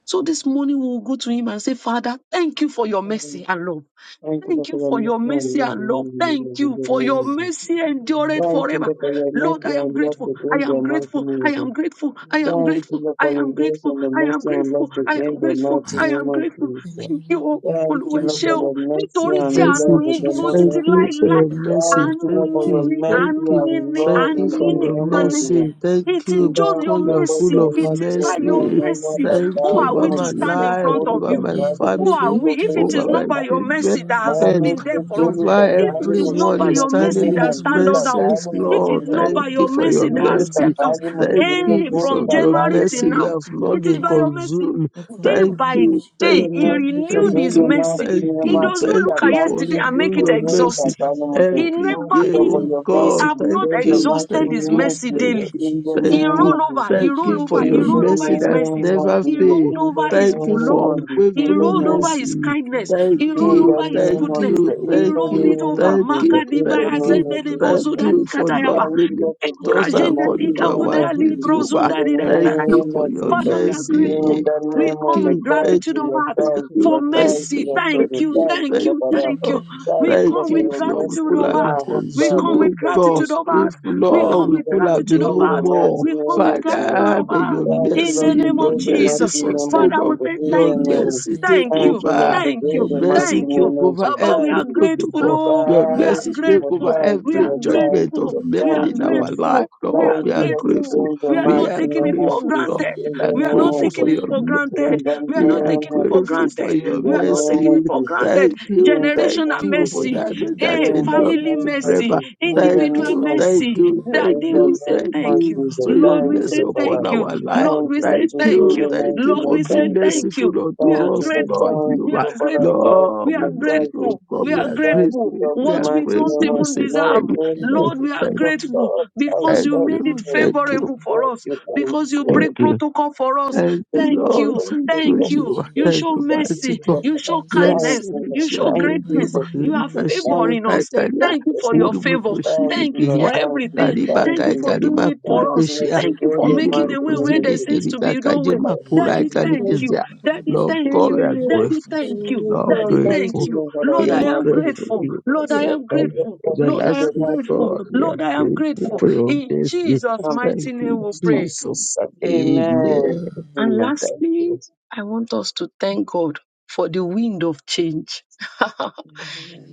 S2: So this morning we will go to Him and say, Father, thank you for your
S1: Amen.
S2: mercy and love.
S1: Thank you
S2: Thank
S1: Doctor
S2: you for
S1: Ramesh,
S2: your
S1: for your
S2: mercy
S1: mercy
S2: and love. Thank you
S1: the
S2: for
S1: name
S2: your
S1: of Jesus.
S3: Thank
S2: mercy
S3: you for the
S2: endureth
S3: message
S1: Thank you
S2: forever.
S1: Doctor Ramesh,
S2: Lord,
S3: of
S2: I
S1: for your
S2: am
S1: mercy and
S3: my
S1: love
S3: life,
S2: grateful.
S3: O
S2: I
S1: the
S2: am
S3: God.
S1: mighty
S2: grateful. I
S1: name of
S2: am grateful. I
S1: Jesus.
S3: Thank
S2: am
S3: you,
S1: Thank you
S2: grateful.
S1: Lord,
S2: I
S1: for
S3: Jesus.
S1: your
S2: am
S1: grace
S2: grateful.
S1: and the
S3: Thank
S2: I
S3: you
S2: am
S1: mercy
S3: for the
S1: and
S2: grateful.
S1: love to
S2: I am
S1: bring the
S3: message.
S2: grateful.
S1: mighty
S2: I
S1: name
S2: am
S1: of
S2: grateful.
S1: Jesus.
S2: Thank
S3: Much
S2: you,
S5: In
S3: they
S2: O
S3: love
S5: the
S3: the
S5: name
S1: Thank
S3: Lord,
S1: you
S2: Olúwa ẹ
S5: of
S1: Lord,
S2: ṣé
S1: for
S2: o.
S1: your mercy
S3: and
S5: Father,
S3: the
S2: Nítorí
S5: Lord
S2: tí
S5: look
S1: and
S5: on
S3: Lord
S1: love
S6: mercy.
S2: àánú
S1: in
S2: yín
S1: the
S2: dúró
S5: Jesus
S1: name
S5: Lord,
S6: Thank
S2: títí
S1: of
S5: on.
S6: you
S1: Jesus.
S6: for
S2: láéláé.
S6: your
S5: Let the look on
S6: mercy.
S1: Thank you
S2: Àánú
S1: Lord,
S6: Thank
S5: my
S3: is
S1: for
S2: yín
S5: grateful
S1: your
S6: you.
S5: look
S2: ni,
S3: Jesus.
S5: on
S6: Thank
S1: mercy
S2: àánú
S5: the
S6: you.
S5: name
S2: yín
S5: of
S1: and
S2: ni,
S6: Thank
S1: love
S5: Jesus
S6: you
S1: in
S2: àánú
S3: Thank
S5: Lord,
S3: you
S6: for
S2: yín
S3: for
S1: the
S5: on.
S6: your
S1: name
S3: your
S1: of
S2: nìkan ni.
S5: And I
S1: Jesus. Thank you Lord, for your mercy and love in the name of Jesus. Thank you Lord, for your mercy
S3: mercy,
S6: mercy.
S5: am
S6: Thank
S5: grateful,
S2: It
S1: and
S6: you
S2: is
S5: Lord,
S2: just
S3: Lord.
S5: for
S2: your
S6: because
S5: that
S6: you are
S5: I
S2: mercy.
S6: full
S5: thank
S6: of
S2: It
S5: you.
S2: is by
S1: love
S5: That
S2: your
S6: mercy.
S5: I am
S2: mercy.
S5: grateful,
S6: Thank
S5: that I
S2: Who
S3: Thank
S6: you
S2: are
S3: you
S5: am
S6: over
S2: we
S3: for
S2: to
S3: your
S6: my
S5: thankful,
S2: stand
S3: mercy,
S5: Lord.
S2: in
S6: life,
S5: God.
S2: front of
S6: over
S2: you?
S3: Lord.
S6: my
S5: That I
S1: in
S5: am
S2: Who
S5: grateful, I
S2: are
S6: family,
S5: am
S2: we?
S1: the
S2: If
S1: name of
S2: it
S5: thankful,
S6: over
S2: is
S5: Lord.
S6: my
S2: not
S1: Jesus.
S2: by
S5: God.
S2: your
S6: children,
S2: mercy
S5: For what
S2: that
S3: Thank
S5: you've
S2: has
S3: you
S5: been
S3: for
S1: Mane
S6: and
S2: been
S3: your
S5: doing for
S2: there
S5: me
S2: for us,
S5: since
S1: kekele
S5: the
S6: over
S3: mercy,
S5: beginning
S2: if
S5: of
S2: it
S3: Lord.
S1: tatali
S5: this
S2: is
S5: year.
S2: not
S6: everyone
S2: by
S6: who is
S1: mushingo
S2: your
S5: And
S1: kode
S5: now
S2: mercy
S6: standing in
S5: it
S2: that
S6: his
S5: can
S1: mandi
S2: stand
S5: only
S2: us
S5: be
S2: out,
S5: you,
S6: presence,
S1: tatali
S5: Lord God,
S2: if
S5: in
S6: Lord.
S2: it's
S1: mushingo
S5: the
S3: Thank
S2: not
S3: you
S5: name
S1: ko
S2: by
S6: Thank
S3: for
S6: you
S2: your
S3: your
S6: for
S3: mercy,
S6: your
S2: mercy that
S3: Lord.
S1: yele
S2: has
S3: Thank you,
S5: of
S6: mercy.
S2: kept
S5: Jesus.
S2: us
S5: remarkable
S1: tatali
S3: Jesus.
S5: for me,
S6: Thank
S5: Lord
S3: Thank
S1: mushingo
S6: you
S5: God.
S2: eh,
S6: because
S1: kode
S2: from
S6: of your
S5: That I
S1: tatali
S2: January
S5: am
S2: till
S6: mercy. We
S1: mushingo.
S2: now,
S6: have
S5: remarkable, I
S6: not
S2: it is
S6: been
S2: by
S5: thank you,
S2: your mercy.
S6: consumed.
S5: Lord God, in
S2: Day
S6: Thank
S5: the name
S2: by
S5: of
S6: you.
S5: Jesus.
S2: day,
S6: Thank
S2: He
S1: Kime
S6: you.
S5: Let the
S2: renewed
S6: Thank
S5: look
S2: His
S1: kichodele
S6: you.
S1: na
S2: mercy.
S6: Thank
S1: kime
S2: He
S3: you, Jesus. Thank you
S6: you.
S2: does
S1: mati
S3: for
S2: not
S3: your
S6: Thank
S2: look
S3: mercy,
S6: you
S2: at
S3: Lord.
S1: tatali
S6: for
S2: yesterday and make
S6: renewing
S1: mushingo
S2: it
S6: your
S1: kode
S5: on
S3: Thank
S5: my
S6: mercy
S2: exhaust.
S5: Jesus
S1: tatali
S5: look on.
S2: He
S1: mushingo.
S6: every
S1: Thank
S2: never,
S6: day.
S5: Lord,
S1: you
S2: he,
S1: for
S6: Oh
S1: your
S2: we
S1: mercy
S6: God,
S2: have
S6: thank
S2: not
S1: today, the
S6: you.
S5: that
S1: mighty
S5: the
S2: exhausted
S6: Thank
S5: Lord
S2: His
S1: name
S5: find
S6: you.
S1: of
S5: in
S2: mercy
S5: the
S6: Thank,
S1: Jesus.
S2: daily.
S5: Lord
S1: In the
S5: Jesus
S6: thank
S2: He
S5: Christ,
S1: name
S6: you.
S1: of
S2: rolled over,
S1: Jesus.
S2: he
S5: that
S6: Thank
S5: they
S2: rolled
S6: you for
S2: over,
S5: are
S2: he
S6: your
S1: In
S5: worship
S1: the
S2: rolled over
S6: mercy
S2: his
S6: that
S5: forever,
S1: name
S2: mercies.
S1: of
S6: never
S2: He
S1: Jesus.
S6: fails.
S2: rolled
S1: In the
S2: over his
S6: Thank you
S3: you
S1: name
S3: for
S6: for
S2: love.
S1: of
S3: your
S1: Jesus.
S2: He
S1: In the
S3: mercy,
S6: unwavering
S2: rolled
S5: that I
S3: Lord.
S5: Lord
S2: over
S1: name.
S2: his
S5: find
S6: mercy.
S2: kindness.
S3: Thank
S5: grateful,
S6: Thank
S2: He
S3: you for
S2: rolled
S1: In
S3: your
S1: the
S6: you.
S2: over
S3: love,
S5: that
S2: his
S6: Thank
S1: name
S5: I'm
S1: of
S3: thank
S2: goodness.
S1: Jesus.
S3: you
S6: you.
S3: for
S5: will
S3: your
S2: He
S1: In
S5: worship
S6: Thank
S1: the
S2: rolled
S3: mercy,
S6: you.
S2: it
S5: forever,
S1: name
S3: thank you
S2: over.
S1: of
S6: Thank you.
S1: Jesus.
S3: for
S2: Magadi
S1: In the
S6: Thank
S2: baya
S5: and
S6: you.
S1: name of
S5: forever
S2: zendele
S3: your
S5: in
S6: Thank
S1: Jesus.
S2: bozuda
S5: I'm
S6: you
S3: love to
S6: for
S5: of Jesus,
S2: nikatayaba.
S6: not
S1: Thank
S3: love.
S1: you
S6: dealing
S1: that you do
S6: with
S5: that the
S2: Ebra
S1: in
S6: us
S1: the
S5: Lord
S3: Thank
S2: jenda
S5: find
S3: you,
S6: according
S1: mighty
S6: to
S2: lika
S5: in the
S1: name
S6: our
S3: Jesus.
S1: of
S5: Lord
S2: gudali
S6: deeds,
S5: Jesus,
S1: Jesus.
S6: Jehovah.
S1: In
S2: brozunda
S1: the
S5: that
S3: Amen.
S6: Thank
S5: the
S2: didadadada.
S6: you
S1: name
S6: for
S1: of
S5: kingdom of
S6: your
S3: Thank
S5: mercy
S3: you
S1: Jesus.
S2: Father, we
S3: for your
S5: and
S2: are
S5: grace,
S1: In
S2: grateful.
S6: mercy.
S3: mercy.
S1: the
S2: We
S6: Thank
S1: name
S2: come
S1: of
S2: with
S6: you. Thank
S1: Jesus. Thank
S2: gratitude
S1: you,
S2: of
S3: Amen.
S1: Lord.
S2: heart
S3: Thank
S6: Thank
S1: Thank
S3: you
S1: you,
S6: you,
S3: for
S2: for
S1: Lord.
S3: your
S5: that
S6: thank
S1: Thank
S5: i
S1: you,
S6: you,
S2: mercy.
S3: love.
S1: Lord.
S5: kingdom
S1: for
S6: thank
S5: of
S2: Thank
S1: the-
S2: you,
S5: grace,
S6: you,
S1: Thank you,
S2: thank
S3: Thank
S6: thank
S1: Lord,
S2: you,
S1: for
S3: you,
S6: you,
S1: that.
S2: thank
S6: Lord.
S2: you.
S3: Jesus.
S5: that
S1: Thank
S2: We
S3: Thank
S1: you,
S6: Thank
S1: Lord,
S3: you.
S2: come
S1: for
S6: you,
S2: with
S1: your
S6: if not, we
S3: Thank
S1: mercy
S2: gratitude
S1: and
S6: could
S1: your
S2: of
S6: have been
S2: heart.
S1: love. Oh,
S2: We
S1: God,
S6: consumed,
S2: come
S1: Lord,
S6: oh
S2: with
S1: for
S6: God.
S2: gratitude
S1: Jesus.
S3: you
S2: of
S3: for
S6: If
S2: heart.
S3: your
S2: We
S6: not,
S1: Thank
S3: mercy.
S2: come
S6: we
S1: you,
S2: with
S1: Lord,
S6: could
S1: for
S6: have
S2: gratitude
S6: been
S3: Amen.
S1: doing
S2: of
S6: no
S1: the
S2: heart.
S6: more.
S1: mighty
S2: We come
S1: name
S3: Thank
S2: with
S3: you
S1: of
S3: for
S2: God's
S1: Jesus.
S6: Father,
S2: love
S3: your
S6: may
S3: love.
S2: heart
S6: your
S3: Thank
S1: Thank you,
S5: the
S3: you,
S2: in
S5: Lord
S1: Lord,
S2: the
S6: mercy,
S1: for
S2: name
S5: find
S6: your
S5: in
S2: of
S1: doing
S5: I'm
S1: the
S3: Jesus.
S6: mercy
S5: of
S3: Amen.
S2: Jesus.
S1: mighty
S5: Jesus,
S1: name
S6: sustain
S1: of
S2: Father, we
S6: us.
S1: Jesus.
S2: say
S3: Thank
S5: that
S1: In
S5: the
S6: Your
S1: the
S2: thank
S5: Lord say
S2: you,
S1: name.
S6: mercy
S5: thank
S6: take
S2: thank
S5: you,
S1: Thank
S2: you,
S1: you, Lord,
S6: over.
S1: for
S2: thank
S5: that
S3: you,
S1: doing
S6: Your
S2: you,
S5: the
S1: the
S3: Jesus.
S5: Lord
S6: mercy
S1: mighty
S2: thank
S5: find,
S6: take
S2: you.
S1: name of
S6: over
S3: Hallelujah.
S1: Jesus.
S2: Baba, we
S1: Thank
S6: every
S2: are
S1: you, Lord.
S3: Amen.
S2: grateful.
S6: protocol.
S3: Amen.
S1: Thank
S2: Oh,
S6: Your
S2: we are
S6: mercy
S1: you,
S6: take
S1: Lord.
S3: Thank
S6: over
S2: grateful.
S3: you
S1: Thank
S3: for
S2: We
S1: you,
S6: every
S2: are
S1: Lord.
S3: your
S1: Thank
S6: judgment
S1: you,
S3: mercy.
S6: of
S2: grateful.
S1: Lord.
S6: men
S2: We are
S1: Thank
S6: in
S1: you, Lord.
S6: our
S3: Thank you,
S6: life,
S2: grateful. We
S6: Lord.
S2: are
S1: Thank
S6: We
S3: Jesus.
S1: you
S6: are
S1: once
S2: grateful.
S6: grateful.
S1: again, the
S2: We are
S5: that
S3: Thank
S5: the
S6: We
S1: mighty
S2: not
S5: Lord
S6: are
S2: taking it
S1: name of
S2: for
S6: grateful, Lord.
S1: Jesus.
S5: in
S2: granted.
S5: the
S1: In
S6: We are
S1: the
S2: We
S5: name
S2: are
S5: of
S1: name
S2: not
S6: grateful
S1: of
S2: taking
S6: for
S1: God.
S2: it
S5: Jesus,
S6: your
S2: for
S6: mercy.
S2: granted.
S1: In the
S2: We are
S6: We
S2: not
S6: are
S1: name
S2: taking it
S1: of
S2: for
S6: grateful for
S1: Jesus.
S2: granted.
S6: your
S1: In
S2: We
S1: the
S2: are not
S1: name
S2: taking
S1: of
S2: it
S6: mercy.
S2: for
S1: Jesus.
S2: granted.
S6: Thank you,
S1: In the
S6: thank
S2: Generational
S1: name
S6: you
S1: of
S6: for
S1: Jesus.
S5: that
S2: mercy,
S5: the
S6: that mercy
S5: Lord will
S6: that
S2: hey,
S1: In the
S6: endures
S5: worship
S2: family
S1: name
S5: you.
S1: of
S2: mercy,
S6: forever.
S1: Jesus. In the
S6: Thank
S2: individual
S1: name
S6: you,
S1: of
S6: thank
S1: Jesus.
S2: mercy.
S6: you, thank
S2: That
S1: In
S2: day
S1: the
S2: we
S6: you,
S2: say
S1: name
S6: thank
S1: of
S2: thank you.
S6: you
S1: Jesus.
S6: for your
S2: Lord,
S1: Thank
S2: we
S1: you,
S6: mercy
S2: say
S1: Lord, for
S2: thank
S6: upon
S2: you.
S6: our
S1: that.
S6: life.
S2: Lord,
S1: Thank
S2: we
S1: you, Lord,
S2: say
S6: Thank
S1: to
S2: thank
S1: bring
S6: you,
S2: you.
S1: the mighty
S6: thank you
S2: Lord,
S1: name
S6: for
S2: we say
S6: being
S1: thank you. Lord.
S2: thank
S6: merciful
S2: you.
S1: Thank
S2: We
S1: you,
S2: are
S6: unto us, Lord
S2: grateful.
S1: Lord. Thank
S2: We
S1: you,
S6: Jehovah.
S2: are
S1: Lord, for that.
S2: grateful.
S1: Thank
S6: Lord,
S2: We
S1: you,
S2: are
S6: we
S1: Lord.
S6: know it,
S1: Thank
S6: oh
S1: you.
S2: grateful.
S6: God.
S2: We
S6: We
S2: are
S6: are
S1: Thank you,
S2: grateful.
S6: grateful,
S1: Lord,
S6: we
S1: to
S2: What
S6: are
S2: we
S1: mighty
S2: don't
S1: name
S6: grateful. We
S1: of
S2: even
S1: the
S6: say
S1: Lord.
S2: deserve.
S6: thank
S1: In the
S6: you,
S2: Lord,
S1: name
S2: we are
S6: thank
S1: of
S6: you,
S2: grateful
S1: God, I
S2: because
S6: thank
S2: you
S1: thank
S2: made it
S6: you,
S1: you
S6: thank you,
S2: favorable for
S1: what
S2: us,
S1: you can
S2: because you
S6: thank
S1: show
S2: break
S6: you.
S2: protocol for
S1: the
S2: us.
S6: Thank you,
S1: good
S2: Thank
S1: God
S6: Lord.
S2: you.
S1: and
S6: Thank
S1: think
S6: you,
S2: Thank
S1: of the
S2: you.
S6: Jehovah.
S2: You
S6: Thank
S5: Jesus,
S1: church.
S2: show
S6: you,
S1: Thank
S6: mighty
S2: mercy.
S1: you,
S6: God.
S1: Lord.
S2: You show
S5: meditation.
S1: Thank
S6: Blessed
S2: kindness.
S1: you,
S6: be
S1: Lord.
S2: You
S6: your
S2: show
S1: Thank
S6: name,
S1: you
S2: greatness.
S6: Jehova.
S1: for this.
S2: You are
S6: Rika
S1: day.
S6: shima
S1: Thank
S2: favoring
S1: you
S2: us.
S1: for
S6: kataria,
S2: Thank you
S1: this.
S2: for
S1: day.
S2: your
S6: uri
S2: favor.
S1: Thank
S6: murukushini
S1: you,
S2: Thank you
S1: Lord.
S6: kihia,
S2: for
S1: Thank you,
S2: everything.
S1: Lord.
S6: kariba
S1: Thank
S2: Thank
S6: kai
S2: you for
S1: you,
S2: doing
S6: karima
S2: it
S6: kuri
S1: Lord.
S2: for
S1: Thank
S2: us.
S1: you, Lord,
S6: kishia,
S1: to
S2: Thank you
S1: go
S2: for
S1: the
S6: ini
S1: mighty
S2: making a way
S1: name
S2: where
S1: of
S2: there
S6: murukuzini
S1: the
S2: seems to
S6: kirika
S2: be
S3: you.
S2: no
S6: kaje
S2: way.
S1: Lord.
S6: makura
S3: Thank you
S6: ai
S2: Daddy,
S1: Thank
S2: thank
S1: you, Lord.
S3: for
S2: you.
S6: karikizia.
S5: Thank
S2: Daddy,
S5: you.
S6: Lord
S1: Thank
S2: thank
S6: God, we
S2: you.
S6: are
S1: you, Lord,
S2: Daddy,
S6: grateful.
S2: thank you.
S6: Lord,
S1: for the
S2: Daddy,
S1: mighty
S2: thank
S6: grateful.
S2: you.
S1: name of the
S2: Lord,
S6: We
S2: I
S6: are
S1: Lord.
S2: am
S1: Thank
S6: grateful,
S2: grateful.
S6: Jehovah.
S2: Lord,
S6: We
S2: I
S6: are
S2: am
S6: grateful.
S2: grateful.
S1: you,
S2: Lord, I am
S6: Everlasting
S1: Lord. Thank
S2: grateful.
S1: you,
S6: God, we are
S2: Lord, I am
S6: grateful
S1: Lord.
S2: grateful.
S6: for your
S2: In
S6: mercy.
S2: Jesus'
S1: Um,
S6: Thank
S2: mighty
S6: you,
S2: name we pray.
S6: Jesus.
S1: so,
S6: Amen.
S1: amen.
S2: And
S1: Amen. Thank
S2: lastly,
S1: you.
S2: I want us to thank God for the wind of change.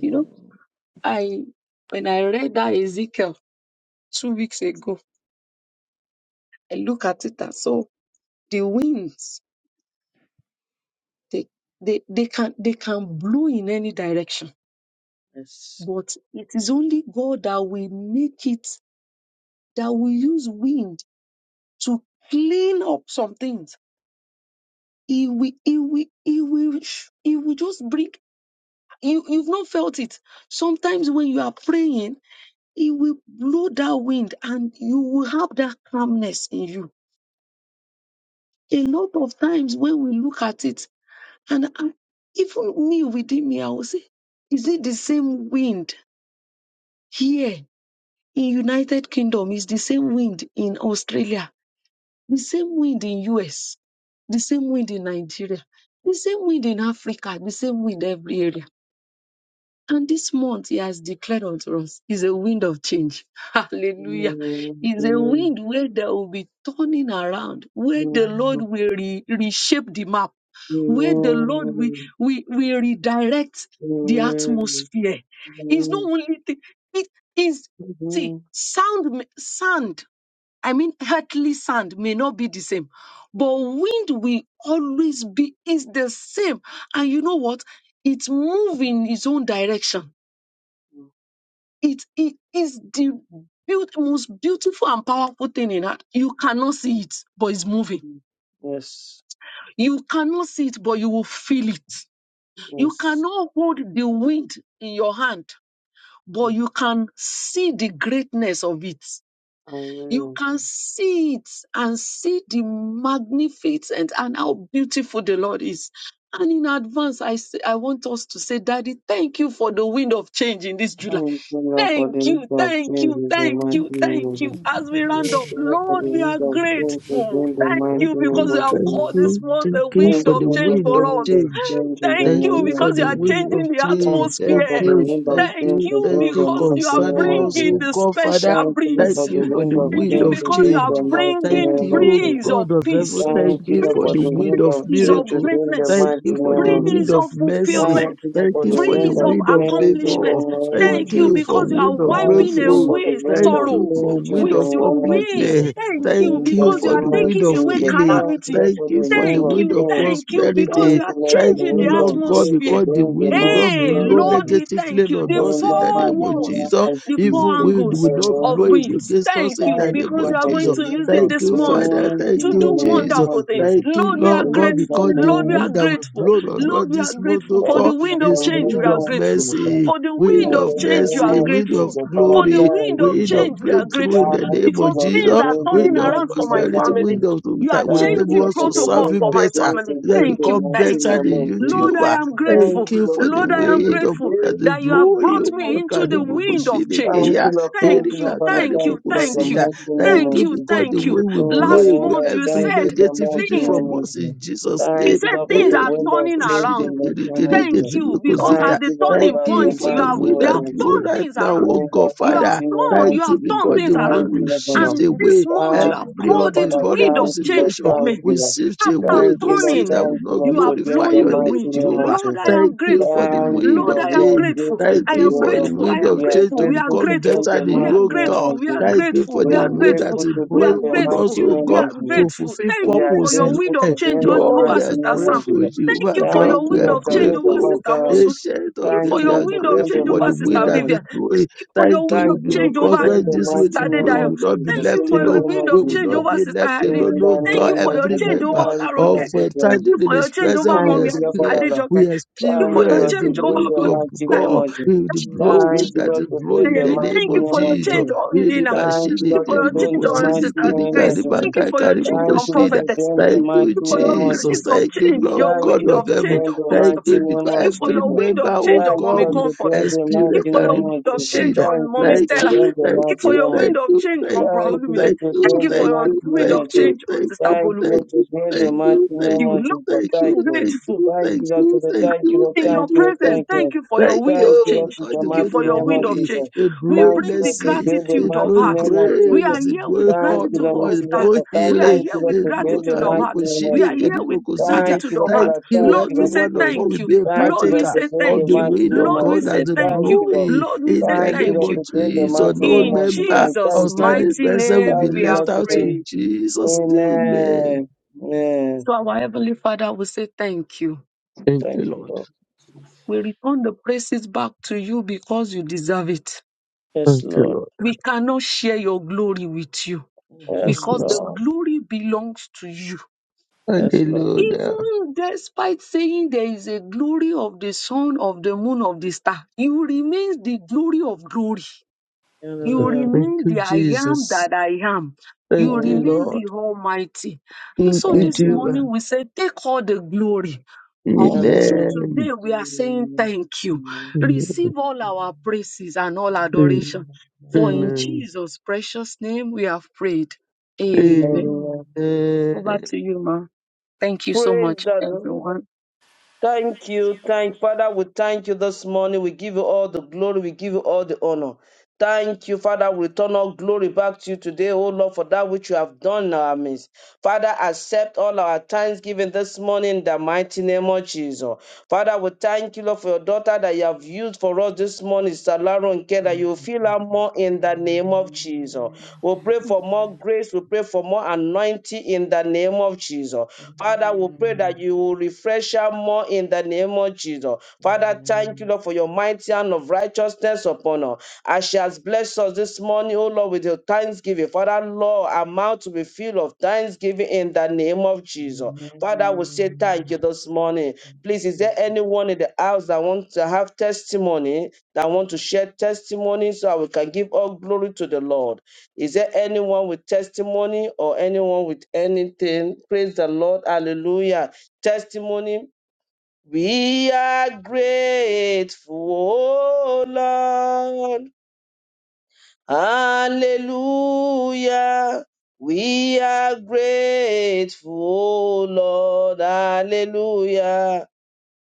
S2: you know, I when I read that Ezekiel two weeks ago, I look at it as so the winds They, they, they can, they can blow in any direction,
S1: Yes.
S2: but it is only God that will make it, that will use wind to clean up some things. He will, he will, he will, sh- he will just bring, you, you've not felt it. Sometimes when you are praying, he will blow that wind and you will have that calmness in you. A lot of times when we look at it, and I, even me within me, I will say, is it the same wind here in united kingdom it's the same wind in australia the same wind in us the same wind in nigeria the same wind in africa the same wind every area and this month he has declared unto us is a wind of change. Hallelujah.
S1: Amen.
S2: Is a
S1: Amen.
S2: wind where there will be turning around, where the Lord
S1: Amen.
S2: will re- reshape the map, where the Lord will,
S1: Amen.
S2: will, will redirect the
S1: Amen.
S2: atmosphere. It's not
S1: Amen.
S2: only thing, it is see sound ma- sand. I mean, earthly sand may not be the same, but wind will always be is the same. And you know what? It move in its own direction. It, it is the beaut- most beautiful and powerful thing in art. You cannot see it, but it's moving.
S1: Amen. Yes.
S2: You cannot see it, but you will feel it. You
S1: Yes.
S2: cannot hold the wind in your hand, but you can see the greatness of it. you
S1: Amen.
S2: can see it and see the magnificent and how beautiful the Lord is. And in advance, I say, I want us to say, Daddy, thank you for the wind of change in this July.
S1: Thank you, Lord, for the
S2: Thank
S1: need
S2: you,
S1: of
S2: thank
S1: change
S2: you,
S1: in the
S2: thank
S1: mighty
S2: you,
S1: name of
S2: thank
S1: Jesus.
S2: you. As we
S3: the
S2: round
S3: wind
S1: Thank
S2: up,
S1: you,
S3: of
S1: Lord, for
S2: Lord,
S1: the
S3: change
S2: we
S3: in
S2: are
S1: need
S3: my
S1: of
S3: life.
S1: change
S3: You know,
S2: grateful.
S3: I'm
S1: in the
S3: very
S2: Thank
S1: mighty
S6: Thank
S2: you
S3: grateful
S1: name
S2: because
S3: for
S6: you,
S2: you
S1: of
S3: the
S2: have
S6: thank
S2: called
S3: opportunity
S1: Jesus.
S3: to
S2: this
S6: you,
S3: work
S2: month
S6: thank
S3: with
S2: a
S3: you.
S6: you
S2: wind
S1: Thank
S6: for
S1: you,
S2: of
S6: the
S1: Lord, for
S2: change
S1: the
S6: wind
S2: for
S6: of
S1: need
S2: us.
S1: of
S6: change.
S3: And
S1: change in
S3: you
S1: the
S2: Thank
S3: are
S6: Thank
S2: you
S1: name
S3: more
S6: you
S3: than
S6: for
S1: of
S2: because you
S6: the
S2: are
S1: Jesus.
S6: wind of
S2: changing the
S6: change.
S1: Thank you,
S3: glad
S1: Lord,
S6: Thank
S1: for
S2: atmosphere.
S1: the
S6: you,
S1: wind of
S6: thank
S2: Thank
S1: change
S6: you,
S1: to
S3: to
S2: you
S6: thank
S3: have
S1: bring the
S6: you
S3: me. Thank you
S2: because
S3: for
S1: mighty
S2: you are
S3: the
S1: name
S3: opportunity
S6: concerning
S1: of
S3: to
S6: us,
S2: bringing
S1: Jesus.
S6: oh
S3: work
S2: the
S6: God,
S3: with
S6: Father.
S2: special
S1: Thank you,
S3: you.
S1: Lord,
S6: Thank
S3: Thank
S1: for
S2: breeze.
S3: you
S1: the
S6: you for
S3: for
S1: wind
S6: the
S1: of
S3: the
S2: Thank
S6: wind
S2: you
S1: change
S6: of
S1: to
S2: because you
S1: bring
S2: are
S6: change.
S1: the
S3: opportunity to
S1: mighty
S3: work with
S6: Thank
S2: bringing
S1: name
S3: you.
S6: you,
S1: of
S6: O
S2: breeze
S1: Jesus.
S2: of
S6: God of heaven.
S2: peace,
S6: Thank
S1: Thank
S3: Thank
S1: you,
S6: you
S3: you,
S1: Lord,
S6: for
S1: for
S6: the
S1: the
S3: Jesus,
S6: wind
S1: wind
S3: for
S6: of
S1: of
S3: that
S2: breeze
S1: change
S2: of
S1: to
S3: interest.
S6: miracle.
S1: bring the
S2: greatness,
S6: Thank
S1: mighty
S6: you
S3: Hallelujah.
S6: for
S1: name
S6: the
S1: of
S3: Thank
S1: Jesus.
S6: wind
S2: breeze
S6: of
S2: of
S6: mercy.
S1: Thank
S2: fulfillment,
S3: you,
S1: you, Lord,
S6: Thank
S1: for
S6: you
S1: the
S6: for
S3: Jesus.
S1: wind
S6: the
S2: breeze
S1: of
S2: of
S6: wind of
S1: change
S3: Hallelujah.
S1: in the
S6: favor.
S2: accomplishment.
S1: name
S6: Thank
S1: of
S2: Thank you
S6: you
S1: Jesus.
S3: Hallelujah.
S6: for
S2: because you are
S6: wind
S1: Thank
S6: of
S3: Thank you,
S2: wiping
S1: you, Lord,
S6: breakthrough.
S1: for
S3: Jesus.
S1: the
S2: away
S1: wind
S6: Thank
S1: of
S3: Thank you,
S6: you
S3: Jesus.
S2: sorrow
S6: for
S1: change in
S6: wind
S2: with
S1: the
S6: of
S3: for
S2: your
S1: name of
S2: wind.
S1: Jesus.
S6: upliftment.
S3: the
S2: Thank
S6: Thank
S2: you
S1: In
S3: hope
S1: the
S3: of
S6: you
S2: because
S1: name of Jesus. Thank
S2: you
S1: you,
S6: for
S2: are
S1: Lord,
S6: the
S3: your
S6: wind
S2: taking
S6: of
S3: kingdom.
S2: away
S6: healing.
S2: calamity.
S6: Thank
S1: for the
S6: you
S3: Thank
S6: for
S3: you,
S6: the
S1: wind
S2: Thank
S1: of
S6: wind
S2: you,
S6: of
S1: change.
S2: thank you because
S1: Thank
S2: you
S3: Hallelujah. Thank
S6: prosperity.
S1: you,
S2: are
S1: Lord,
S3: you,
S1: for
S6: Thank
S1: the
S3: Hallelujah.
S2: changing the
S6: you,
S1: wind of
S6: Lord
S3: Glory
S6: God,
S1: change to
S2: atmosphere.
S6: because the
S1: bring the
S6: wind will not
S3: to
S1: mighty
S2: Hey,
S1: name
S3: the
S6: blow
S3: King.
S1: of
S2: Lord,
S1: Jesus.
S2: we
S3: Hallelujah. Thank
S6: negatively
S2: thank
S3: you,
S2: you.
S6: on
S2: The
S6: us
S3: Hallelujah.
S1: In
S6: in
S1: the
S6: the
S2: four
S1: mighty
S6: name of
S3: Jesus.
S2: walls,
S1: name
S6: Jesus.
S1: of
S2: the four
S6: Evil
S1: Jesus,
S6: wind
S1: in the
S6: will
S2: angles
S6: not
S1: name
S6: blow
S2: of
S1: of
S6: it
S1: Jesus,
S2: winds.
S6: against us
S2: Thank
S6: in
S2: you
S6: the
S3: Thank
S6: name
S3: you,
S2: because you
S6: of
S2: are
S1: for the
S2: going
S6: Jesus.
S2: to use
S1: gift
S2: it
S1: of
S6: Thank
S2: this
S6: you,
S2: month
S6: Father.
S1: faith
S6: Thank
S1: in
S2: to
S1: the
S6: you,
S2: do
S1: name
S6: Jesus.
S2: wonderful
S1: of
S2: things.
S1: Jesus,
S6: Thank you,
S2: Lord, we are
S6: Lord
S1: in
S6: God,
S3: Thank
S1: the
S2: grateful.
S6: because the
S2: Lord,
S1: name
S2: we
S1: of
S2: are
S6: wind that will
S2: grateful.
S1: Jesus,
S6: blow on
S3: you
S6: us
S2: Lord, we are
S6: this month, oh
S2: grateful. For
S1: and
S6: God,
S2: the
S1: in
S2: wind
S1: the
S2: of
S6: is
S2: change, we
S6: wind
S1: name
S2: are
S6: of
S1: of
S2: grateful.
S1: Jesus,
S6: mercy,
S2: For the
S1: in
S6: wind
S2: wind of
S6: of
S1: the
S2: change, you
S1: name
S2: are
S6: mercy,
S1: of
S6: wind of
S2: grateful.
S1: Jesus, Father,
S2: For the
S6: glory,
S3: for the
S2: wind
S1: thank you,
S2: of
S3: name
S6: wind
S3: of
S1: Lord.
S6: of
S2: change, we are
S6: breakthrough in
S2: grateful.
S6: the
S3: Jesus.
S1: Thank
S6: name
S1: you,
S6: of
S2: Because
S1: Lord,
S6: Jesus
S1: for
S2: things are
S1: doing the
S6: wind
S2: turning
S6: of
S2: around
S1: mighty
S2: for
S3: Amen.
S2: my
S1: name
S6: prosperity,
S1: of
S6: wind
S2: family.
S1: Jesus.
S6: of
S2: You are
S6: that will
S1: Thank you,
S6: enable
S2: changing
S1: Lord,
S6: us
S1: for
S6: to
S1: the
S6: serve
S2: protocol
S1: gift
S6: you
S2: for
S1: of
S2: my
S6: better,
S1: faith
S2: family.
S1: and
S6: that
S1: in
S2: Thank
S1: the
S2: you.
S3: Jesus,
S6: become
S1: mighty
S2: Thank
S6: better
S2: you.
S1: name
S6: than
S1: of
S6: you,
S1: Jesus.
S2: Lord, I
S6: Jehovah.
S2: am
S1: Thank
S6: Thank
S2: grateful.
S1: you,
S6: you
S1: Lord,
S6: for the
S2: Lord, I
S1: for
S2: am
S6: wind
S1: the
S6: of
S2: grateful
S6: that
S1: gift
S6: is
S2: that you have
S6: blowing
S2: brought me
S1: of
S6: over
S2: into
S1: faith.
S2: the
S6: Karibu
S2: wind of change.
S1: Thank you,
S6: Kushinikiya,
S1: Lord.
S2: Thank
S1: Thank you, Lord,
S2: you,
S6: Erika
S1: for the
S2: thank
S6: Karibu
S1: thank
S2: you,
S1: you, Lord, the
S2: thank you,
S6: Kusida.
S1: mighty name
S6: Thank
S2: thank
S1: of
S6: you
S2: you,
S6: because
S1: Jesus.
S6: the
S2: thank you.
S6: wind will
S1: Oh, In
S6: blow
S1: the
S2: Last
S1: name
S6: away
S2: month
S1: of
S2: you
S6: every
S1: thank
S2: said
S1: you, the
S6: negativity
S1: mighty
S2: things,
S1: name
S6: from
S1: of
S6: us in
S1: Jesus.
S6: Jesus'
S2: you
S1: Thank
S6: name.
S1: you,
S2: said
S1: Lord, for
S6: Eh,
S2: things
S1: the
S2: are
S1: wind of
S2: turning
S1: change
S2: around.
S1: in the name of Jesus.
S2: Thank you, because
S6: Kushinikirikirikizimikuzida.
S2: at
S1: Thank
S2: the
S1: you, Lord, for
S6: Thank
S2: turning
S6: you
S1: the
S2: point,
S6: for
S2: you
S6: the
S2: have
S1: mighty
S6: wind
S2: you have
S6: that
S1: name of
S6: blow
S2: turned
S1: Jesus.
S6: right
S2: things
S6: now,
S2: around.
S1: Oh,
S6: oh
S1: In the
S6: God,
S2: You have
S6: Father.
S1: mighty name
S2: turned,
S1: of
S6: Thank
S2: you
S6: you
S2: have
S1: Jesus.
S2: turned
S6: because the
S2: things
S6: wind
S1: Thank
S2: around.
S1: you,
S6: will
S1: Lord, for
S6: shift
S1: that.
S2: And this
S6: away
S2: month you have
S1: Thank
S6: Every
S1: you, Lord,
S2: called
S6: of
S1: for
S2: it
S6: the
S1: that.
S2: wind
S6: vulnerable
S2: of
S1: Thank
S2: change
S6: situation
S2: for me.
S1: you,
S6: we
S1: Lord.
S6: sift
S2: After
S6: away
S1: Thank you, Lord. Thank you,
S6: those
S1: Lord.
S6: things
S2: turning,
S6: that would
S1: Thank you,
S6: not
S1: Lord,
S2: you are
S1: today in
S6: glorify
S1: the
S2: blowing
S6: your
S2: the
S6: name,
S1: mighty
S2: wind.
S1: name of
S6: Jehovah.
S2: Lord, I
S1: Jesus.
S6: Thank
S2: am
S6: you for
S2: grateful.
S6: the
S1: Thank you,
S6: wind
S2: Lord,
S1: Lord.
S6: of
S2: I
S1: We
S2: am
S1: are
S6: change.
S2: grateful.
S1: grateful
S6: Thank
S2: I
S1: to
S6: you
S2: am
S1: you,
S6: for
S1: Lord.
S6: the
S2: grateful. I
S6: wind
S2: am
S1: We
S6: of
S1: are
S6: change
S2: grateful.
S6: to
S2: We are
S1: grateful to
S6: become
S2: grateful.
S1: them,
S6: better
S1: the
S6: than
S2: We
S1: mighty
S2: are
S6: your
S1: name
S6: God.
S2: grateful.
S1: of
S2: We are
S1: Jesus.
S6: Thank you
S2: grateful.
S6: for
S1: We
S2: We
S6: the
S2: are
S1: are
S6: wind that
S2: grateful.
S1: grateful
S6: is
S1: to
S2: We are
S1: them,
S6: blowing
S1: the
S6: on us,
S2: grateful.
S1: mighty
S6: oh
S1: name
S2: We
S6: God,
S2: are
S1: of Jesus.
S6: to
S2: grateful.
S6: fulfill
S2: Thank
S1: We
S2: you
S1: are
S2: for
S6: purpose
S2: your
S6: in
S1: grateful
S2: wind of
S6: life.
S1: to
S2: change
S1: them,
S2: o-
S1: the
S6: Lord,
S1: mighty
S6: we
S2: over
S6: are
S2: Sister
S1: name of
S2: Sam.
S6: grateful,
S1: Jesus.
S2: Thank
S6: Jehovah
S2: you for
S6: God.
S1: Thank
S2: your
S1: you,
S6: We
S2: wind
S6: are
S1: Lord,
S2: of
S1: to
S2: change
S1: me, the
S2: over
S1: one
S6: grateful.
S2: Sister
S1: time.
S2: Mosu.
S6: Ancient
S2: Thank
S6: of
S2: you
S6: day,
S1: Thank
S2: for
S1: you,
S6: we
S2: your
S1: Lord,
S6: are
S1: to
S2: wind of
S1: them,
S6: grateful
S1: the
S2: change
S6: for
S2: over
S6: the
S1: mighty
S6: wind
S2: Sister
S1: name
S6: that
S1: of
S6: is
S2: Vivian. Thank
S6: blowing.
S2: you for your
S6: Thank you,
S2: wind
S6: will
S2: of
S1: Thank
S6: be
S1: you, Lord,
S2: change
S1: to
S6: because
S2: over
S1: them,
S6: when
S1: the
S6: this wind
S2: Sister
S6: is
S1: mighty name
S6: blowing, we
S2: Dedayo.
S1: of
S6: will not be
S2: Thank
S1: Jesus.
S2: you
S6: left
S1: In the
S2: for
S6: alone.
S2: your
S1: name
S2: wind
S1: of
S6: We
S2: of
S6: will
S2: change
S1: Jesus.
S6: not
S2: over
S6: be
S2: Sister
S6: left
S2: Irene.
S6: alone,
S1: In
S6: oh
S2: Thank
S6: God.
S2: you for your
S6: Every
S1: the
S2: change over
S6: member
S1: name of Jesus. Thank you,
S2: Olaronke.
S6: of
S1: Lord, to
S6: uh,
S1: them.
S2: Thank you
S6: standing in
S2: for your
S6: His
S2: change
S6: presence,
S2: over
S6: we
S1: Thank
S2: Mommy
S1: you, Lord,
S6: experience,
S1: Father, Lord.
S2: Adejoke.
S6: we
S2: Thank you for
S1: Thank you,
S2: your
S1: Lord,
S6: experience
S1: to
S6: the
S2: change
S1: them,
S2: over
S6: wind
S1: the
S2: God
S6: of
S1: mighty name
S6: God,
S2: Taiwo.
S1: of Jesus.
S6: with the blow
S1: Thank
S6: wind
S1: you,
S6: that
S1: Lord,
S6: is
S1: to
S2: I
S1: them,
S6: blowing in
S1: the
S6: the
S2: mean,
S6: name
S1: mighty
S2: thank you
S6: of
S2: for
S1: name
S2: your
S1: of
S6: Jesus.
S1: Jesus.
S2: change on
S6: Iri
S2: Lina.
S1: Thank you,
S2: Thank
S6: bashini
S2: you
S1: Lord,
S2: for
S1: for
S6: kiri
S2: your
S1: doing
S2: change
S1: the
S2: on
S1: mighty
S6: mukusini
S2: Sister
S6: kiri
S1: name of
S6: kari
S2: Grace.
S1: Jesus.
S2: Thank you
S6: makai
S2: for your
S6: kari
S2: change
S1: Thank
S2: on
S1: you, Lord,
S6: mukushida.
S1: for
S2: Prophetess.
S1: doing
S2: Thank
S1: the
S6: Thank you,
S1: mighty
S2: you for your
S1: name of
S6: Jesus.
S2: grace of
S1: Jesus.
S6: Thank you,
S2: change,
S6: Lord
S2: your
S1: Thank you,
S6: God
S2: wind
S6: of
S1: Lord,
S2: of
S1: for
S6: heaven.
S2: change
S1: doing
S2: on
S1: the
S6: Thank
S2: Pastor.
S1: mighty
S6: you,
S1: name
S6: because
S2: Thank
S1: of
S2: you for
S6: every
S2: your
S1: Jesus.
S2: wind
S6: member,
S2: of
S6: oh
S2: change on
S1: Thank you,
S2: Mommy
S6: God,
S1: Lord,
S6: will
S1: for
S2: Comfort.
S1: doing the
S2: Thank
S6: experience
S2: you
S1: mighty
S2: for your
S6: kari
S1: name of
S2: wind of
S1: Jesus.
S2: change
S6: mukushida.
S2: on
S1: Thank you,
S2: Mommy
S1: Lord,
S6: Thank
S1: for
S2: Stella.
S6: you,
S1: doing the
S6: thank
S2: Thank you
S1: mighty
S2: for
S6: you,
S2: your
S1: name of
S2: wind
S6: thank
S2: of
S6: you,
S2: change
S6: thank
S2: on Bro
S6: you,
S1: Thank you,
S2: Olumide.
S1: Lord,
S6: thank
S1: to
S6: you,
S2: Thank
S1: build
S2: you
S1: the
S2: for
S6: thank
S2: your
S1: mighty
S6: you,
S2: wind
S1: name
S6: thank
S1: of
S2: of
S1: Jesus.
S6: you,
S2: change on
S6: thank
S2: Sister
S6: you,
S1: Thank
S2: Bolu.
S1: you,
S6: thank
S1: Lord, to
S6: you,
S1: build the
S6: thank
S1: mighty
S6: you, thank
S1: name
S6: you,
S2: You
S1: of
S2: look
S1: Jesus.
S6: thank
S1: Thank
S6: you,
S1: you.
S6: thank
S2: grateful.
S6: you,
S1: Thank you,
S6: thank
S1: Lord, to
S6: you,
S1: the
S6: thank
S1: thank you,
S6: you,
S1: Lord,
S2: in
S6: thank
S2: your
S1: thank you,
S6: you,
S1: Lord,
S2: presence.
S6: thank
S1: thank
S6: you.
S2: Thank
S1: you.
S2: you for
S6: Thank
S2: your wind
S1: Thank
S2: of
S1: you,
S6: you,
S1: Lord,
S2: change.
S1: to
S6: because
S1: the
S6: the
S2: Thank you
S6: wind
S1: mighty
S2: for
S6: is
S2: your
S1: name
S2: wind
S1: of
S2: of
S6: blowing,
S1: Jesus.
S2: change.
S6: it's
S2: We
S6: blowing
S1: Thank
S2: bring
S1: you,
S2: the
S1: Lord, to
S6: mercy,
S1: build the
S6: it's
S2: gratitude
S1: mighty
S2: of
S6: blowing
S2: heart.
S1: name of
S2: We
S6: grace,
S2: are
S1: Jesus.
S6: it's
S2: here
S6: blowing
S2: with
S1: Thank you,
S6: honor,
S2: gratitude of
S1: Lord,
S6: it's
S1: Mrs.
S2: heart.
S6: blowing
S1: Yakota.
S2: We are
S6: healing,
S1: Thank
S2: here
S1: you, Lord,
S2: with
S6: it's
S1: to build
S6: blowing
S1: the
S2: gratitude of
S1: mighty
S2: heart.
S6: karibu
S1: name
S2: We
S1: of
S6: shide
S2: are
S1: Jesus.
S2: here
S6: kedibo
S2: with
S6: kuzida.
S1: Thank
S2: gratitude
S1: you, Lord,
S2: of
S1: for
S2: heart.
S6: Thank
S1: that.
S6: you,
S1: Thank
S2: Lord,
S1: you,
S6: every
S2: we
S1: Lord,
S2: say
S6: one of us
S1: today.
S6: will
S2: thank you.
S6: be a
S1: Thank you,
S2: Lord, we
S1: Lord,
S6: partaker
S1: to
S2: say
S1: build
S6: of
S1: the
S2: thank
S6: the
S2: you.
S1: mighty
S6: wind
S1: name
S6: of
S2: Lord,
S1: of
S2: we
S6: God
S1: Jesus.
S2: say
S6: as it
S2: thank
S1: Thank
S2: you.
S1: you, Lord.
S6: blowing
S2: Lord, we
S6: in
S2: say
S6: the
S1: Thank you,
S6: name
S2: thank
S1: Lord,
S2: you.
S6: of
S1: to build the
S6: Jesus.
S1: mighty
S6: No
S1: name
S2: In
S1: of Jesus.
S6: member
S1: Thank
S2: Jesus'
S6: of
S1: you, Lord.
S6: standing
S2: mighty
S6: present will be
S2: name,
S1: Thank
S2: we
S1: you,
S2: have
S6: left
S1: Lord,
S6: out
S1: today.
S6: in
S2: prayed.
S6: Jesus' name. Amen.
S1: Amen. Amen.
S2: So, our Heavenly Father, we say thank you.
S6: Thank you,
S1: Thank you,
S6: Lord.
S1: Lord.
S2: We return the praises back to you because you deserve it.
S1: Yes,
S6: Thank
S1: Lord.
S6: you,
S2: We cannot share your glory with you
S3: Amen.
S6: Lord.
S1: Yes,
S2: because
S3: Lord.
S2: the
S1: Lord.
S2: glory belongs to you.
S1: Yes,
S3: Thank you, Jesus.
S1: Lord.
S6: Hallelujah.
S2: Even despite saying there is a glory of the sun, of the moon, of the star, you remain the glory of glory. You
S3: Amen.
S1: Hallelujah.
S6: Thank
S2: remain
S6: you,
S2: the I am
S6: Jesus.
S2: that I am.
S6: Thank
S2: You
S3: Thank
S6: you,
S3: you.
S1: Amen.
S2: remain
S6: Lord.
S2: the Almighty. And
S6: Thank
S2: so
S6: you,
S1: Thank
S2: this
S3: Amen.
S1: you.
S6: Jehovah.
S2: morning we say, take all the glory.
S3: Thank
S2: All
S3: you. Jesus.
S2: through
S1: Hallelujah.
S6: Amen.
S2: today, we are saying
S1: Amen.
S2: thank you.
S6: Amen.
S3: Amen.
S2: Receive all our
S1: Amen.
S2: praises and all adoration. For in
S3: Amen.
S6: Amen.
S2: Jesus' precious name we have prayed.
S6: Amen.
S3: Amen.
S2: Amen.
S1: Amen.
S2: Over
S6: Thank
S2: to you, ma. Thank you so
S1: Praise
S2: much,
S1: God.
S2: everyone.
S1: Thank you. Thank Father, we thank you this morning. We give you all the glory. We give you all the honor. Thank you, Father. We return all glory back to you today, O Lord, for that which you have done in our midst. Father, accept all our thanksgiving this morning in the mighty name of Jesus. Father, we thank you, Lord, for your daughter that you have used for us this morning, Salaro and Care, that you
S3: Thank
S1: will
S3: you,
S1: fill her
S3: Jesus.
S1: more in the name of Jesus.
S3: Amen.
S1: We pray for more grace. We pray for more anointing in the name of Jesus. Father, we pray
S3: Amen.
S1: that you will refresh her more in the name of Jesus. Father, thank you,
S3: Amen.
S1: Lord, for your mighty hand of righteousness upon her. As she has blessed us this morning, oh Lord, with your thanksgiving. Father, Lord, our mouth to be filled of thanksgiving in the name of Jesus. Father, we say
S3: Amen.
S1: thank you this morning.
S3: Thank you,
S1: Please, is there
S3: Jesus.
S1: anyone in the house that wants to have testimony, that want to share testimony so that we can give all glory to the Lord? Is there anyone with testimony or anyone with anything? Praise the Lord. Hallelujah. Testimony. We are grateful, oh Lord. Hallelujah. We are grateful, oh Lord. Hallelujah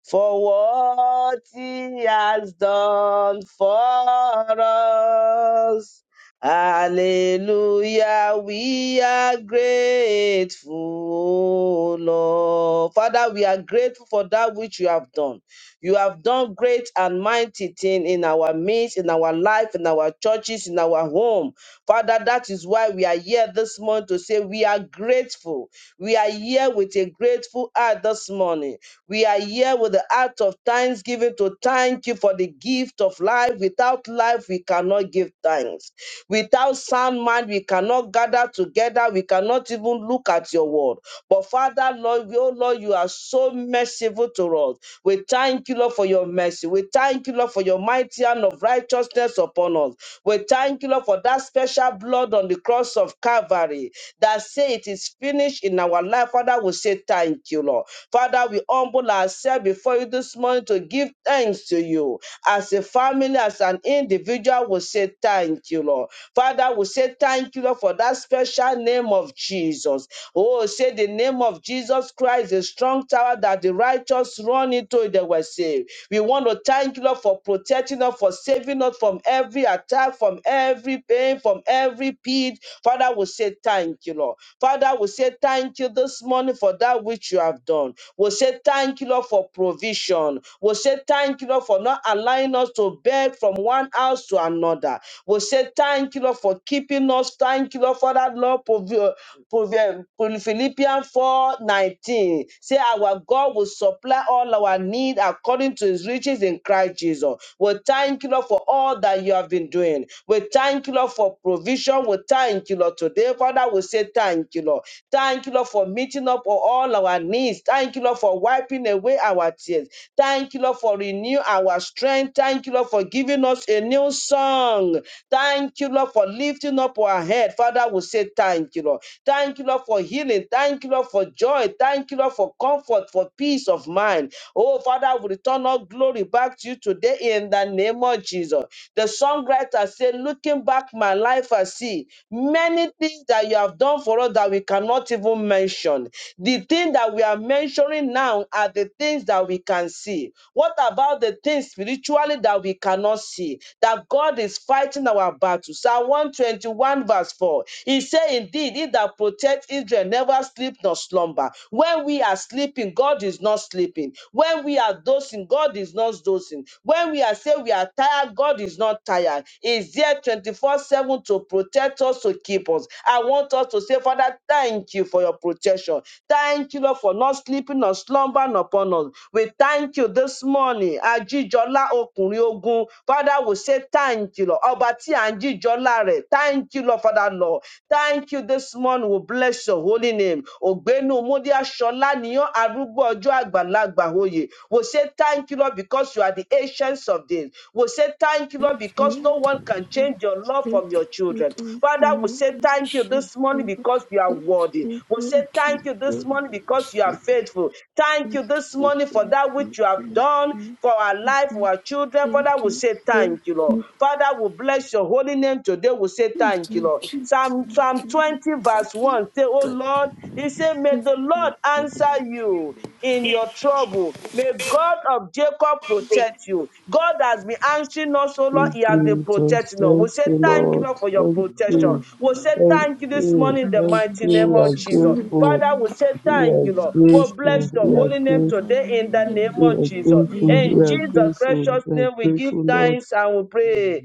S1: for what he has done for us. Hallelujah, we are grateful, O Lord. Father, we are grateful for that which you have done. You have done great and mighty thing in our midst, in our life, in our churches, in our home. Father, that is why we are here this morning to say we are grateful. We are here with a grateful heart this morning. We are here with the heart of thanksgiving to thank you for the gift of life. Without life, we cannot give thanks. Without sound mind, we cannot gather together. We cannot even look at your word. But Father, Lord, oh Lord, you are so merciful to us. We thank you, Lord, for your mercy. We thank you, Lord, for your mighty hand of righteousness upon us. We thank you, Lord, for that special blood on the cross of Calvary. Calvary that say it is finished in our life. Father, we say thank you, Lord. Father, we humble ourselves before you this morning to give thanks to you. As a family, as an individual, we say thank you, Lord. Father, we say thank you, Lord, for that special name of Jesus. Oh, say the name of Jesus Christ, a strong tower that the righteous run into it, they were saved. We want to thank you, Lord, for protecting us, for saving us from every attack, from every every pain, from every pit. Father, we say thank you, Lord. Father, we say thank you this morning for that which you have done. We say thank you, Lord, for provision. We say thank you, Lord, for not allowing us to beg from one house to another. We say thank you, Lord, for keeping us. Thank you, Lord, for that, Lord, provi- provi- Philippians 4:19 19. Say, Our God will supply all our need according to his riches in Christ Jesus. We thank you, Lord, thank you, Lord, for all that you have been doing. We thank you, Lord, for provision. We thank you, Lord. Today, Father, we say thank you, Lord. Thank you, Lord, for meeting up for all our needs. Thank you, Lord, for wiping away our tears. Thank you, Lord, for renew our strength. Thank you, Lord, for giving us a new song. Thank you, Lord, for lifting up our head. Father, we say thank you, Lord. Thank you, Lord, for healing. Thank you, Lord, for joy. Thank you, Lord, for comfort, for peace of mind. Oh, Father, we return all all glory back to you today in the name of Jesus. The songwriter said, Looking back my life, I see many things that you have done for us that we cannot even mention. The thing that we are mentioning now are the things that we can see. What about the things spiritually that we cannot see? That God is fighting our battle. Psalm 121, verse 4. He said, Indeed, he that protects Israel never sleep nor slumber. When we are sleeping, God is not sleeping. When we are dosing, God is not dosing. When we are saying we are tired, God is not tired. Is there 24 7 to protect us, to keep us. I want us to say, Father, thank you for your protection. Thank you, Lord, for not sleeping or slumbering upon us. We thank you this morning. Ajijola Okunrin Ogun. Father, we say thank you, Lord. Obati Anjijola Re. Thank you, Lord, for Lord. Thank you this morning. We bless your holy name. Ogbenu Mudia Shola Niyo Arugbo Ojo Agbalagba Oye. We say thank you, Lord, because you are the ancients of days. We say thank you, Lord, because no one can change your love from your children. Father, we say thank you this morning because you are worthy. We say thank you this morning because you are faithful. Thank you this morning for that which you have done for our life, for our children. Father, we say thank you, Lord. Father, we bless your holy name today. We say thank you, Lord. Psalm, Psalm 12. 20, verse 1 say, Oh Lord, he said, May the Lord answer you in your trouble. May God of Jacob protect you. God has been answering us, oh Lord.
S6: you,
S1: He has been
S6: Jesus.
S1: protecting us. We
S6: Thank
S1: say
S6: you,
S3: Thank
S1: thank you,
S3: you,
S6: Lord.
S1: Lord,
S3: Jesus.
S1: for your
S6: Thank
S3: Hallelujah.
S6: you.
S1: protection. We
S3: Thank
S1: say
S6: Thank
S3: you,
S1: thank you
S3: Lord.
S1: this
S6: you.
S1: morning in
S5: Thank
S1: the
S6: Thank
S3: Thank
S5: you,
S1: mighty
S6: you.
S3: you,
S1: name
S6: We are
S1: of
S5: Jesus.
S1: Jesus.
S3: Jesus.
S5: Thank
S6: grateful.
S1: Father, we
S5: you.
S1: say
S3: Thank
S6: We
S3: you,
S1: thank
S6: are
S1: you, Lord.
S3: Jesus.
S1: We
S5: Thank
S3: Amen.
S6: grateful.
S1: bless
S5: you.
S1: your
S6: We are
S1: holy name
S6: grateful.
S1: today in the
S5: Hallelujah.
S1: name
S6: We
S1: of
S6: are
S1: Jesus.
S6: grateful.
S3: Amen.
S1: In
S6: We are
S1: Jesus'
S5: Amen.
S6: grateful.
S1: precious
S6: We are
S1: name, we give
S6: grateful, Lord.
S1: thanks and we pray.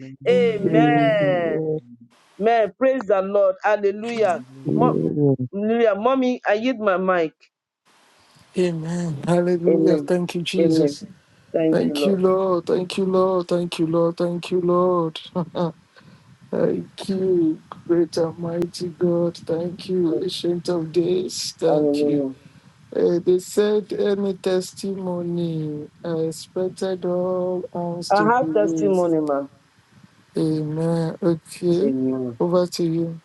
S6: Amen.
S5: Amen.
S1: Amen.
S3: Amen.
S1: Man, praise the Lord. Hallelujah. Mo-
S3: Hallelujah.
S6: Amen.
S1: Hallelujah. Mommy, I yield my mic.
S7: Amen. Hallelujah.
S1: Amen.
S7: Thank you,
S1: Amen.
S7: Jesus.
S1: Thank you,
S7: Thank you,
S1: Lord.
S7: Lord. Thank you, Lord. Thank you, Lord. Thank you, Lord. Thank you, great and mighty God. Thank you,
S1: Yes.
S7: Ancient of Days. Thank you.
S1: Hallelujah.
S7: Uh, they said any testimony. I expected all hands to
S1: I
S7: be
S1: have
S7: raised.
S1: testimony, ma.
S7: Amen. Okay.
S1: Amen.
S7: Over to you,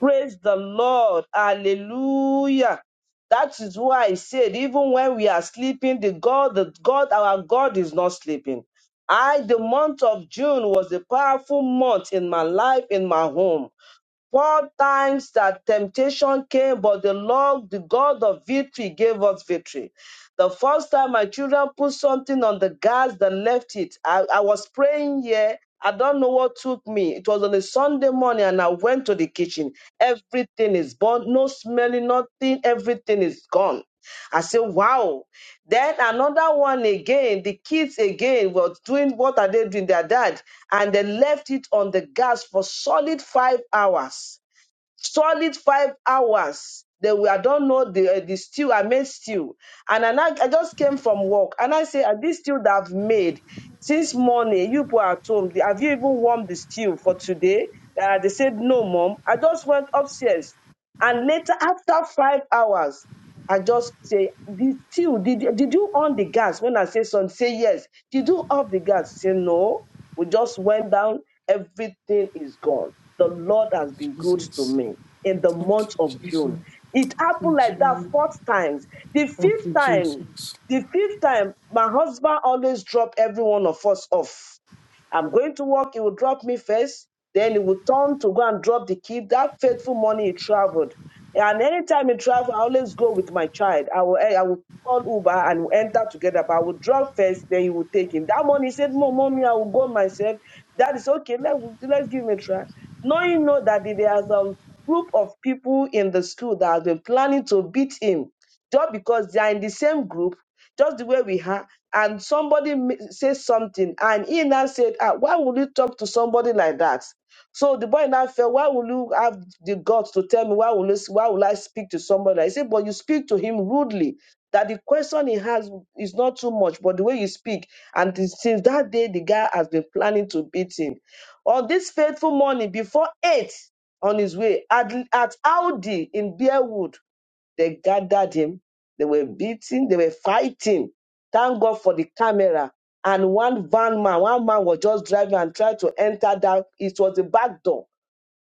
S1: Praise the Lord. Hallelujah. That is why I said, even when we are sleeping, the God, the God, our God is not sleeping. I, the month of June was a powerful month in my life, in my home. Four times that temptation came, but the Lord, the God of victory, gave us victory. The first time my children put something on the gas, they left it. I, I was praying here. I don't know what took me. It was on a Sunday morning, and I went to the kitchen. Everything is burnt, no smelling, nothing. Everything is gone. I said, Wow. Then another one again, the kids again were doing what are they doing? Their dad. And they left it on the gas for solid five hours. Solid five hours. They were, I don't know, the, uh, the stew, I made stew. And I, now- I just came from work and I say, "Ah, this stew that I've made since morning, you people are at home, have you even warmed the stew for today? Uh, they said, no, mom. I just went upstairs. And later, after five hours, and just say, did, still, did, did you on the gas? When I say son, say yes. Did you off the gas? Say no. We just went down. Everything is gone. The Lord has been good to
S7: Jesus.
S1: me in the
S7: Thank
S1: month
S7: you,
S1: of
S7: Jesus.
S1: June. It happened
S7: Thank
S1: like that
S7: you,
S1: four times. The
S7: Thank
S1: fifth
S7: you,
S1: time,
S7: Jesus.
S1: the fifth time, my husband always dropped every one of us off I'm going to work, he will drop me first, then he will turn to go and drop the kid. That faithful morning he traveled. And anytime he travel, I always go with my child. I will eh, I will call Uber and we'll enter together, but I will drop first, then he will take him. That morning he said, No, mommy, I will go myself. That is okay, let, let's give him a try. Knowing know that there are some group of people in the school that have been planning to beat him just because they are in the same group, just the way we are and somebody m- says something, and he now said, ah, Why would you talk to somebody like that? So the boy now felt, Why will you have the guts to tell me why will, you, why will I speak to somebody? I said, But you speak to him rudely. That the question he has is not too much, but the way you speak. And th- since that day, the guy has been planning to beat him. On this fateful morning, before eight on his way at, at Audi in Bearwood, they gathered him. They were beating. They were fighting. Thank God for the camera. And one van man, one man was just driving and tried to enter that. It was the back door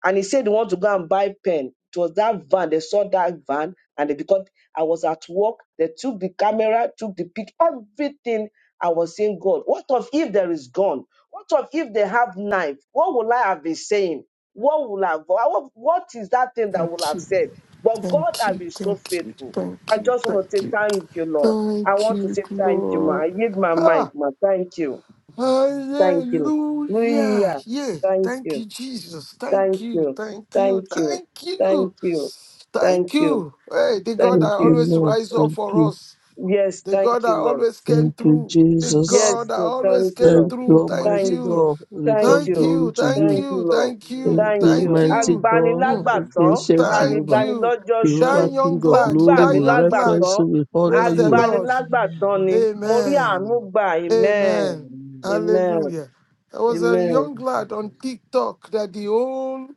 S1: and he said he want to go and buy pen. It was that van. They saw that van, and they, because I was at work, they took the camera, took the pic, everything. I was saying, God, what of if there is gun? What of if they have knife? What will I have been saying? What will I? have, What what is that thing that will
S7: Thank
S1: have
S7: you.
S1: said? But God
S7: Thank
S1: has
S7: you.
S1: been so
S7: Thank you.
S1: faithful.
S7: Thank
S1: I
S7: you.
S1: just want to
S7: Thank
S1: say
S7: you.
S1: thank you, Lord. I
S7: Thank
S1: want to say
S7: you,
S1: thank you, ma.
S7: Lord.
S1: I give my mic,
S7: Ah!
S1: ma. Thank you,
S3: Thank you,
S1: thank you.
S3: Jesus.
S7: Hallelujah.
S1: Yeah,
S7: Yes,
S1: thank
S7: Thank
S1: you.
S7: you, Jesus. Thank
S1: Thank
S7: you.
S1: you.
S7: Thank you.
S1: Thank you.
S7: Thank you.
S1: Thank you. Thank
S7: Thank
S1: you.
S7: you. Hey, the God that
S1: Thank
S6: Thank you,
S1: you.
S7: always
S6: Lord.
S7: rise up
S6: Thank
S7: for
S6: you.
S7: us.
S1: Yes,
S7: The God
S1: thank
S7: that
S1: you, Lord.
S7: always came
S6: Thank you,
S7: through. The
S3: Thank you,
S6: Jesus.
S1: Yes,
S7: God that
S1: Lord.
S3: Jesus.
S7: always
S1: Thank you,
S7: came
S6: Thank
S1: Lord.
S6: you,
S7: through.
S3: Amen.
S7: Thank
S1: Thank
S6: Almighty
S7: you.
S1: you.
S6: God.
S3: Thank
S6: We
S3: you,
S6: talk
S1: Thank
S7: Thank
S3: Jesus.
S1: you.
S6: glory
S3: Amen.
S7: you.
S6: to
S7: Thank
S6: you.
S1: Thank you,
S7: you.
S1: Lord.
S7: Thank
S3: Thank
S6: Thank
S3: you,
S7: you.
S1: Thank
S6: you,
S3: Jesus.
S1: you.
S7: Thank
S6: mighty
S7: you.
S3: Amen.
S6: God.
S5: Do
S7: Mm.
S6: Thank
S5: our
S6: you,
S1: Agbanilágbàtàn,
S5: own
S6: ancient
S5: thing.
S7: Thank
S6: Jehovah.
S1: gbanigbani
S7: you.
S1: lọ́jọ́
S3: Thank you,
S5: Thank
S1: ìṣòro.
S7: That
S6: Jehovah,
S3: Jesus.
S6: King
S7: young
S5: you.
S1: Ó
S6: of
S3: Amen. Thank you, Jesus.
S7: lad.
S6: glory,
S1: gbà mí
S7: That
S6: we
S7: young
S3: Amen.
S7: lad.
S6: reference you.
S1: lágbàtàn.
S6: We honor
S7: Praise the
S6: you.
S7: Lord.
S5: Monte
S3: Thank
S1: Agbanilágbàtàn ni.
S5: Yahweh,
S1: Mo rí
S7: Amen.
S1: àánú gbà. Amen.
S7: Amen.
S3: you,
S1: Amen.
S7: Hallelujah. There was a
S1: Amen.
S7: young lad on TikTok that the whole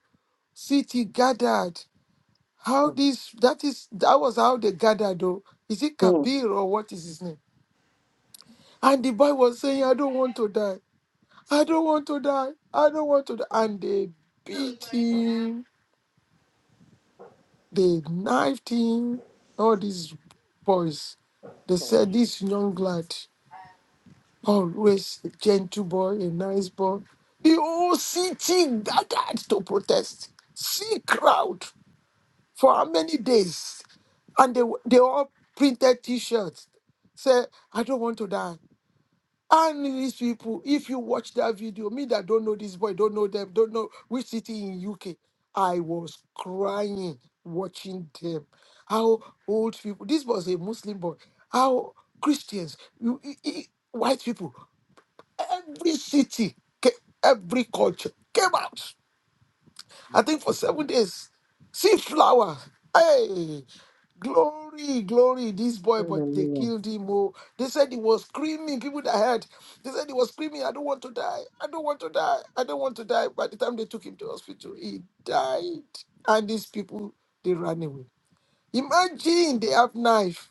S7: city gathered.
S1: Hmm.
S7: How this that is that was how they gathered though. Is it
S1: Hmm.
S7: Kabir or what is his name? And the boy was saying, I don't want to die. I don't want to die. I don't want to die. And they beat him, they knifed him. All these boys. They said this young lad. Always a gentle boy, a nice boy. The whole city gathered to protest. See crowd for how many days? And they, they all printed t-shirts. Say, I don't want to die. And these people, if you watch that video, me that don't know this boy, don't know them, don't know which city in UK, I was crying watching them. How old people, this was a Muslim boy, how Christians, you- you- you- white people Every city, ca- every culture came out. I think for seven days. See flower. Hey, glory, glory. This boy,
S1: Hmm.
S7: but they
S1: Hmm.
S7: killed him. Oh, they said he was screaming. People that heard, they said he was screaming. I don't want to die. I don't want to die. I don't want to die. By the time they took him to hospital, he died. And these people, they ran away. Imagine they have knife.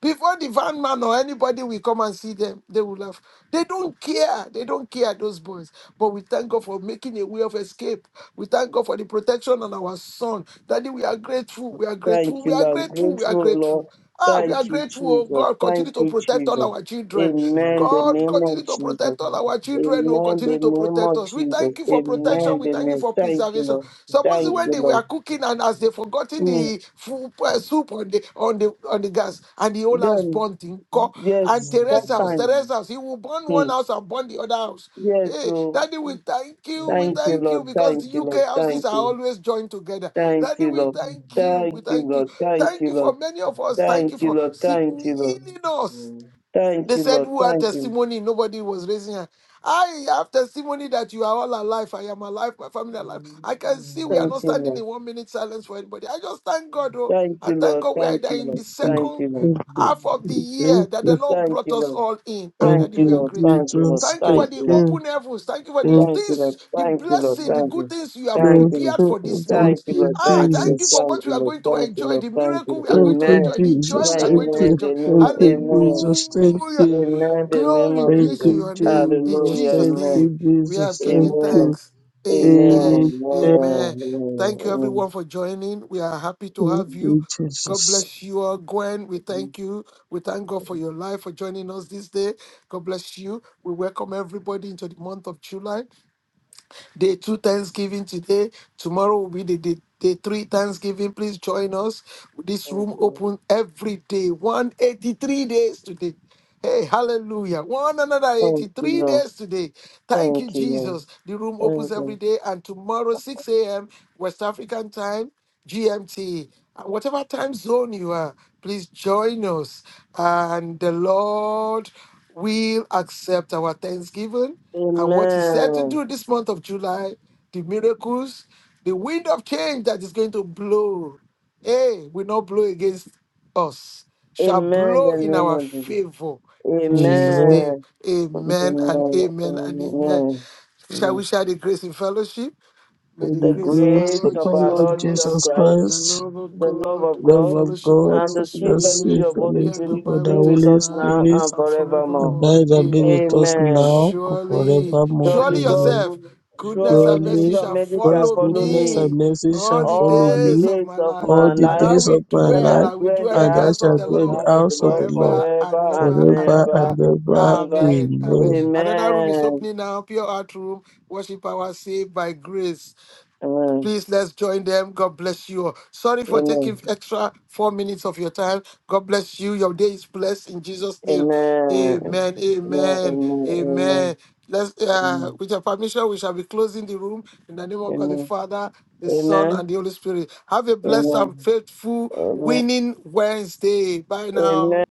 S7: Before the van man or anybody will come and see them, they will laugh. They don't care. They don't care, those boys. But we thank God for making a way of escape. We thank God for the protection on our son. Daddy, we are grateful. We are grateful.
S1: Thank
S7: We
S1: you,
S7: are
S1: Lord. I'm
S7: grateful. We are
S1: grateful, Lord.
S7: grateful. Ah, we are
S1: Thank you,
S7: grateful. Oh
S1: Jesus.
S7: God,
S1: Thank
S7: continue to
S1: you,
S7: protect all
S1: Jesus.
S7: our children.
S1: Amen. The
S7: God,
S1: name of
S7: continue to
S1: Jesus.
S7: protect all our children. Oh,
S1: Amen.
S7: continue
S1: The
S7: to
S1: name
S7: protect
S1: of
S7: us. We
S1: Jesus.
S7: thank you for protection.
S1: Amen.
S7: We
S1: The
S7: thank you for
S1: name.
S7: for
S1: Thank you,
S7: preservation.
S1: Lord.
S3: Jesus.
S7: Suppose
S1: Thank
S7: when
S1: you,
S7: they
S3: Amen.
S1: Lord.
S7: were cooking and as they forgotten
S1: Mm.
S7: the food, uh, soup on the on the on the gas and the whole house
S1: Then,
S7: burnt in co and
S1: yes,
S7: Teresa's
S1: four
S7: house,
S1: times.
S7: Teresa's house, he will burn one
S1: Mm.
S7: house and burn the other house.
S1: Yes,
S7: Hey,
S1: oh,
S7: Daddy, we thank you,
S3: Thank
S7: we
S1: thank you,
S7: thank
S1: Lord.
S7: you, because
S1: Thank
S7: the
S1: you, Lord.
S7: UK houses
S1: Thank
S7: are
S1: you.
S7: always joined together.
S1: Thank
S7: Daddy,
S1: you,
S7: we
S1: Lord.
S7: thank you, we
S1: Thank you,
S7: thank you.
S1: Lord. Thank
S7: Thank
S1: you,
S7: you for
S1: Lord.
S7: many of us. Thank you
S1: Thank you,
S7: for
S1: Lord. Thank
S7: seeking-
S1: you,
S3: you,
S1: Lord.
S7: healing us.
S3: Jesus.
S1: Thank
S7: They
S1: you,
S7: said,
S1: Lord.
S7: Who had
S1: Thank you.
S7: testimony? Nobody was raising hand. I have testimony that you are all alive. I am alive. My family are alive.
S3: Judgment,
S7: I can see we are not
S1: Thank you,
S7: standing
S1: Lord.
S7: in one minute silence for anybody. I just thank God, oh.
S1: Thank
S7: I
S1: you,
S7: thank
S1: Lord.
S7: God we are
S1: Thank
S7: there
S1: you,
S7: in
S1: Lord.
S7: the
S6: We
S1: Thank
S7: second
S1: you, Lord.
S6: Thank you.
S7: half of the
S6: We
S7: year
S6: Thank
S7: that the
S6: you.
S7: Lord
S1: Thank
S7: brought
S1: you,
S7: us
S1: Lord.
S7: all in. Ah,
S6: Thank
S1: Thank
S7: Daddy,
S1: you,
S7: we are
S6: you,
S1: Lord.
S7: grateful.
S1: Thank you, Lord.
S6: Jesus.
S7: Thank you for
S6: Thank
S1: Thank
S7: the
S1: you, Lord.
S6: you.
S7: open heavens. Thank you for the
S6: Thank
S1: Thank you, Lord.
S7: things, the
S1: Thank you, Lord.
S7: blessing, the
S1: Thank
S7: good
S1: you.
S7: things you have
S6: you,
S1: Thank you, Lord.
S7: prepared for this
S6: thank
S7: month.
S1: Thank you, Lord.
S6: you,
S7: Ah,
S1: Thank you,
S7: thank
S1: Lord.
S7: you
S6: Jesus.
S7: for
S1: Thank
S7: what we
S1: you,
S7: are
S1: Lord.
S7: going to
S1: Thank you,
S7: enjoy,
S1: Lord.
S7: the
S1: Thank
S7: miracle
S1: you.
S7: we are
S6: Thank
S7: going to
S6: you,
S1: Amen.
S7: enjoy, the joy
S6: Jesus.
S7: we are
S6: Thank
S7: going to
S6: you.
S1: Amen.
S7: enjoy.
S1: The name
S6: Thank
S1: of
S6: you, Jesus. Thank
S7: Hallelujah.
S1: Amen.
S6: you.
S1: Amen. The name
S7: Glory
S1: of
S6: Thank
S7: be to
S1: Jesus.
S6: you,
S7: your name. In
S6: Jesus.
S1: Hallelujah.
S7: Jesus'
S6: Thank
S1: Amen.
S7: name,
S6: you,
S7: we have
S6: Jesus. Thank
S7: given
S1: Amen.
S6: you.
S7: thanks. Amen.
S1: Amen.
S6: Amen.
S1: Amen.
S7: Amen. Thank you,
S1: Amen.
S7: everyone, for joining. We are happy to
S6: Thank
S7: have you.
S6: you,
S7: God
S6: Jesus.
S7: bless you all. Gwen, we
S1: Amen.
S7: thank you. We thank God for your life, for joining us this day. God bless you. We welcome everybody into the month of July. Day two Thanksgiving today. Tomorrow will be the day, day three Thanksgiving. Please join us. This
S1: Thank
S7: room
S1: you.
S7: open every day. 183 days today. Hey, hallelujah. One another
S1: Thank you,
S7: 83
S1: Lord.
S7: days today. Thank you,
S1: Thank you, Lord.
S7: Jesus. The room opens
S1: Thank you.
S7: every day and tomorrow, 6 a.m. West African time. GMT, uh, whatever time zone you are, please join us. And the Lord will accept our thanksgiving and what He said to
S1: Amen.
S7: do this month of July, the miracles, the wind of change that is going to blow. Hey, will not blow against us, shall
S1: Amen.
S7: blow
S1: The
S7: in
S1: name
S7: our
S1: of Jesus.
S7: favor. In Jesus'
S6: Amen.
S7: name,
S1: Amen.
S6: Thank
S7: amen and
S1: Amen.
S7: amen and amen.
S1: Amen.
S7: Shall we
S1: Amen.
S7: share the grace in fellowship?
S6: For
S7: May the
S1: The
S6: the
S7: grace of our
S6: grace
S1: grace
S6: of
S7: Lord
S6: our
S1: of our
S7: Jesus
S6: Lord
S1: Lord Jesus
S7: Christ,
S6: Jesus
S1: Christ,
S7: the
S6: Christ,
S7: love of
S1: the love
S7: God,
S1: of
S7: the
S6: love
S1: God,
S6: of
S7: fellowship of
S6: God,
S7: the
S1: and
S7: Holy
S1: the
S6: the
S1: sweet fellowship
S7: Spirit
S6: sweet
S1: of
S7: be
S1: Holy
S7: and
S1: Spirit
S6: fellowship of
S7: abide
S6: the
S1: be
S7: with
S1: with
S7: us
S6: Holy
S1: us
S7: now
S1: now
S6: Spirit
S1: and
S7: and
S1: forevermore.
S7: forevermore.
S6: Abide and be with
S7: Amen.
S6: us
S1: Amen.
S6: now and
S7: Surely,
S6: forevermore.
S1: Surely
S7: surely
S1: God
S6: Amen.
S7: yourself,
S1: will,
S7: goodness and
S1: surely
S7: mercy
S6: Surely
S1: the
S7: shall
S1: mercy shall
S6: God's
S7: follow
S1: follow
S6: goodness and
S1: me
S7: me
S6: mercy
S7: all
S6: shall
S7: the
S6: follow
S1: all the
S7: days
S6: me
S7: of
S1: days
S7: my
S1: of
S7: life.
S6: all
S1: my
S6: the
S1: life
S7: And I
S6: days
S7: will
S6: of my
S1: and I
S7: dwell,
S1: shall
S6: life,
S7: I will
S1: dwell in the
S7: dwell in
S6: and
S7: the
S6: I
S1: house
S7: house of
S1: of
S6: shall
S7: the
S6: dwell in
S1: the
S6: the
S1: house
S7: Lord
S1: of the
S6: house of
S1: Lord
S6: the Lord
S7: forever and
S1: forever
S7: ever
S1: and
S7: and
S6: forever and
S1: ever
S7: ever.
S6: ever.
S1: and ever.
S7: Amen. Amen.
S6: Amen.
S7: Another room is
S1: Amen.
S7: opening now, pure heart room, worship power saved by grace.
S1: Amen.
S7: Please let's join them. God bless you. Sorry for taking
S1: Amen.
S7: extra four minutes of your time. God bless you. Your day is blessed in Jesus' name.
S1: Amen.
S7: Amen.
S1: Amen.
S7: Amen. Amen.
S1: Amen.
S7: Let's, uh,
S1: Amen.
S7: with your permission, we shall be closing the room in the name of God the
S1: Amen.
S7: Father, the Son,
S1: Amen.
S7: and the Holy Spirit. Have a blessed
S1: Amen.
S7: and
S3: Amen.
S7: faithful
S1: Amen.
S7: winning Wednesday. Bye
S1: Amen.
S7: now.